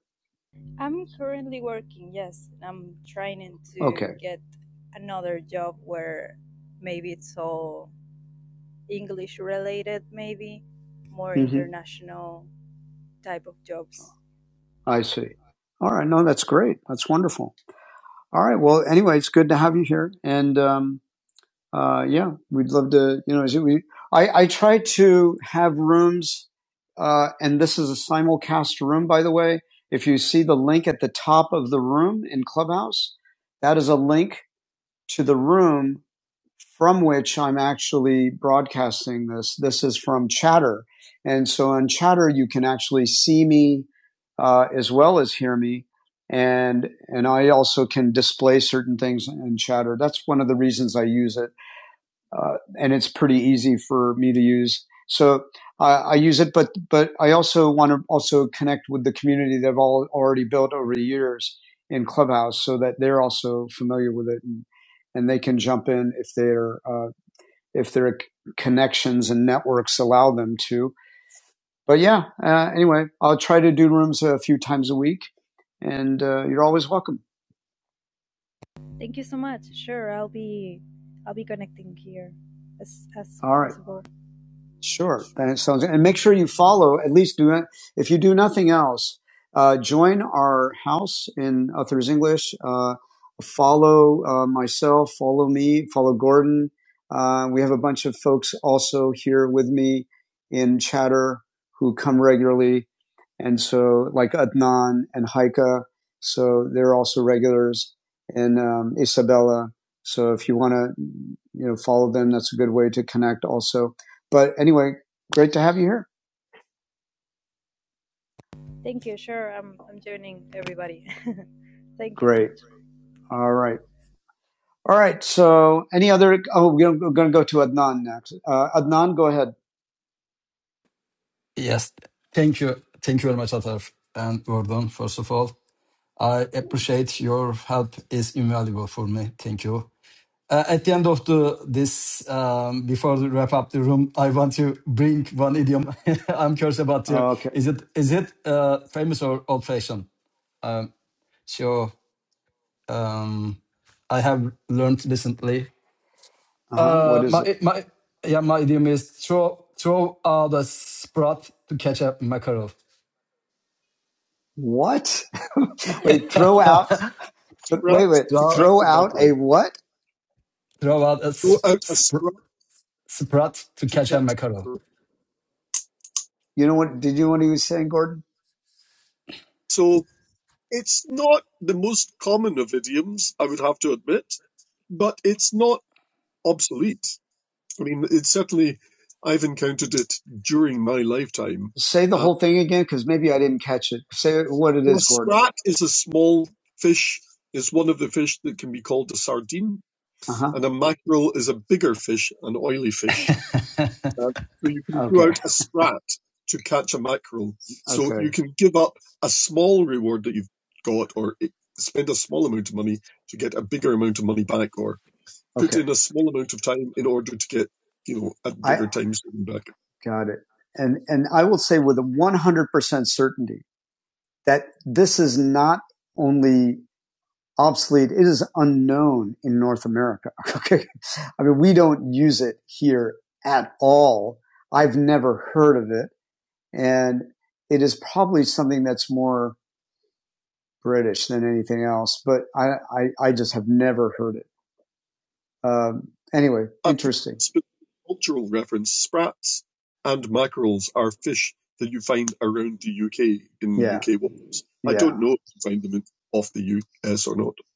S7: I'm currently working, yes. I'm trying to
S1: okay?
S7: get another job where maybe it's all English related, maybe more
S1: hmm
S7: international type of jobs.
S1: I see. All right. No, that's great. That's wonderful. All right. Well, anyway, it's good to have you here, and um, uh, yeah, we'd love to. You know, we I I try to have rooms, uh, and this is a simulcast room, by the way. If you see the link at the top of the room in Clubhouse, that is a link to the room from which I'm actually broadcasting this. This is from Chatter. And so on Chatter, you can actually see me uh, as well as hear me. And, and I also can display certain things in Chatter. That's one of the reasons I use it uh, and it's pretty easy for me to use. So I, I use it, but but I also want to also connect with the community that I've all already built over the years in Clubhouse, so that they're also familiar with it and and they can jump in if their uh, if their connections and networks allow them to. But yeah, uh, anyway, I'll try to do rooms a few times a week, and uh, you're always welcome.
S7: Thank you so much. Sure, I'll be I'll be connecting here as as
S1: All right.
S7: possible.
S1: Sure, that sounds and make sure you follow at least do it if you do nothing else. Uh, join our house in Authors English. Uh, follow uh, myself, follow me, follow Gordon. Uh, we have a bunch of folks also here with me in Chatter who come regularly. And so, like Adnan and Haika, so they're also regulars, and um, Isabella. So if you want to, you know, follow them, that's a good way to connect also. But anyway, great to have you here.
S7: Thank you. Sure, I'm I'm joining everybody. Thank you so
S1: Great.
S7: much.
S1: All right. All right. So any other? Oh, we're going to go to Adnan next. Uh, Adnan, go ahead.
S3: Yes. Thank you. Thank you very much, Atar and Gordon, first of all. I appreciate your help is invaluable for me. Thank you. Uh, at the end of the this, um, before we wrap up the room, I want to bring one idiom. I'm curious about you.
S1: Oh, Okay.
S3: Is it is it uh, famous or old fashioned? Sure. um, I have learned recently.
S1: Uh huh.
S3: Uh,
S1: What is
S3: my
S1: it?
S3: my yeah, my idiom is throw throw out a sprat to catch a mackerel.
S1: What? Wait. Throw out. Wait. wait.
S3: Throw out,
S1: Hey, what?
S3: throw out a sp- sp- sprat to catch a mackerel.
S1: You know what? Did you know what he was saying, Gordon? Say thing again? Because maybe I didn't catch it. Say what it is. Uh-huh. Got it. And and I will say with a 100% certainty that this is not only obsolete, it is unknown in North America. okay. I mean, we don't use it here at all. I've never heard of it. And it is probably something that's more British than anything else, but I, I, I just have never heard it. Um, anyway, interesting.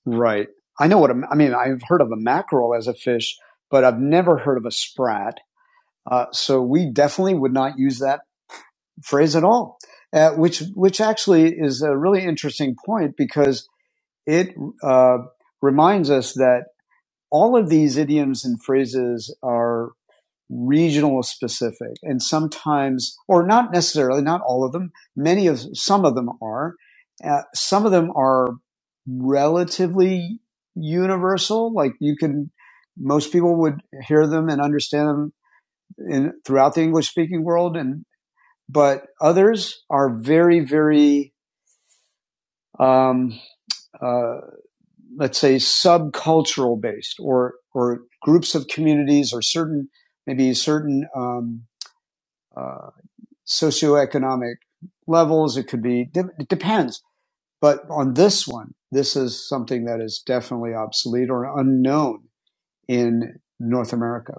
S1: Right. I know what a, I mean. I've heard of a mackerel as a fish, but I've never heard of a sprat. Uh, so we definitely would not use that phrase at all. Uh, which which actually is a really interesting point because it uh, reminds us that all of these idioms and phrases are regional specific and sometimes or not necessarily not all of them many of some of them are uh, some of them are relatively universal like you can most people would hear them and understand them in, throughout the english speaking world and but others are very very um, uh, let's say subcultural based or or groups of communities or certain maybe certain um, uh, socioeconomic levels. It could be, it depends. But on this one, this is something that is definitely obsolete or unknown in North America.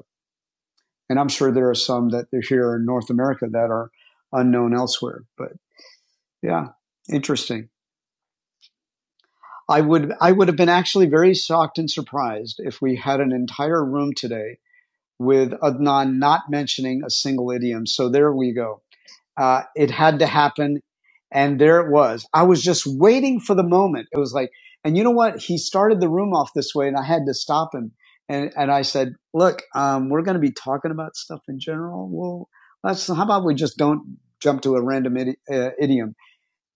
S1: And I'm sure there are some that are here in North America that are unknown elsewhere. But yeah, interesting. I would, I would have been actually very shocked and surprised if we had an entire room today with Adnan not mentioning a single idiom. So there we go. Uh, it had to happen. And there it was. I was just waiting for the moment. It was like, and you know what? He started the room off this way and I had to stop him. And, and I said, look, um, we're going to be talking about stuff in general. Well, let's, how about we just don't jump to a random idi- uh, idiom?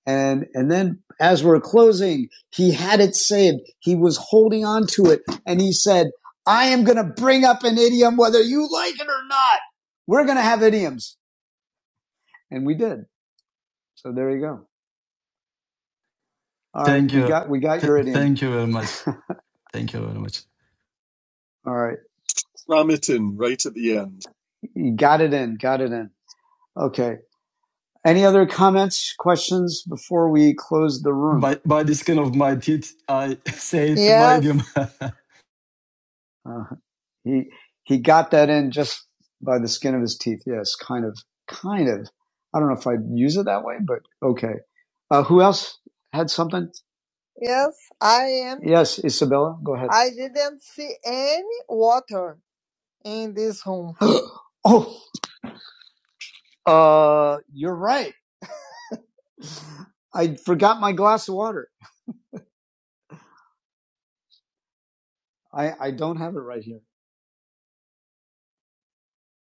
S1: And, and then as we're closing, he had it saved. He was holding on to it. And he said, I am going to bring up an idiom, whether you like it or not. We're going to have idioms. And we did. So there you go. All right,
S3: Thank
S1: we
S3: you,
S1: got we got
S3: Th-
S1: your idiom.
S3: thank you very much. Thank you very much.
S1: All right, you got it in, got it in. Okay. Any other comments, questions before we close the room?
S3: By by the skin of my teeth, I say it my
S1: Yes.
S3: idiom.
S1: Uh, he he got that in just by the skin of his teeth. Yes, kind of, kind of. I don't know if I'd use it that way, but okay. Uh, who else had something? Yes, I am. Yes, Isabella, go ahead. I didn't see any water in this room. oh, Uh, you're right. I forgot my glass of water. I, I don't have it right here,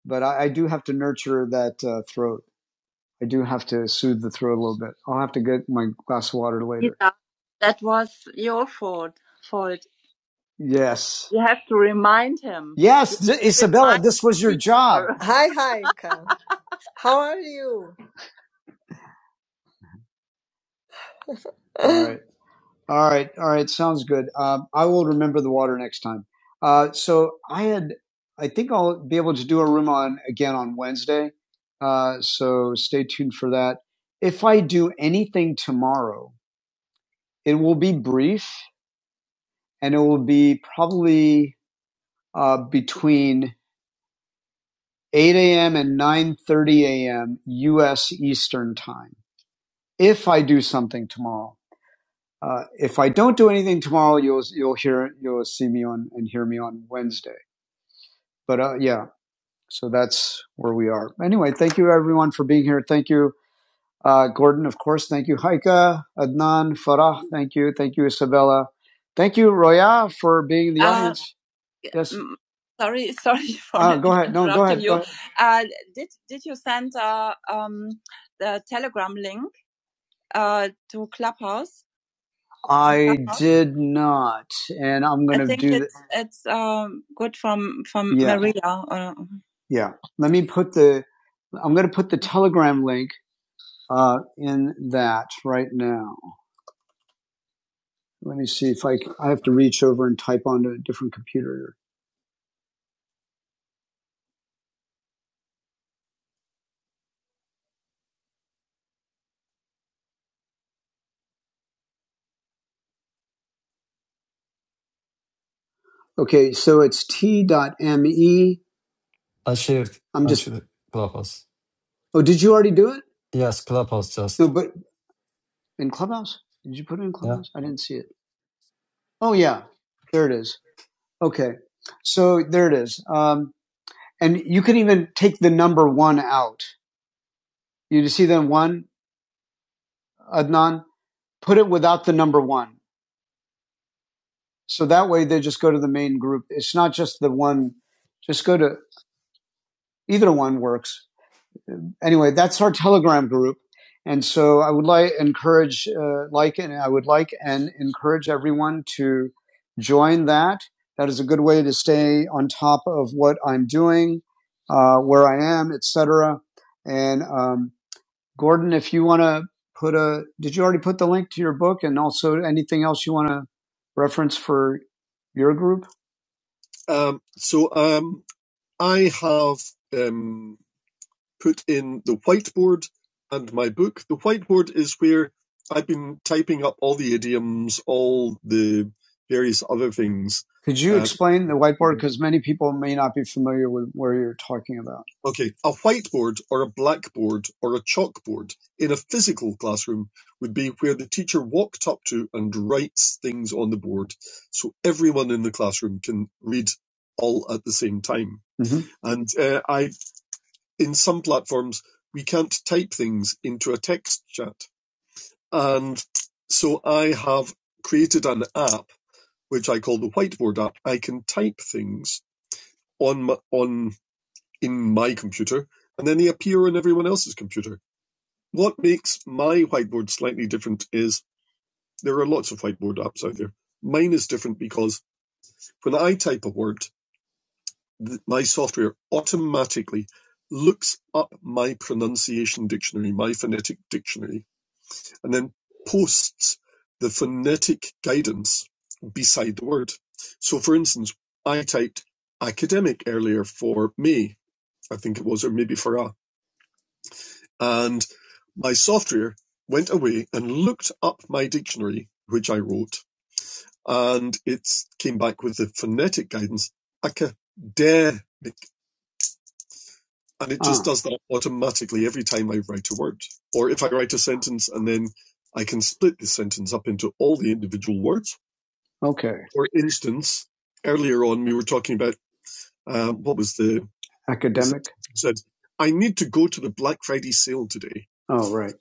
S1: but I, I do have to nurture that uh, throat. I do have to soothe the throat a little bit. I'll have to get my glass of water later. Yeah, that was your fault. Fault. Yes. You have to remind him. Yes, Isabella, this was your job. her. Hi, Heike. How are you? All right. All right, all right, sounds good. Um, I will remember the water next time. Uh, so I had, I think I'll be able to do a room on again on Wednesday. Uh, so stay tuned for that. If I do anything tomorrow, it will be brief and it will be probably uh, between 8 a.m. and 9:30 a.m. U.S. Eastern time. If I do something tomorrow. Uh, if I don't do anything tomorrow, you'll you'll hear you'll see me on and hear me on Wednesday. but uh, yeah, so that's where we are. Anyway, thank you everyone for being here. Thank you, uh, Gordon, of course. Thank you, Haika, Adnan, Farah. Thank you. Thank you, Isabella. Thank you, Roya, for being in the Uh, audience. Uh, Yes. mm, sorry, sorry for Ah, go ahead. No, go interrupting ahead. Go you. Go ahead. Uh, did did you send uh, um, the Telegram link uh, to Clubhouse? I Uh-huh. did not, and I'm going to think do the, it's th- it's um good from from yeah, Maria. Uh, yeah. Let me put the, I'm going to put the Telegram link uh, in that right now. Let me see if I can, I have to reach over and type onto a different computer. Okay, so it's t t.me.
S3: achieved. shift
S1: I'm just,
S3: onto clubhouse.
S1: oh, did you already do it?
S3: Yes, clubhouse
S1: No,
S3: just
S1: but In Clubhouse? Did you put it in
S3: yeah.
S1: Clubhouse? I didn't see it. Oh yeah, there it is. Okay, so there it is. Um, and you can even take the number one out. You see the one Adnan? Put it without the number one. So that way they just go to the main group. It's not just the one. Just go to either one works. anyway, that's our Telegram group. And so I would like encourage uh, like and I would like and encourage everyone to join that. That is a good way to stay on top of what I'm doing, uh, where I am, etc. And um, Gordon, if you want to put a, did you already put the link to your book and also anything else you want to reference for your group? Could you explain the whiteboard because many people may not be familiar with where you're talking about? hmm Okay. Academic? Oh, right.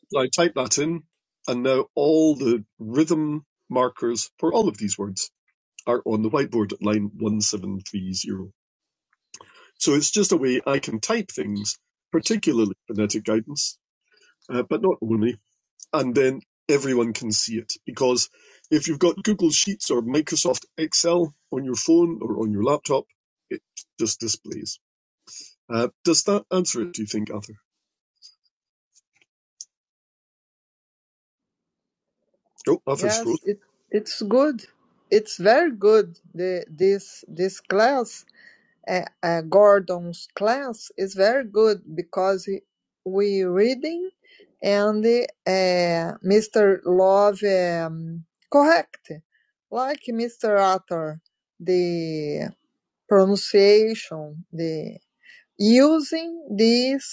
S1: it it's good it's very good the this this class uh, uh, gordon's class is very good because he- we reading and uh, mr love um, correct like mr Arthur, the pronunciation the using this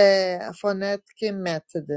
S1: uh, phonetic method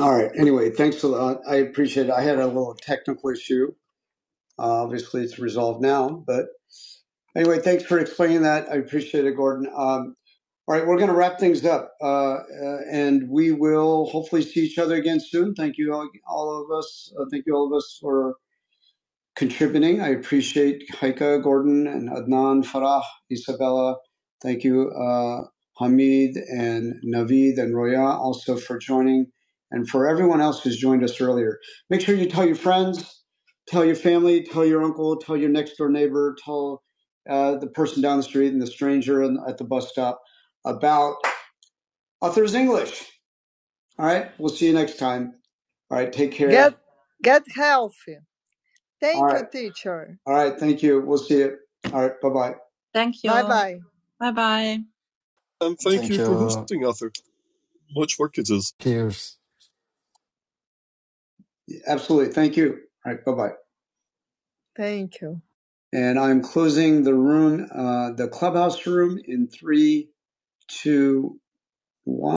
S1: All right. Anyway, thanks a lot. I appreciate it. I had a little technical issue. Uh, obviously, it's resolved now. But anyway, thanks for explaining that. I appreciate it, Gordon. Um, all right, we're going to wrap things up, uh, uh, and we will hopefully see each other again soon. Thank you, all, all of us. Uh, thank you, all of us, for contributing. I appreciate Haika, Gordon, and Adnan, Farah, Isabella. Thank you, uh, Hamid and Navid and Roya also for joining and for everyone else who's joined us earlier. Make sure you tell your friends, tell your family, tell your uncle, tell your next door neighbor, tell uh, the person down the street and the stranger at the bus stop about Authors English. All right. We'll see you next time. All right. Take care. Get, get healthy. Thank All you, right. teacher. All right. Thank you. We'll see you. All right. Bye bye. Thank you. Bye bye. Bye bye.
S3: Thank you. Cheers.
S1: Absolutely. Thank you. All right. Bye bye. Thank you. And I'm closing the room, uh, the clubhouse room in three, two, one.